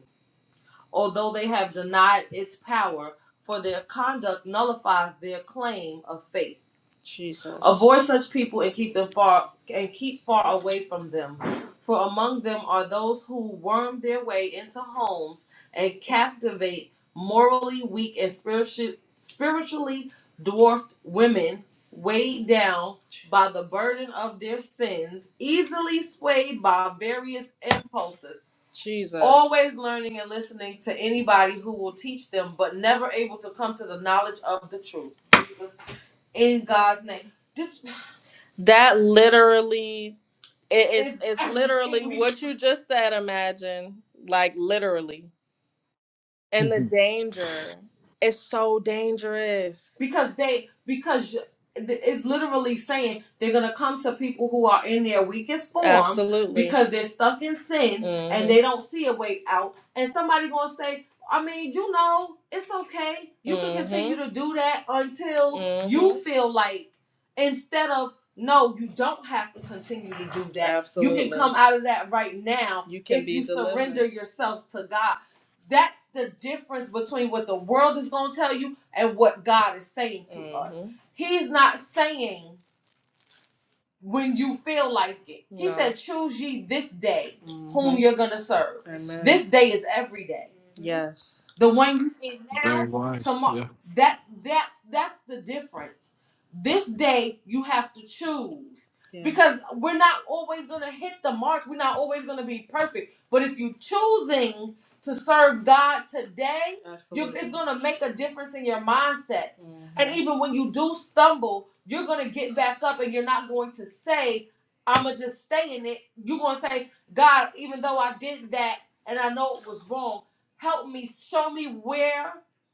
S1: although they have denied its power, for their conduct nullifies their claim of faith. Jesus. Avoid such people and keep them far and keep far away from them. For among them are those who worm their way into homes and captivate morally weak and spiritually spiritually dwarfed women weighed down by the burden of their sins, easily swayed by various impulses. Jesus. always learning and listening to anybody who will teach them, but never able to come to the knowledge of the truth. Jesus, in God's name, this That literally it is is it's literally everything we. what you just said, imagine. Like literally and the danger. It's so dangerous. because they because it's literally saying they're gonna come to people who are in their weakest form Absolutely. because they're stuck in sin mm-hmm. and hmm they don't see a way out and somebody gonna say i mean you know it's okay you mm-hmm. can hmm continue to do that until mm-hmm. you hmm feel like instead of no you don't have to continue to do that Absolutely. you can come out of that right now You can if be you delivered. surrender yourself to god that's the difference between what the world is going to tell you and what God is saying to us. Mm-hmm. us. He's not saying when you feel like it. No. He No. said, Choose ye this day Mm-hmm. whom you're going to serve. Amen. This day is every day. Yes. The one you in now,
S8: very wise
S1: tomorrow.
S8: yeah
S1: That's that's that's the difference. This day you have to choose Yeah. because we're not always gonna hit the mark. We're not always gonna be perfect. But if you choosing to serve God today, you- it's going to make a difference in your mindset. And even when you do stumble, you're going to get back up and you're not going to say, I'm going to just stay in it. You're going to say, God, even though I did that and I know it was wrong, help me, show me where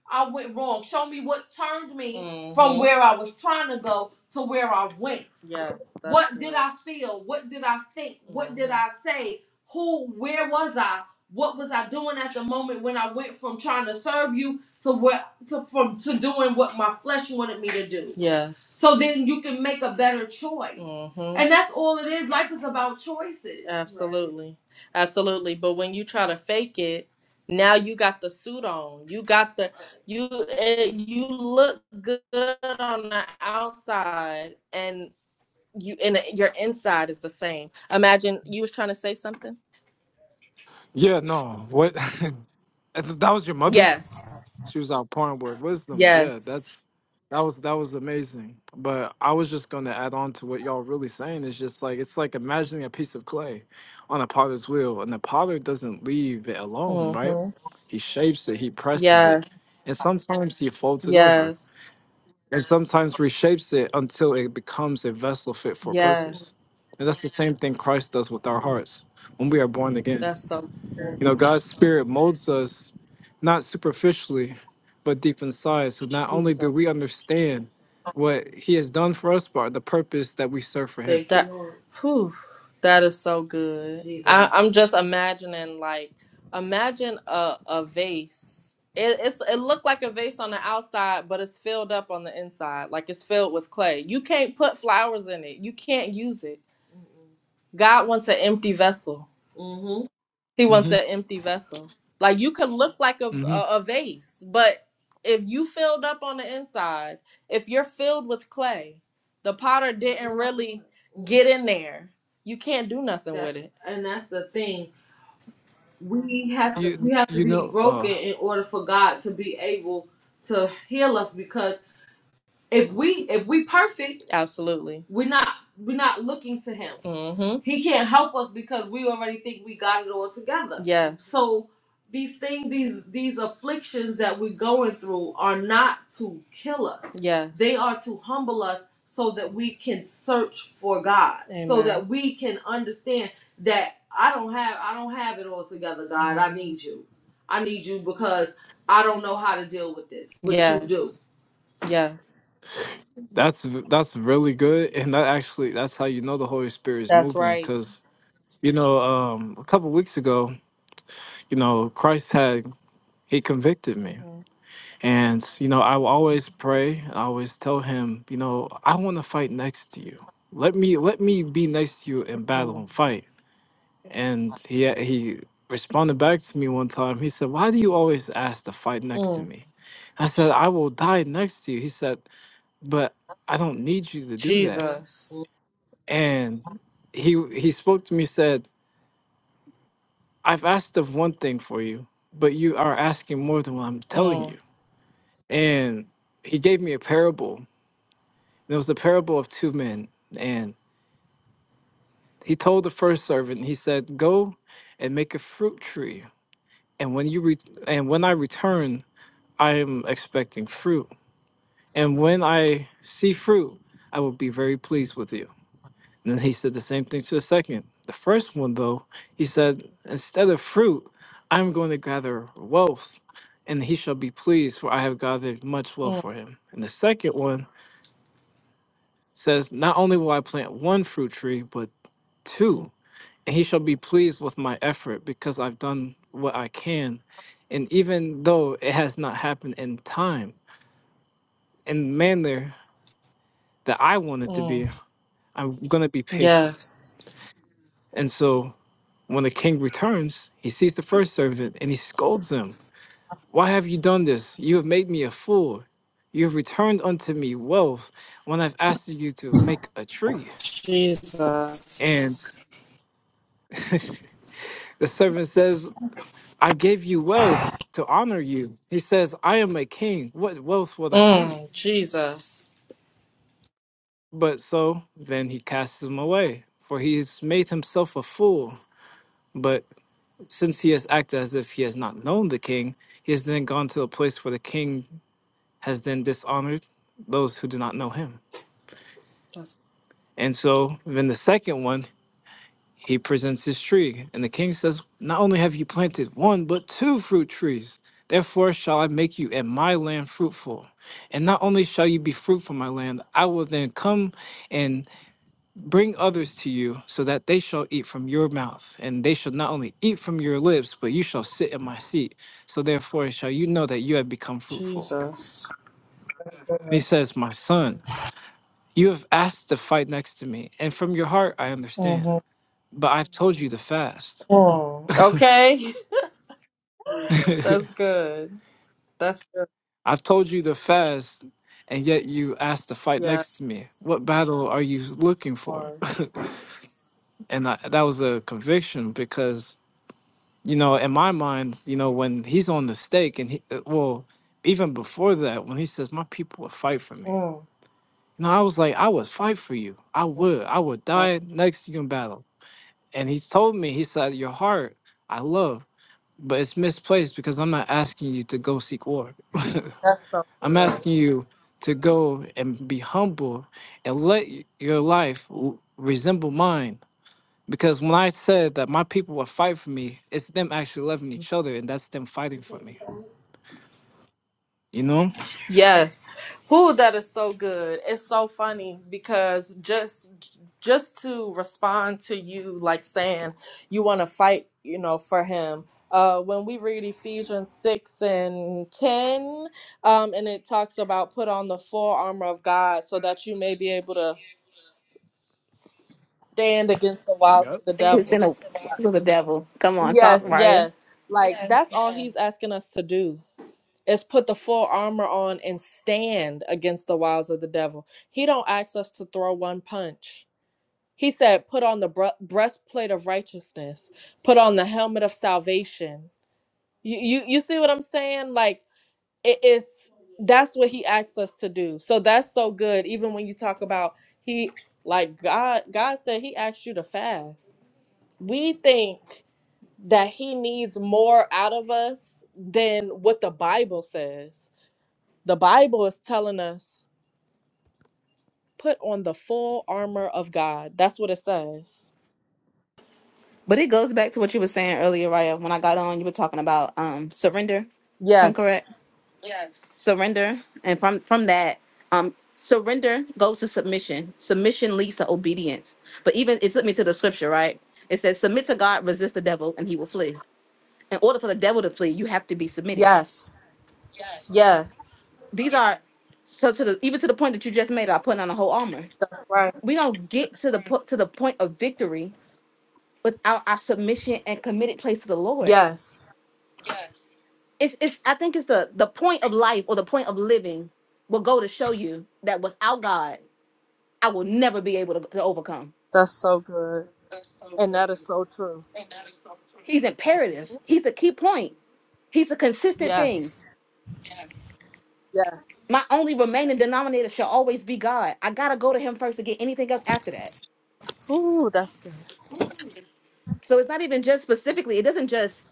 S1: I went wrong. Show me what turned me from Mhm. where I was trying to go to where I went. Yes, that's What did good. I feel? What did I think? What did Mhm. I say? Who, where was I? What was I doing at the moment when I went from trying to serve you to what to from to doing what my flesh wanted me to do? Yes. So then you can make a better choice. Mm-hmm. And that's all it is. Life is about choices. Absolutely. Right. Absolutely. But when you try to fake it, now you got the suit on. You got the you eh, you look good on the outside and you and your inside is the same. Imagine you was trying to say something?
S8: yeah no what that was your mother
S1: Yes.
S8: She was outpouring with wisdom. Yeah,
S1: Yes.
S8: that's that was that was amazing. But I was just gonna add on to what y'all really saying is just like it's like imagining a piece of clay on a potter's wheel, and the potter doesn't leave it alone, right?
S1: Mm-hmm.
S8: He shapes it, he presses it,
S1: Yes,
S8: and sometimes he folds it over,
S1: yes,
S8: and sometimes reshapes it until it becomes a vessel fit for
S1: yes. Mhm.
S8: purpose. And that's the same thing Christ does with our hearts when we are born again.
S1: That's so good.
S8: You know, God's spirit molds us not superficially, but deep inside. So not only do we understand what He has done for us, but the purpose that we serve for
S1: Thank
S8: Him.
S1: you, that, you, Lord. Whew, that is so good. Jesus. I, Jesus. I'm just imagining, like, imagine a, a vase. It, it's it looked like a vase on the outside, but it's filled up on the inside, like it's filled with clay. You can't put flowers in it. You can't use it. God wants an empty vessel. He wants
S8: hmm
S1: an empty vessel. Like you could look like a,
S8: hmm
S1: a a vase, but if you filled up on the inside, if you're filled with clay, the potter didn't really get in there. You can't do nothing with That's it. and that's the thing. We have to we
S8: You
S1: have to
S8: you
S1: be
S8: know,
S1: broken
S8: uh,
S1: in order for God to be able to heal us because. If we if we perfect, Absolutely. we're not we're not looking to him. Mm-hmm. He can't help us because we already think we got it all together. Yeah. So these things, these these afflictions that we're going through are not to kill us. Yeah. They Yes. are to humble us so that we can search for God, Amen. so that we can understand that I don't have I don't have it all together, God. I need you. I need you because I don't know how to deal with this, but yes. you do. Yeah.
S8: that's that's really good, and that actually that's how you know the Holy Spirit is
S1: That's
S8: moving.
S1: right.
S8: Because you know, um, a couple weeks ago, you know, Christ had He convicted me
S1: hmm
S8: And, you know, I will always pray. I always tell him, you know, I want to fight next to you. Let me let me be next to you in battle
S1: Mm.
S8: and fight. And he he responded back to me one time. He said, Why do you always ask to fight next to
S1: Mm.
S8: me? I said, I will die next to you. He said, But I don't need you to do that.
S1: Jesus.
S8: And he he spoke to me, said, I've asked of one thing for you, but you are asking more than what I'm telling
S1: Mm.
S8: you. And he gave me a parable There was the parable of two men, and he told the first servant, he said, "Go and make a fruit tree, and when you re- and when I return, I am expecting fruit, and when I see fruit, I will be very pleased with you." And then he said the same thing to the second. The first one, though, he said, "Instead of fruit, I am going to gather wealth, and he shall be pleased, for I have gathered much wealth
S1: Mm.
S8: for him." And the second one says, "Not only will I plant one fruit tree, but two."
S1: Mm.
S8: and he shall be pleased with my effort because I've done what I can. And even though it has not happened in time and manner that I want it to be,
S1: Mm.
S8: I'm going to be patient.
S1: Yes.
S8: And so when the king returns, he sees the first servant and he scolds him. Why have you done this? You have made me a fool. You have returned unto me wealth when I've asked you to make a tree.
S1: Jesus.
S8: And the servant says, I gave you wealth to honor you. He says, I am a king. What wealth would I need?
S1: Mm. Jesus.
S8: But so then he casts him away, for he has made himself a fool. But since he has acted as if he has not known the king, he has then gone to a place where the king has then dishonored those who do not know him.
S1: That's
S8: And so then the second one He presents his tree, and the king says, Not only have you planted one, but two fruit trees. Therefore shall I make you and my land fruitful. And not only shall you be fruitful, my land, I will then come and bring others to you, so that they shall eat from your mouth. And they shall not only eat from your lips, but you shall sit in my seat. So therefore shall you know that you have become fruitful.
S1: Jesus.
S8: He says, My son, you have asked to fight next to me, and from your heart I understand.
S1: hmm
S8: But I've told you to fast.
S1: Mm. Okay. That's good. That's good.
S8: I have told you to fast, and yet you asked to fight
S1: Yeah.
S8: next to me. What battle are you looking for?
S1: Lord.
S8: and I, that was a conviction because, you know, in my mind, you know, when he's on the stake, and he, uh, well, even before that, when he says, My people would fight for me.
S1: Mm.
S8: You know, I was like, I would fight for you. I would. I would
S1: Oh,
S8: die next to you in battle. And he told me, He said, Your heart, I love, but it's misplaced because I'm not asking you to go seek war.
S1: that's so
S8: I'm
S1: good.
S8: asking you to go and be humble and let y- your life w- resemble mine. Because when I said that my people will fight for me, it's them actually loving each other, and that's them fighting for me. You know?
S1: Yes. Who that is so good. It's so funny because just just to respond to you like saying you want to fight, you know, for him. Uh when we read Ephesians 6 and 10, um and it talks about put on the full armor of God so that you may be able to stand against the wiles of
S8: Yep.
S1: the
S9: It's in the
S1: devil.
S9: hands of the devil. Come on, talk,
S1: Yes,
S9: Raya.
S1: yes. Like that's all he's asking us to do is put the full armor on and stand against the wiles of the devil. He don't ask us to throw one punch. He said, "Put on the bre- breastplate of righteousness. Put on the helmet of salvation." You you you see what I'm saying? Like it is that's what he asks us to do. So that's so good even when you talk about he like God God said he asked you to fast. We think that he needs more out of us than what the Bible says the Bible is telling us put on the full armor of God. That's what it says.
S9: But it goes back to what you were saying earlier, Raya. When I got on, you were talking about um surrender. Come correct?
S1: Yes.
S9: Yes. Surrender. And from from that, um surrender goes to submission. Submission leads to obedience. But even it took me to the scripture, right? It says, Submit to God, resist the devil, and he will flee. In order for the devil to flee, you have to be submitted.
S1: Yes. Yes.
S9: These are so to the even to the point that you just made, I put on a whole armor.
S1: Right.
S9: We don't get to the po- to the point of victory without our submission and committed place to the Lord.
S1: Yes.
S9: It's it's I think it's the the point of life or the point of living will go to show you that without God, I will never be able to, to overcome.
S1: That's so good. And that is so true.
S9: He's imperative. He's the key point. He's a consistent
S1: Yes.
S9: thing.
S1: Yes.
S9: My only remaining denominator shall always be God. I gotta go to him first to get anything else after that.
S1: Ooh, that's good.
S9: So it's not even just specifically, it doesn't just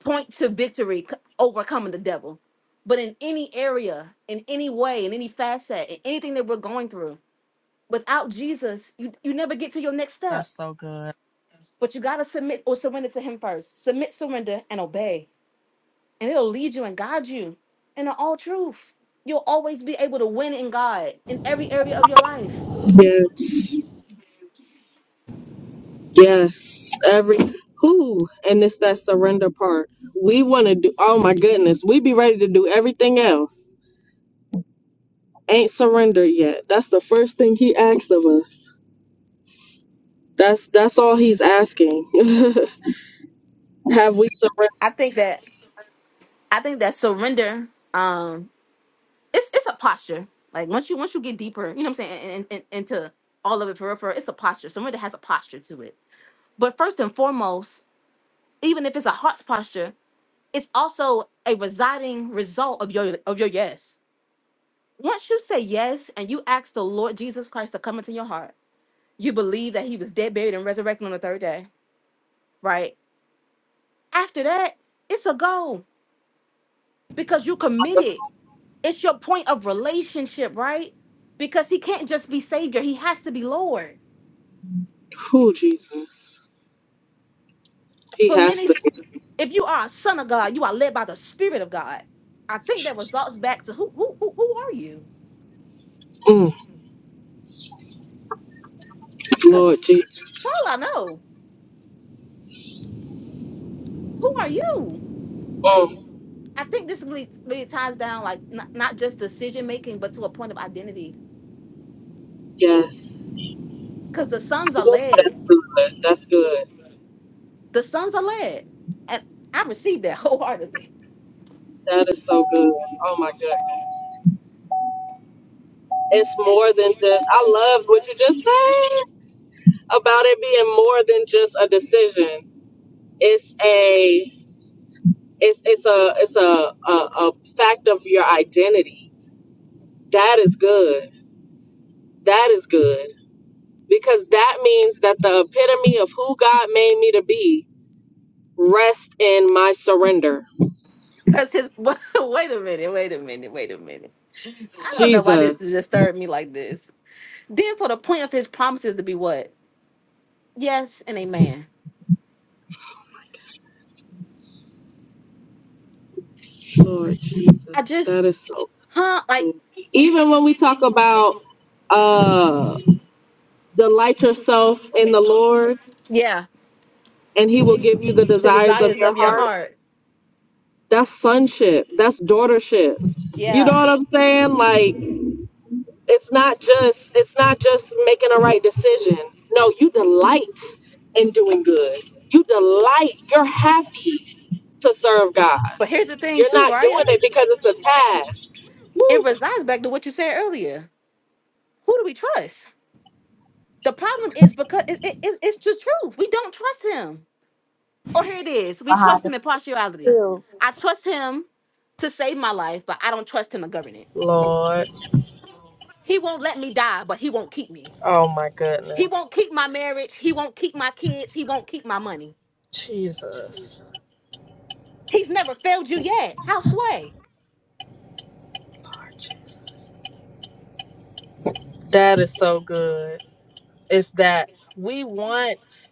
S9: point to victory c- overcoming the devil. But in any area, in any way, in any facet, in anything that we're going through, without Jesus, you, you never get to your next step.
S1: That's so good.
S9: But you got to submit or surrender to Him first. Submit, surrender, and obey. And it'll lead you and guide you in the all truth. You'll always be able to win in God in every area of your life.
S1: Yes, yes. Every who, and it's that surrender part. We want to do. Oh my goodness, we be ready to do everything else. Ain't surrendered yet. That's the first thing he asks of us. That's that's all he's asking. Have we surrendered?
S9: I think that I think that surrender. it's it's a posture. Like once you once you get deeper, you know what I'm saying, and, and, into all of it for real, for real, it's a posture. Someone that has a posture to it. But first and foremost, even if it's a heart's posture, it's also a residing result of your of your yes. Once you say yes and you ask the Lord Jesus Christ to come into your heart, you believe that He was dead, buried, and resurrected on the third day, right? After that, it's a go because you
S1: to-
S9: committed. It's your point of relationship, right? Because He can't just be Savior; He has to be Lord
S1: Who Jesus? He
S9: For
S1: has to.
S9: many, if you are a son of God, you are led by the Spirit of God. I think that results back to who who who, who are you?
S1: Mm,
S9: Because
S1: Lord Jesus.
S9: Paul, I know who are you.
S1: Mm,
S9: I think this really, really ties down like not, not just decision making, but to a point of identity.
S1: yes.
S9: Because the sons are led.
S1: That's good. That's good.
S9: The sons are led, and I received that wholeheartedly.
S1: That is so good. Oh my goodness. It's more than just. I love what you just said about it being more than just a decision. It's a. It's it's a it's a a, a fact of your identity. That is good. That is good because that means that the epitome of who God made me to be rests in my surrender.
S9: Cause his wait a minute, wait a minute, wait a minute. I don't know why this
S1: Jesus,
S9: disturbed me like this. Then for the point of his promises to be what? Yes and amen.
S1: Lord Jesus,
S9: I just,
S1: that is so
S9: huh? Like,
S1: good. Even when we talk about uh delight yourself in the Lord
S9: yeah,
S1: and he will give you the
S9: the
S1: desires of
S9: desires
S1: your
S9: of your
S1: heart,
S9: heart.
S1: that's sonship, that's daughtership. You know
S9: Yeah.
S1: what I'm saying? Like It's not just it's not just making a right decision. No, you delight in doing good. You delight. You're happy to serve God.
S9: But here's the thing,
S1: You're
S9: too,
S1: not doing
S9: Raya.
S1: it because it's a task.
S9: It
S1: Woo.
S9: resides back to what you said earlier. Who do we trust? The problem is because it, it, it- it's just truth. We don't trust him. Or here it is. We trust
S7: Bahada,
S9: him in partiality.
S7: too.
S9: I trust him to save my life, but I don't trust him to govern it. He won't let me die, but he won't keep me. He won't keep my marriage. He won't keep my kids. He won't keep my money.
S1: Jesus.
S9: He's never failed you yet. How sway?
S1: Lord Jesus. That is so good. It's that we want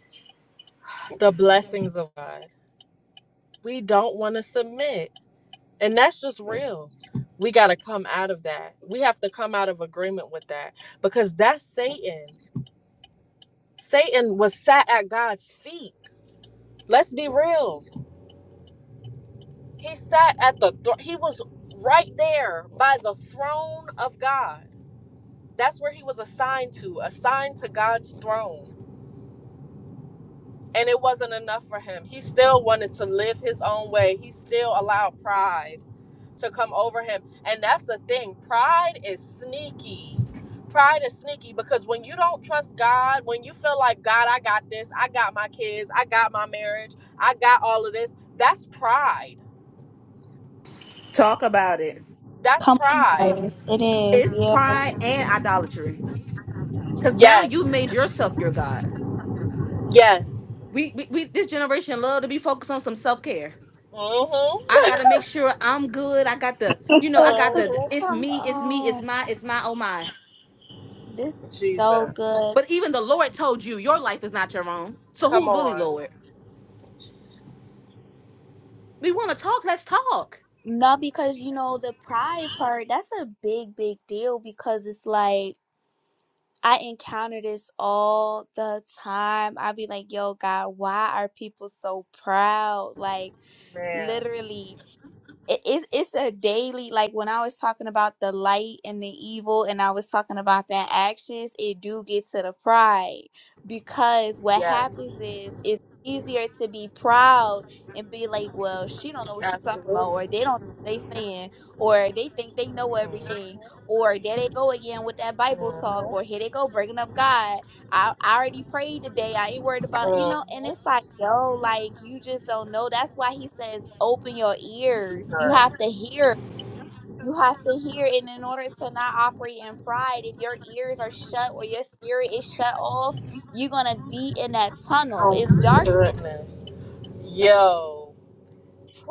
S1: the blessings of God. We don't want to submit. And that's just real. We got to come out of that. We have to come out of agreement with that because that's Satan. Satan was sat at God's feet. Let's be real. He sat at the thr he was right there by the throne of God. That's where he was assigned to, assigned to God's throne. And it wasn't enough for him. He still wanted to live his own way. He still allowed pride. to come over him. And that's the thing. Pride is sneaky. Pride is sneaky because when you don't trust God, when you feel like, God, I got this, I got my kids, I got my marriage, I got all of this, that's pride.
S9: Talk about it.
S1: That's
S7: Come on.
S1: pride.
S7: It is,
S9: It's
S7: yeah.
S9: pride and idolatry. Because now you've
S1: Yes.
S9: made yourself your God.
S1: Yes.
S9: We, we, we this generation love to be focused on some self care.
S1: Mm-hmm.
S9: I gotta make sure I'm good. I got the, you know, I got the.
S1: Mm-hmm.
S9: It's
S7: Come
S9: me. It's me. It's
S7: on.
S9: my. It's my. Oh my.
S7: This is so
S1: Jesus.
S7: good.
S9: But even the Lord told you your life is not your own. So
S1: Come
S9: who's really
S1: on.
S9: Lord?
S1: Jesus.
S9: We want to talk. Let's talk.
S7: Not because you know the pride part, that's a big, big deal because it's like I encounter this all the time. i be like, yo, God, why are people so proud? Like,
S1: Man.
S7: literally. it, it's it's a daily like when I was talking about the light and the evil and I was talking about that actions, it do get to the pride because what
S1: Yes.
S7: happens is it's easier to be proud and be like, well, she don't know what she's talking about,
S1: Absolutely.
S7: or they don't know what they saying, or they think they know
S1: Mm-hmm.
S7: everything, or there they go again with that Bible talk, or
S1: Mm-hmm.
S7: here they go bringing up God I, I already prayed today. I ain't worried about, you know, and it's like, yo, like you just don't know. That's why he says, open your ears. You have to hear. You have to hear. And in order to not operate in pride, if your ears are shut or your spirit is shut off, you're going to be in that tunnel.
S1: Oh
S7: It's
S1: my
S7: darkness.
S1: goodness. Yo.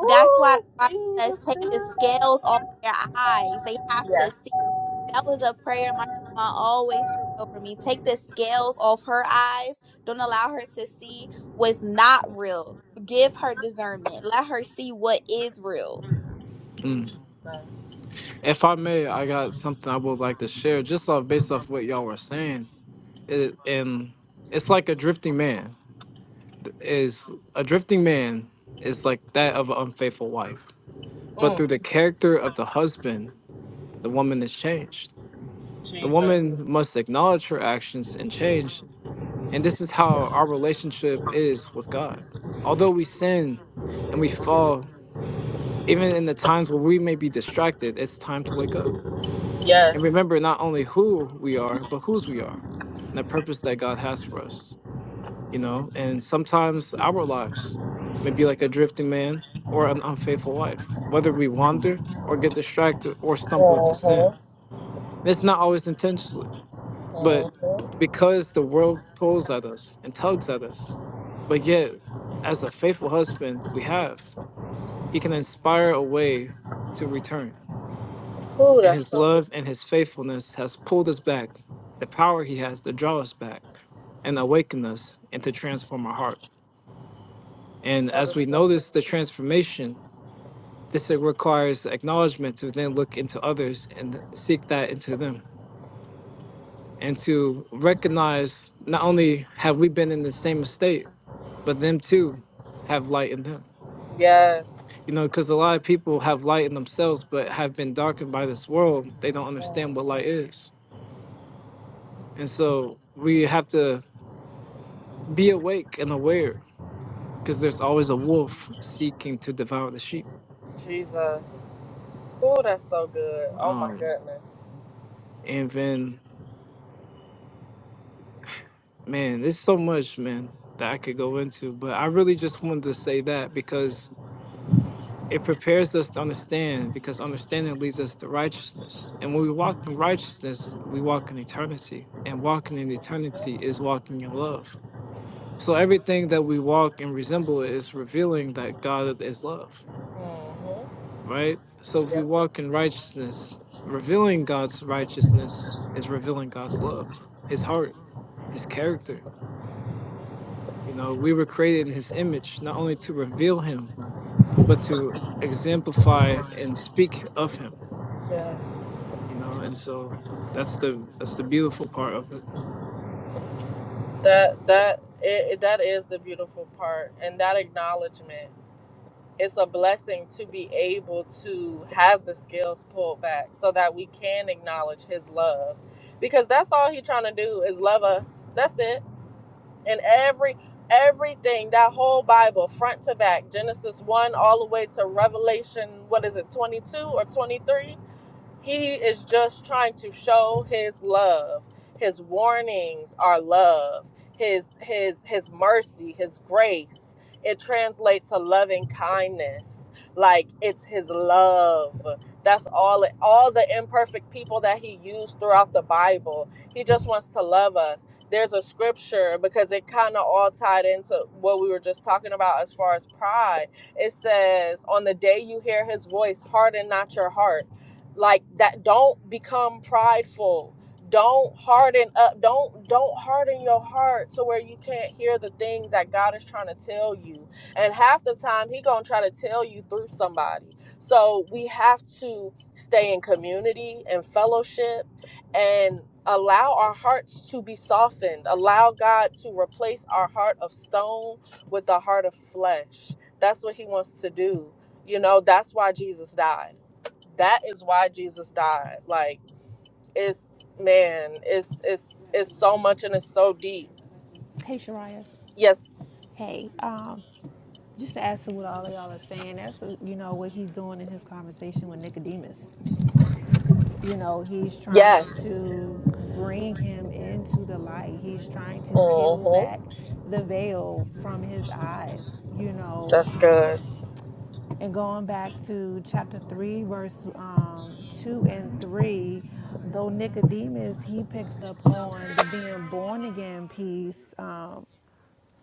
S7: That's why the Bible
S1: see,
S7: says,
S1: that's
S7: take the
S1: good.
S7: scales off their eyes. They have to see.
S1: Yes.
S7: That was a prayer my grandma always prayed over me. Take the scales off her eyes. Don't allow her to see what's not real. Give her discernment. Let her see what is real.
S1: Ooh,
S8: Mm.
S1: Jesus.
S8: If I may, I got something I would like to share just off based off what y'all were saying. It, and it's like a drifting man th- is a drifting man is like that of an unfaithful wife. But through
S1: Mm,
S8: the character of the husband, the woman is changed. The
S1: Jesus.
S8: woman must acknowledge her actions and change. And this is how our relationship is with God. Although we sin and we fall, even in the times where we may be distracted, it's time to wake up and
S1: Yes.
S8: remember not only who we are, but whose we are and the purpose that God has for us, you know? And sometimes our lives may be like a drifting man or an unfaithful wife, whether we wander or get distracted or stumble into sin.
S1: Uh-huh.
S8: And it's not always intentionally But
S1: Uh-huh.
S8: because the world pulls at us and tugs at us, but yet, as a faithful husband, we have, he can inspire a way to return.
S1: Ooh,
S8: And
S1: that's
S8: his
S1: so good.
S8: love and his faithfulness has pulled us back. The power he has to draw us back and awaken us and to transform our heart. And
S1: That
S8: as
S1: is
S8: we
S1: so good.
S8: notice the transformation, this requires acknowledgement to then look into others and seek that into them and to recognize not only have we been in the same state but them too have light in them.
S1: Yes.
S8: You know, because a lot of people have light in themselves, but have been darkened by this world. They don't understand what
S1: Mhm.
S8: light is. And so we have to be awake and aware because there's always a wolf seeking to devour the sheep.
S1: Jesus. Ooh, that's so good. Oh my
S8: Um,
S1: goodness.
S8: and then, man, there's so much, man, that I could go into, but I really just wanted to say that because It prepares us to understand because understanding leads us to righteousness. And when we walk in righteousness, we walk in eternity. And walking in eternity is walking in love. So everything that we walk and resemble is revealing that God is love,
S1: Mm-hmm.
S8: right? So if we
S1: Yeah.
S8: walk in righteousness, revealing God's righteousness is revealing God's love, his heart, his character. You know, we were created in his image, not only to reveal him, but to exemplify and speak of him
S1: Yes.
S8: you know and so that's the that's the beautiful part of it
S1: That that it, it- that is the beautiful part, and that acknowledgement. it's a blessing to be able to have the skills pulled back so that we can acknowledge his love because that's all he's trying to do is love us that's it and every everything that whole bible front to back genesis 1 all the way to revelation what is it 22 or 23 he is just trying to show his love. His warnings are love. His his his mercy, his grace. It translates to loving kindness. Like it's his love. That's all it, all the imperfect people that he used throughout the Bible. He just wants to love us. There's a scripture because it kind of all tied into what we were just talking about as far as pride. It says, "On the day you hear his voice, harden not your heart." like that don't become prideful don't harden up don't don't harden your heart to where you can't hear the things that god is trying to tell you and half the time he gonna try to tell you through somebody so we have to stay in community and fellowship and allow our hearts to be softened allow god to replace our heart of stone with the heart of flesh that's what he wants to do you know that's why jesus died that is why Jesus died. Like it's man, it's it's it's so much and it's so deep.
S5: Hey, Shariah.
S1: Yes.
S5: Hey, um, just to add to what all of y'all are saying, that's, uh, you know, what he's doing in his conversation with Nicodemus. You know, he's trying
S1: Yes.
S5: to bring him into the light. He's trying to peel
S1: Mhm.
S5: back the veil from his eyes, you know.
S1: That's good.
S5: Um, and going back to chapter 3, verse um, 2 and 3, though Nicodemus, he picks up on the being born again piece. um,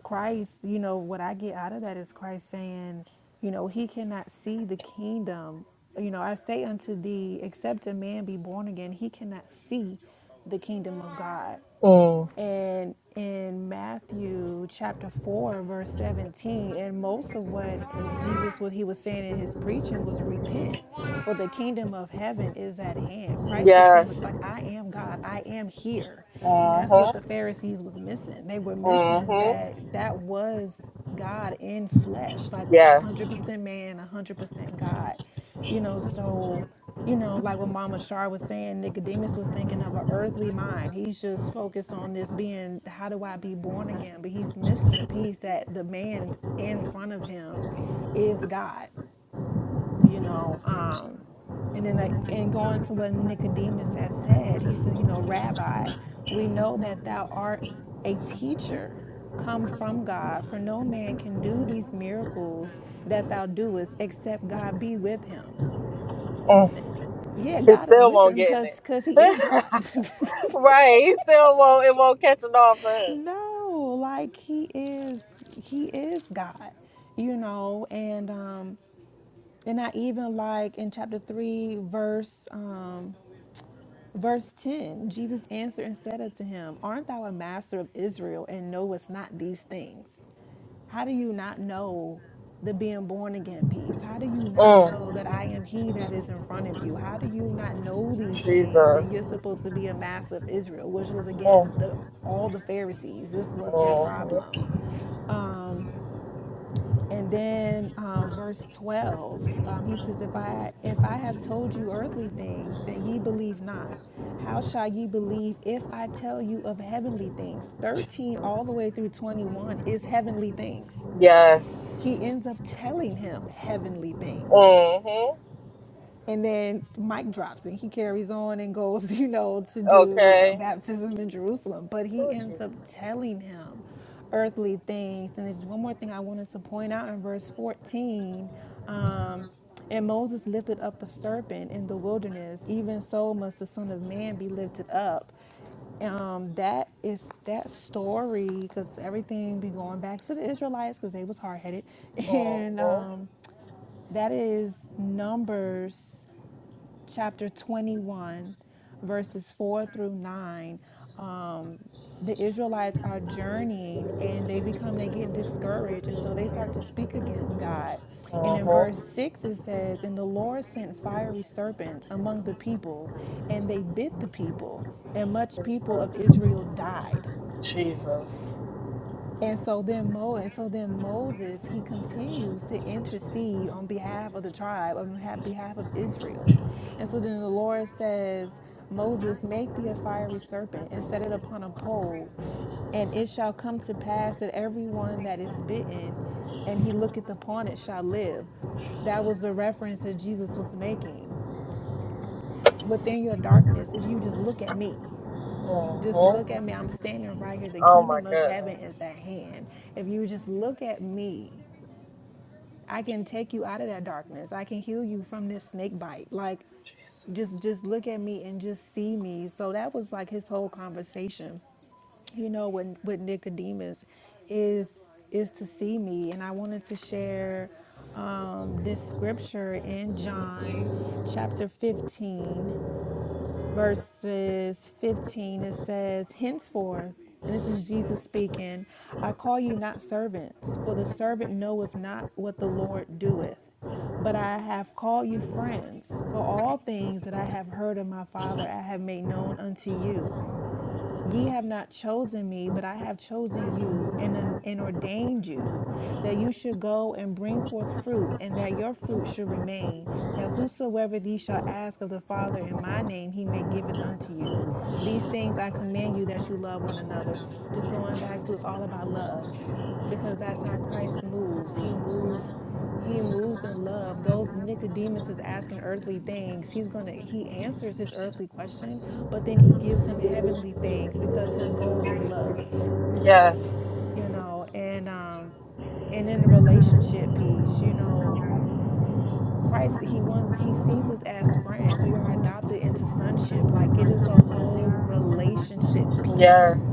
S5: Christ, you know, what I get out of that is Christ saying, you know, he cannot see the kingdom. You know, I say unto thee, except a man be born again, he cannot see the kingdom of God.
S1: Mm.
S5: And in Matthew chapter 4, verse 17, and most of what Jesus, what he was saying in his preaching was repent, for the kingdom of heaven is at hand. Christ was saying, like,
S1: Yes.
S5: like I am God. I am here. And that's what
S1: Mhm.
S5: the Pharisees was missing. They were missing
S1: Mhm.
S5: that that was God in flesh, like
S1: Yes.
S5: 100% man, 100% God. You know, so you know, like what Mama Shar was saying, Nicodemus was thinking of an earthly mind. He's just focused on this being, how do I be born again? But he's missing the piece that the man in front of him is God you know um and then like and going to what nicodemus has said he says you know rabbi we know that thou art a teacher come from god for no man can do these miracles that thou doest except god be with him
S1: Mm.
S5: yeah
S1: He
S5: god is
S1: still
S5: with
S1: won't
S5: him
S1: get in
S5: because because
S1: it.
S5: he is god
S1: right. He still won't. It won't catch it off him.
S5: no like he is he is god you know and um and i even like in chapter 3 verse um Verse 10 Jesus answered and said unto him, Art thou a master of Israel and knowest not these things? How do you not know the being born again piece? How do you not
S1: Mm.
S5: know that I am he that is in front of you? How do you not know these things and
S1: Jesus.
S5: you're supposed to be a master of Israel, which was again
S1: Mm.
S5: the all the Pharisees. This was their
S1: Mhm.
S5: problem. And then uh, verse 12, um, he says, if I, if I have told you earthly things and ye believe not, how shall ye believe if I tell you of heavenly things? 13 all the way through 21 is heavenly things.
S1: Yes.
S5: He ends up telling him heavenly things
S1: Mhm.
S5: and then Mike drops and he carries on and goes, you know, to do a
S1: Okay.
S5: baptism in Jerusalem. But he
S1: Oh
S5: ends up
S1: Jesus.
S5: telling him earthly things. And there's one more thing I wanted to point out in verse 14. Um, and Moses lifted up the serpent in the wilderness. Even so must the Son of Man be lifted up. Um, that is that story because everything be going back to the Israelites because they was hard headed, and
S1: hmm
S5: um, that is Numbers chapter 21, verses 4 through 9, um, the Israelites are journeying and they become, they get discouraged. And so they start to speak against God. And
S1: Uh
S5: in
S1: huh.
S5: verse 6, it says, And the Lord sent fiery serpents among the people, and they bit the people, and much people of Israel died.
S1: Jesus. Jesus.
S5: And so then Mo and so then Moses he continues to intercede on behalf of the tribe, on behalf behalf of Israel. And so then the Lord says, Moses, make thee a fiery serpent and set it upon a pole, and it shall come to pass that everyone that is bitten and he looketh upon it shall live. That was the reference that Jesus was making. Within your darkness, if you just look at me. Just
S1: Mm-hmm.
S5: look at me. I'm standing right here. The
S1: Oh my
S5: kingdom of heaven
S1: goodness.
S5: is at hand. If you just look at me, I can take you out of that darkness. I can heal you from this snake bite. Like just just look at me and just see me. So that was like his whole conversation. You know, with with Nicodemus is is to see me and I wanted to share um, this scripture in John chapter 15 verses 15, it says, Henceforth, and this is Jesus speaking, I call you not servants, for the servant knoweth not what the Lord doeth. But I have called you friends, for all things that I have heard of my Father I have made known unto you. Ye have not chosen me, but I have chosen you and, and ordained you that you should go and bring forth fruit, and that your fruit should remain, that whosoever ye shall ask of the Father in my name, he may give it unto you. These things I command you that you love one another. Just going back to it's all about love because that's how Christ moves. He moves. He moves in love. Though Nicodemus is asking earthly things, he's gonna he answers his earthly question, but then he gives him heavenly things because his goal is love.
S1: Yes.
S5: You know, and um and in the relationship piece, you know, Christ he wants he sees us as friends. We are adopted into sonship. Like it is a whole relationship
S1: Yes.
S5: piece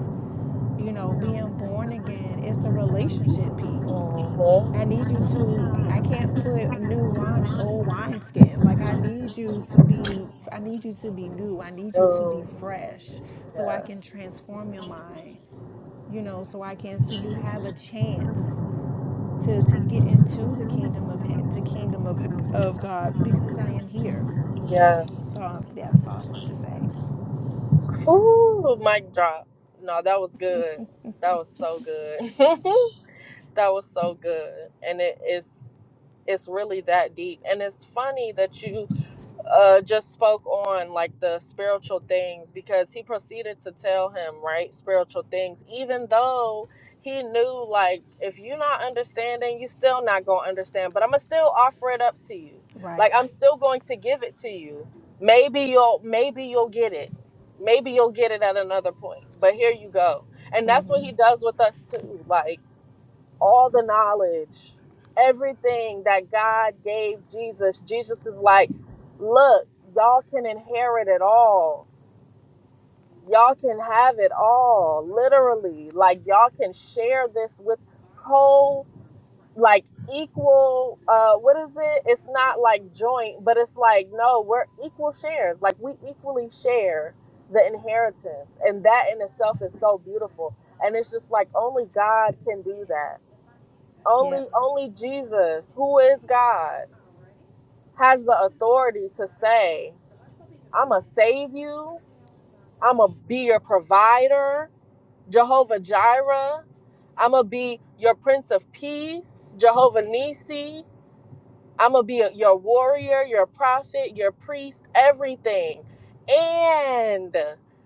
S5: you know, being born again, it's a relationship piece.
S1: Mm-hmm.
S5: I need you to, I can't put new wine in old wineskin. Like, I need you to be, I need you to be new. I need you to be
S1: Ooh.
S5: fresh so I
S1: Yes.
S5: can transform your mind, you know, so I can, so you have a chance. To, to get into the kingdom of he- the kingdom of of God because I am here. So
S1: Yes.
S5: um, yeah, that's all I wanted to say.
S1: Ooh, mic drop. No, that was good. That was so good. that was so good. And it is it's really that deep. And it's funny that you uh, just spoke on like the spiritual things because he proceeded to tell him right spiritual things even though he knew like if you're not understanding you still not gonna understand but i'm gonna still offer it up to you like
S5: Right.
S1: i'm still going to give it to you maybe you'll maybe you'll get it maybe you'll get it at another point but here you go and that's what he does with us too like all the knowledge, everything that God gave Jesus. Jesus is like, look, y'all can inherit it all. Y'all can have it all, literally. Like y'all can share this with co like equal uh what is it? It's not like joint, but it's like no, we're equal shares. Like we equally share the inheritance. And that in itself is so beautiful. And it's just like only God can do that only only Jesus, who is God, has the authority to say, "I'ma save you. I'ma be your provider, Jehovah Jireh. I'ma be your prince of peace, Jehovah Nisi. I'ma be your warrior, your prophet, your priest, everything. And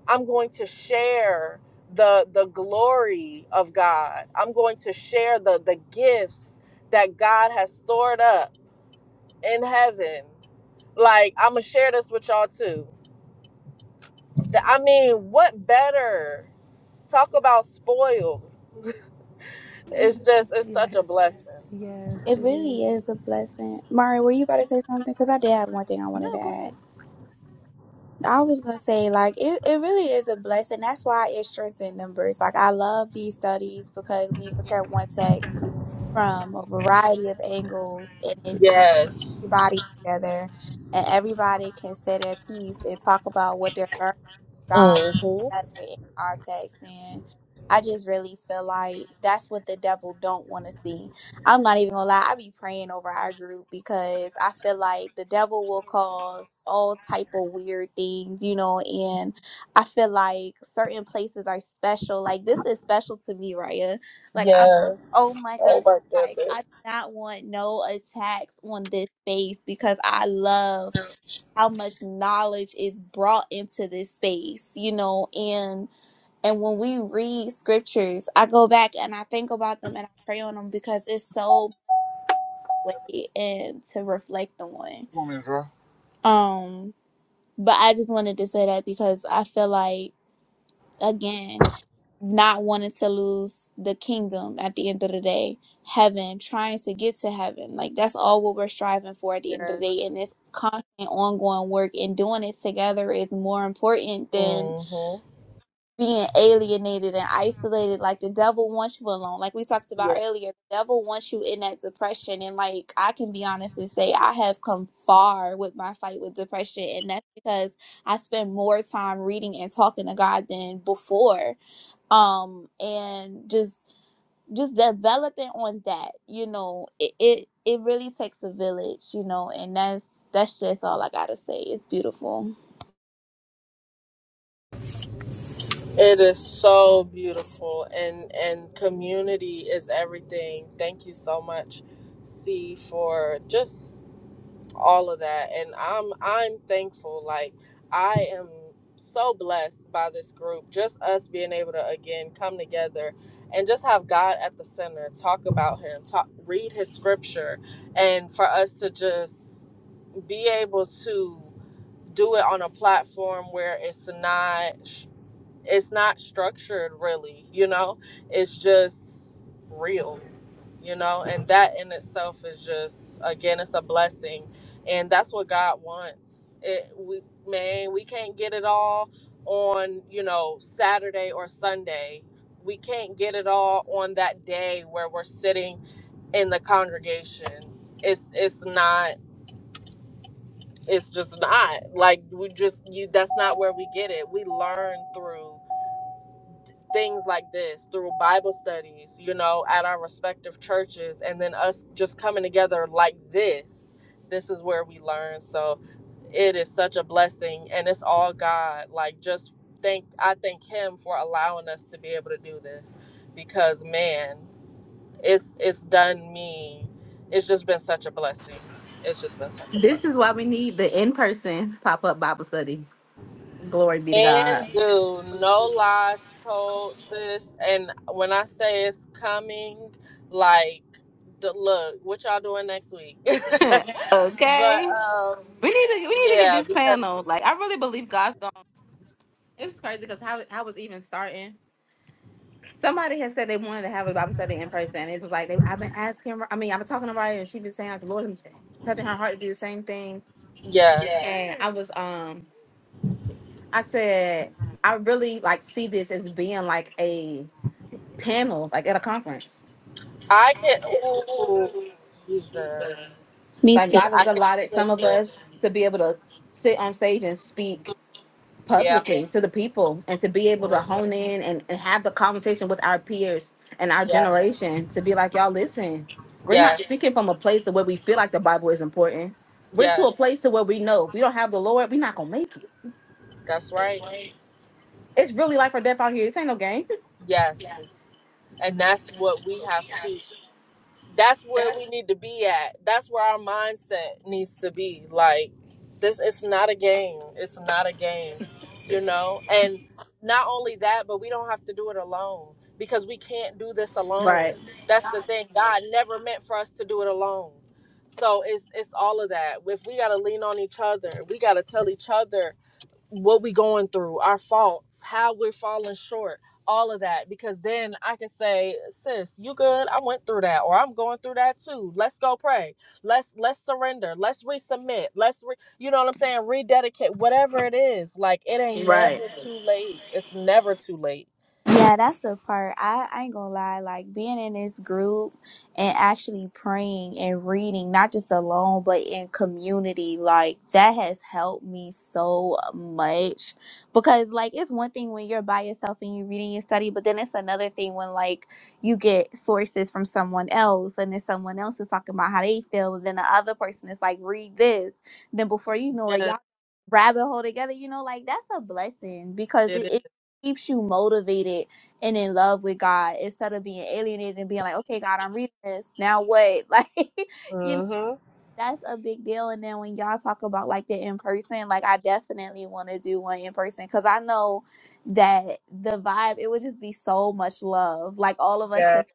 S1: I'm going to share the the glory of God. I'm going to share the the gifts that God has stored up." in heaven. Like, I'm going to share this with y'all too. I mean, what better? Talk about spoiled. It's just, it's such
S5: Yes,
S1: a blessing.
S5: yes,
S7: It
S5: it
S7: really
S5: is.
S7: is a blessing. Mari, were you about to say something? Because I did have one thing I wanted
S5: No,
S7: to
S5: go
S7: add.
S5: ahead.
S7: I was going to say, like, it, it really is a blessing. That's why it strengthens numbers. Like, I love these studies because we look at one text from a variety of angles and it
S1: Yes.
S7: everybody together and everybody can say their piece and talk about what they're learning. God
S1: hmm
S7: better in our text and I just really feel like that's what the devil don't want to see. I'm not even gonna lie, I be praying over our group because I feel like the devil will cause all type of weird things, you know, and I feel like certain places are special. Like this is special to me, Raya. Like I'm oh
S1: Yes.
S7: my
S1: Oh
S7: goodness.
S1: my
S7: Like I
S1: goodness.
S7: do not want no attacks on this space because I love how much knowledge is brought into this space, you know, and and when we read scriptures, I go back and I think about them and I pray on them because it's so way and to reflect on.
S1: Come on, Israel.
S7: Um, but I just wanted to say that because I feel like again not wanting to lose the kingdom at the end of the day, heaven, trying to get to heaven. Like that's all what we're striving for at the end of the
S1: Yes.
S7: day. And this constant ongoing work and doing it together is more important than
S1: hmm
S7: being alienated and isolated. Like the devil wants you alone. Like we talked
S1: Yeah.
S7: about earlier, the devil wants you in that depression. And like I can be honest and say I have come far with my fight with depression. And that's because I spend more time reading and talking to God than before um and just just developing on that you know it, it it really takes a village you know and that's that's just all i gotta say it's beautiful
S1: It is so beautiful and and community is everything. Thank you so much, C, for just all of that and i'm i'm thankful like i am so blessed by this group just us being able to again come together and just have god at the center talk about him talk read his scripture and for us to just be able to do it on a platform where it's not it's not structured really you know it's just real you know and that in itself is just again it's a blessing and that's what god wants it we man we can't get it all on you know saturday or sunday we can't get it all on that day where we're sitting in the congregation it's it's not it's just not like we just you that's not where we get it we learn through things like this through Bible studies, you know, at our respective churches, and then us just coming together like this. This is where we learn. So it is such a blessing, and it's all God. Like, just thank, I thank Him for allowing us to be able to do this because, man, it's, it's done me. It's just been such a blessing. It's just been such a blessing.
S9: This is why we need the in person pop up Bible study. Glory be to God.
S1: And do no lies told, sis. And when I say it's coming, like, d- look, what y'all doing next week? but
S9: okay.
S1: um,
S9: We need to we need to get
S1: yeah,
S9: this
S1: because
S9: panel. Like I really believe God's It's crazy because how I was even starting. Somebody had said they wanted to have a Bible study in person. It was like they, I've been asking. I mean, I've been talking to her, and she's been saying like the Lord is touching her heart to do the same thing. Yeah.
S1: yes,
S9: And I was um, I said I really like see this as being like a panel, like at a conference.
S1: I can. Ooh, Jesus,
S7: me too
S9: Like God
S1: I
S9: has
S1: can
S9: allotted
S1: see it.
S9: some of
S1: sis.
S9: us to be able to sit on stage and speak
S1: Yeah,
S9: publicly to the people and to be able to
S1: mhm,
S9: hone in and, and have the conversation with our peers and our
S1: yeah,
S9: generation to be like, y'all, listen, we're not
S1: yeah,
S9: speaking from a place to where we feel like the Bible is important. We're to
S1: yeah.
S9: a place to where we know if we don't have the Lord, we're not gonna make it.
S1: That's right.
S9: It's really life or death out here. This ain't no game.
S1: Yes, and that's what we have to. that's where we need to be at. That's where our mindset needs to be. Like this it's not a game. It's not a game, you know? And not only that, but we don't have to do it alone because we can't do this alone.
S9: Right,
S1: That's the thing. God never meant for us to do it alone. So it's it's all of that. If we got to lean on each other, we got to tell each other what we going through, our faults, how we're falling short, all of that. Because then I can say, sis, you good? I went through that, or I'm going through that too. Let's go pray. Let's let's surrender. Let's resubmit. Let's re you know what I'm saying? Rededicate. Whatever it is. Like it ain't never
S9: right.
S1: Mhm. too late. It's never too late.
S7: Yeah, that's the part. I, I ain't gonna lie, like being in this group and actually praying and reading, not just alone, but in community, like that has helped me so much. Because like it's one thing when you're by yourself and you're reading and study, but then it's another thing when like you get sources from someone else and then someone else is talking about how they feel and then the other person is like, read this. Then before you know it,
S1: Yeah,
S7: y'all rabbit hole together, you know, like that's a blessing because
S1: it
S7: it, keeps you motivated and in love with God instead of being alienated and being like, okay, God, I'm reading this. Now what? Like, you know,
S1: Mm-hmm.
S7: that's a big deal. And then when y'all talk about like the in person, like, I definitely want to do one in person because I know that the vibe, it would just be so much love. Like, all of us
S1: Yeah.
S7: just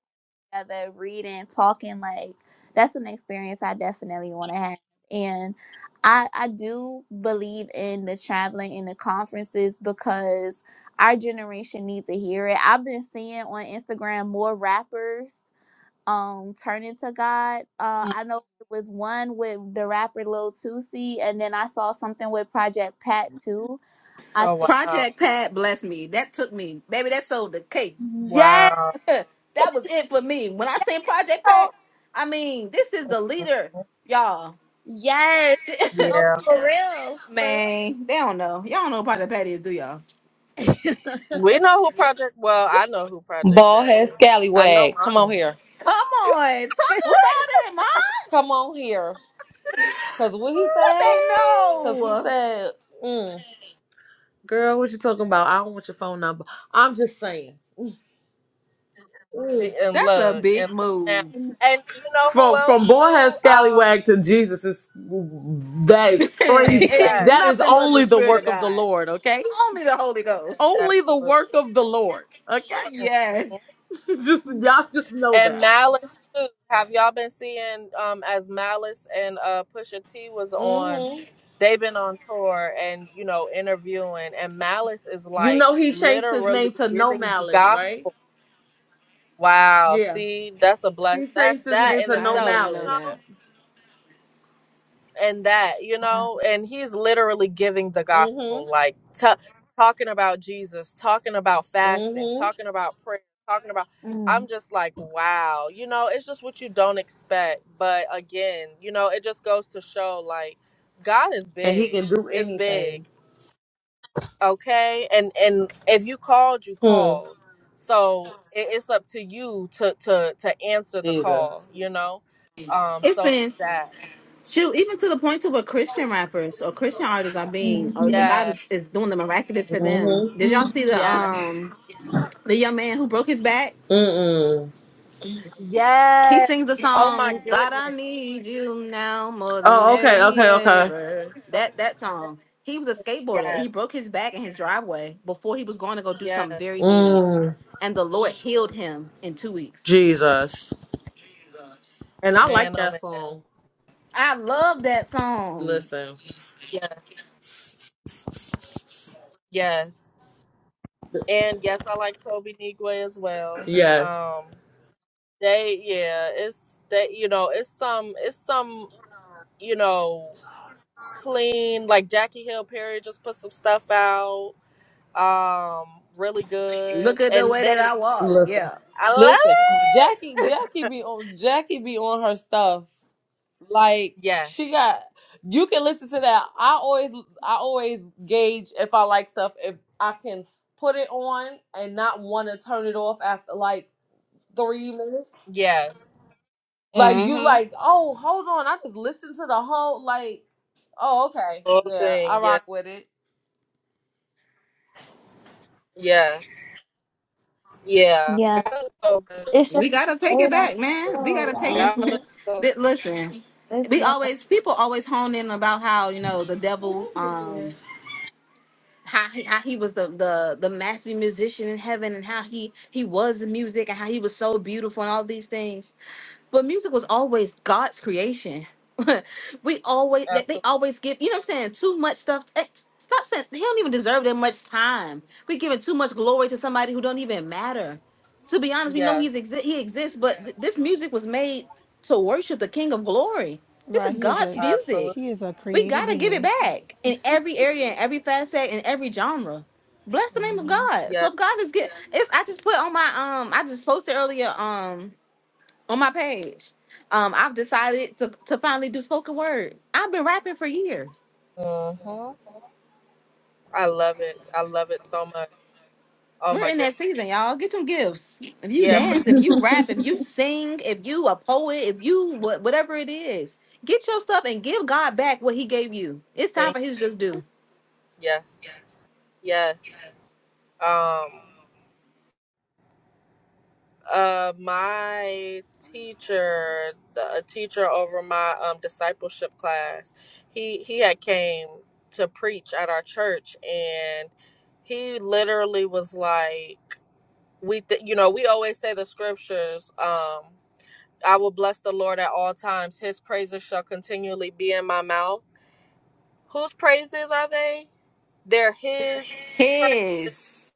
S7: together, reading, talking, like that's an experience I definitely want to have. And I I do believe in the traveling and the conferences because our generation needs to hear it. I've been seeing on Instagram more rappers um turning to God. Uh I know it was one with the rapper Lil Tusi and then I saw something with Project Pat too. I
S1: Oh
S7: think
S1: wow.
S9: Project Pat bless me. That took me. Baby, that sold the cake.
S7: Yes,
S1: Wow.
S9: that was it for me. When I
S7: yes,
S9: say Project Pat,
S7: no,
S9: I mean, this is the leader, y'all.
S7: yes, no,
S1: Yeah.
S7: for real. For
S9: Man, they don't know. Y'all don't know what part of the patty is, do y'all?
S1: We know who Project well, I know who Project
S10: Bald
S1: Pat
S10: head
S1: is. I know
S10: scallywag. Come on
S1: mommy.
S10: here.
S9: Come on, talk about it, mom.
S10: Come on here. Cause what he
S9: What
S10: said?
S9: they
S10: Cause he
S9: know?
S10: said, mm, girl, what you talking about? I don't want your phone number. I'm just saying.
S1: Hey, and
S9: That's a
S1: look
S9: big
S1: and look now
S9: move.
S7: real.
S1: and you know who
S10: From
S1: else
S10: from bald head
S1: too
S10: scallywag
S1: um
S10: to Jesus is that is crazy.
S9: it ain't
S1: yes
S10: That is
S9: nothing but the
S10: only the
S9: spirit of
S10: work of the
S9: God.
S10: Lord, okay?
S9: Only the Holy Ghost.
S10: Only the
S1: absolutely
S10: work of the Lord. Okay?
S9: Yes.
S1: Mhm.
S10: just y'all just know
S1: and
S10: that.
S1: malice too have y'all been seeing um as malice and uh pusha t was on
S10: hmm
S1: they've been on tour and you know interviewing and malice is
S10: You
S1: like
S10: know he changed his
S1: literally
S10: name to no
S1: giving the
S10: malice, right?
S1: gospel wow
S10: Yeah.
S1: see that's a bless
S10: He
S1: that's
S10: changed his
S1: that
S10: name
S1: in
S10: to
S9: I
S10: no
S9: didn't
S1: itself
S9: even
S1: you
S9: know
S10: malice.
S1: know?
S9: that.
S1: and that you know and he's literally giving the gospel like ta talking about jesus talking about fasting
S10: hmm
S1: talking about prayer talking about
S7: Mm.
S1: i'm just like wow you know it's just what you don't expect but again you know it just goes to show like god is
S10: And he
S1: big
S10: can do
S1: It's big
S10: anything.
S1: okay and and if you called you
S10: Hmm.
S1: called so it, it's up to you to to to answer the call
S10: Jesus.
S1: you know um
S9: It's
S1: so
S9: been
S1: it's that
S9: shoot, even to the point to where Christian rappers or Christian artists are being or or
S7: Mm-hmm.
S9: God
S1: yeah
S9: is, is doing the miraculous for them.
S10: hmm
S9: Did y'all
S7: Mm.
S9: see the
S1: yes
S9: um the young man who broke his back?
S10: Mm-mm.
S9: He
S1: Yes.
S9: sings the
S1: Oh my
S9: song "God, I
S1: goodness.
S9: Need You Now More Than
S10: Oh, okay, okay, okay.
S9: Ever."
S1: Lord.
S9: That that
S1: Yes.
S9: song. He was a skateboarder. He
S1: Yes.
S9: broke his back in his driveway before he was going to go do something
S1: Yes.
S9: very big,
S10: Mm.
S9: and the Lord healed him in two weeks.
S10: Jesus. And I like
S1: Man, oh
S10: that
S1: man.
S10: song.
S9: I love that song.
S10: Listen.
S1: Yes. Yes. And yes, I like Toby Nigwe as well.
S10: Yes.
S1: Um they yeah, it's that you know, it's some it's some, you know, clean like Jackie Hill Perry just put some stuff out. Um, really good.
S9: Look at the
S1: And
S9: way that
S1: then
S9: I walk.
S10: Listen.
S9: Yeah,
S1: I
S10: Listen. Jackie
S1: love it.
S10: Jackie be on Jackie be on her stuff. Like
S1: Yes.
S10: she got you can listen to that. I always I always gauge if I like stuff if I can put it on and not want to turn it off after like 3 minutes.
S1: Yes.
S10: Like you
S1: Mm-hmm.
S10: like, oh, hold on. I just listened to the whole like oh okay.
S1: Whole
S10: Yeah, I
S1: thing, yeah.
S10: rock with it.
S1: Yes. Yeah,
S7: Yeah.
S1: God is so good.
S7: It's just
S9: we gotta take it
S7: everybody,
S9: back, man. We
S7: real,
S9: gotta take
S7: y'all.
S1: God
S10: hmm
S9: it.
S1: is so
S9: That-
S1: good.
S9: Listen,
S7: It's
S9: we
S7: what
S9: always people always hone in about how you know the devil. Um, how he, how he was the, the the master musician in heaven and how he he was the music and how he was so beautiful and all these things but music was always god's creation we always they, they
S1: Absolutely.
S9: always give you know what i'm saying too much stuff eh, stop saying he don't even deserve that much time we are giving too much glory to somebody who don't even matter to be honest we know
S1: Yes.
S9: he's exi- he exists but th- this music was made to worship the king of glory this is
S5: Right, he is
S9: god's
S5: a
S9: music
S1: Absolutely.
S5: he is a
S9: we
S5: created
S9: gotta give it
S5: being.
S9: back in every area, in every facet, in every genre. Bless the name of God. So
S1: Yes.
S9: if God is get it's I just put on my um I just posted earlier um on my page. Um I've decided to to finally do spoken word. I've been rapping for years.
S1: Mm-hmm. I love it. I love it so much. Oh
S9: We're
S1: my
S9: in
S1: god.
S9: that season, y'all. Get some gifts. If you
S1: Yeah. For
S9: dance, if you rap, if you sing, if you a poet, if you what whatever it is, get your stuff and give God back what he gave you. It's time
S1: thing.
S9: for his just due.
S1: Yes. Yes. Um. Uh. My teacher, the, a teacher over my um discipleship class, he he had came to preach at our church, and he literally was like. we th- you know we always say the scriptures um i will bless the lord at all times his praises shall continually be in my mouth whose praises are they they're his praises
S9: His.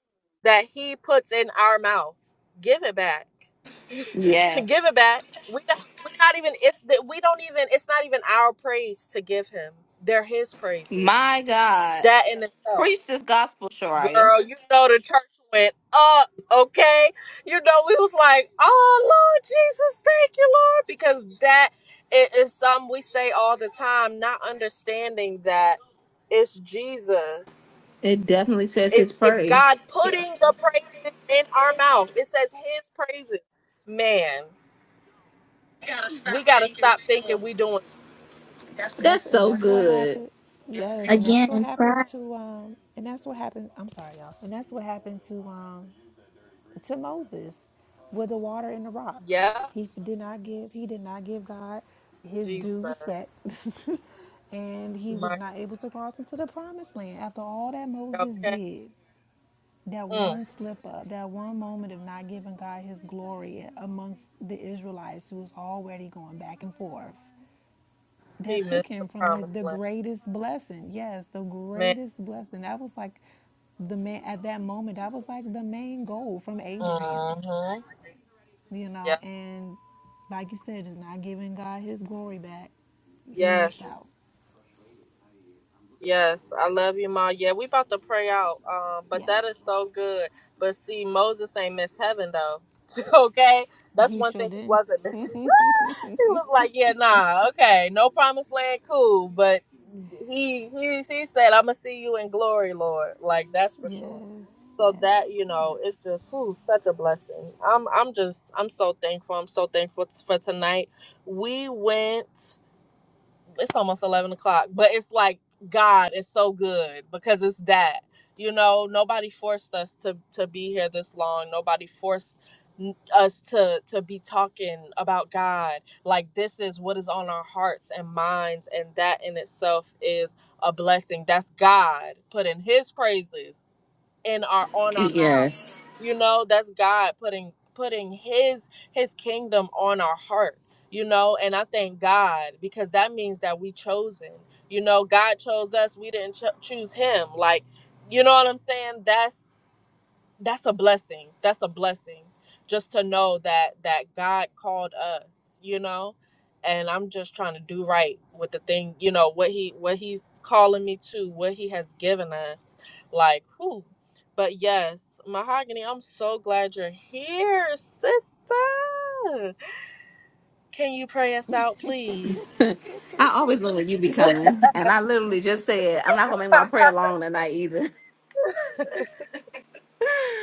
S1: that he puts in our mouth give it back give
S9: Yes.
S1: it back we don't, we're not even it's that we don't even it's not even our praise to give him they're his praises
S9: My God.
S1: that in itself
S9: Preach this gospel, Shariah.
S1: Girl, you know the church went up, okay? You know, we was like, oh Lord Jesus, thank you, Lord, because that it is something we say all the time, not understanding that it's Jesus.
S9: It definitely says his
S1: It's it's God
S9: praise. Yeah.
S1: putting the praises in our mouth. It says his praises. Man, we gotta stop thinking we doing
S9: That's
S5: That's and
S9: so
S5: that's what
S9: good.
S5: happened. Yes, and that's what
S7: Again,
S5: happened
S7: pride.
S5: to um and that's what happened. I'm sorry, y'all. And that's what happened to um to Moses with the water in the rock.
S1: yeah,
S5: He did not give he did not give God his
S1: Jesus.
S5: due respect. and he was
S1: My
S5: not able to cross into the promised land after all that
S1: God.
S5: Moses
S1: Okay.
S5: did. That
S1: Mm,
S5: one slip up, that one moment of not giving God his glory amongst the Israelites who was already going back and forth.
S1: he
S5: That
S1: missed
S5: took
S1: the
S5: him from the
S1: promised land.
S5: greatest blessing. Yes, the
S1: Man.
S5: greatest blessing. That was like the man at that moment that was like the main goal from abraham
S1: Mm-hmm.
S5: you
S1: yeah.
S5: know, and like you said, just not giving God his glory back. He missed
S1: Yes,
S5: out.
S1: yes. I love you, Ma. Yeah, we about to pray out. Um, but
S5: Yes.
S1: that is so good. But see, Moses ain't miss heaven though. okay? That's
S5: He
S1: one
S5: sure
S1: thing he
S5: did.
S1: wasn't missing. he was like, Yeah, nah, okay, no promised land, cool. But he he he said, I'ma see you in glory, Lord. Like that's for
S5: Yes,
S1: sure. So that, you know,
S5: yes.
S1: it's just whew, such a blessing. I'm I'm just I'm so thankful. I'm so thankful for tonight. We went it's almost 11 o'clock but it's like god is so good because it's that you know nobody forced us to to be here this long nobody forced n- us to to be talking about god like this is what is on our hearts and minds and that in itself is a blessing that's god putting his praises in our on our mouth.
S9: Yes.
S1: You know, that's God putting putting his his kingdom on our heart. You know, and I thank God because that means that we chosen. You know, God chose us. We didn't cho- choose him. Like, you know what I'm saying? That's that's a blessing that's a blessing just to know that that god called us you know and i'm just trying to do right with the thing you know what he what he's calling me to what he has given us like who but yes mahogany i'm so glad you're here sister can you pray us out please
S9: I always know when you be coming. And I literally just said, I'm not going to make my prayer long tonight either.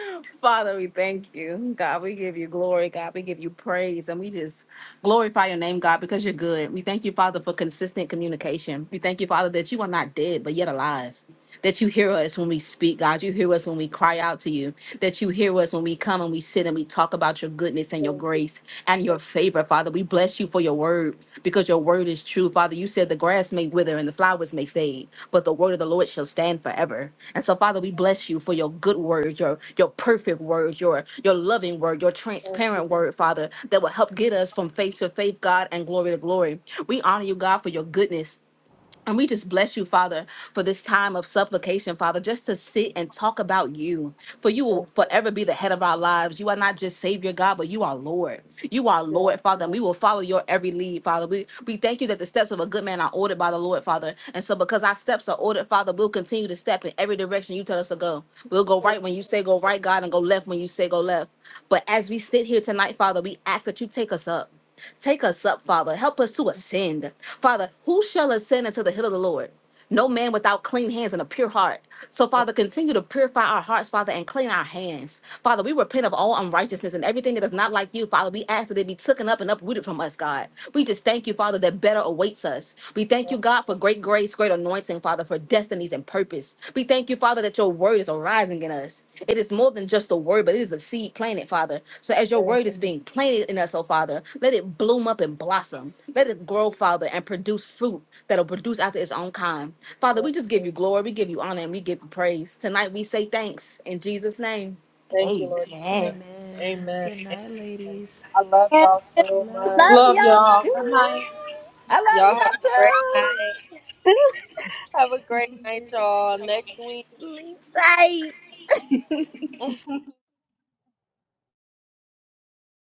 S9: Father, we thank you. God, we give you glory. God, we give you praise. And we just glorify your name, God, because you're good. We thank you, Father, for consistent communication. We thank you, Father, that you are not dead, but yet alive. that you hear us when we speak, God. You hear us when we cry out to you, that you hear us when we come and we sit and we talk about your goodness and your grace and your favor, Father. We bless you for your word because your word is true, Father. You said the grass may wither and the flowers may fade, but the word of the Lord shall stand forever. And so, Father, we bless you for your good word, your your perfect word, your your loving word, your transparent word, Father, that will help get us from faith to faith, God, and glory to glory. We honor you, God, for your goodness. And we just bless you, Father, for this time of supplication, Father, just to sit and talk about you. For you will forever be the head of our lives. You are not just Savior God, but you are Lord. You are Lord, Father, and we will follow your every lead, Father. We we thank you that the steps of a good man are ordered by the Lord, Father. And so because our steps are ordered, Father, we'll continue to step in every direction you tell us to go. We'll go right when you say go right, God, and go left when you say go left. But as we sit here tonight, Father, we ask that you take us up. Take us up, Father. Help us to ascend. Father, who shall ascend into the hill of the Lord? No man without clean hands and a pure heart. So, Father, continue to purify our hearts, Father, and clean our hands. Father, we repent of all unrighteousness and everything that is not like you, Father. We ask that it be taken up and uprooted from us, God. We just thank you, Father, that better awaits us. We thank you, God, for great grace, great anointing, Father, for destinies and purpose. We thank you, Father, that your word is arriving in us. It is more than just a word, but it is a seed planted, Father. So as your
S1: thank
S9: word is being planted in us, oh Father, let it bloom up and blossom. Let it grow, Father, and produce fruit that'll produce after its own kind. Father,
S1: you
S9: we just give you glory, we give you honor, and we give you praise. Tonight we say thanks in Jesus' name.
S1: Thank you, lord
S9: Amen.
S5: Amen.
S1: amen
S5: Good night,
S1: amen
S5: ladies.
S1: i love y'all so
S5: Love
S7: love
S1: much
S10: Love
S7: y'all.
S5: you.
S10: y'all.
S9: Good
S10: Good
S9: morning.
S10: night.
S9: I
S1: y'all have
S9: love y'all
S1: a great
S9: too.
S1: night Have a great night, y'all. Next week.
S7: Leave tight.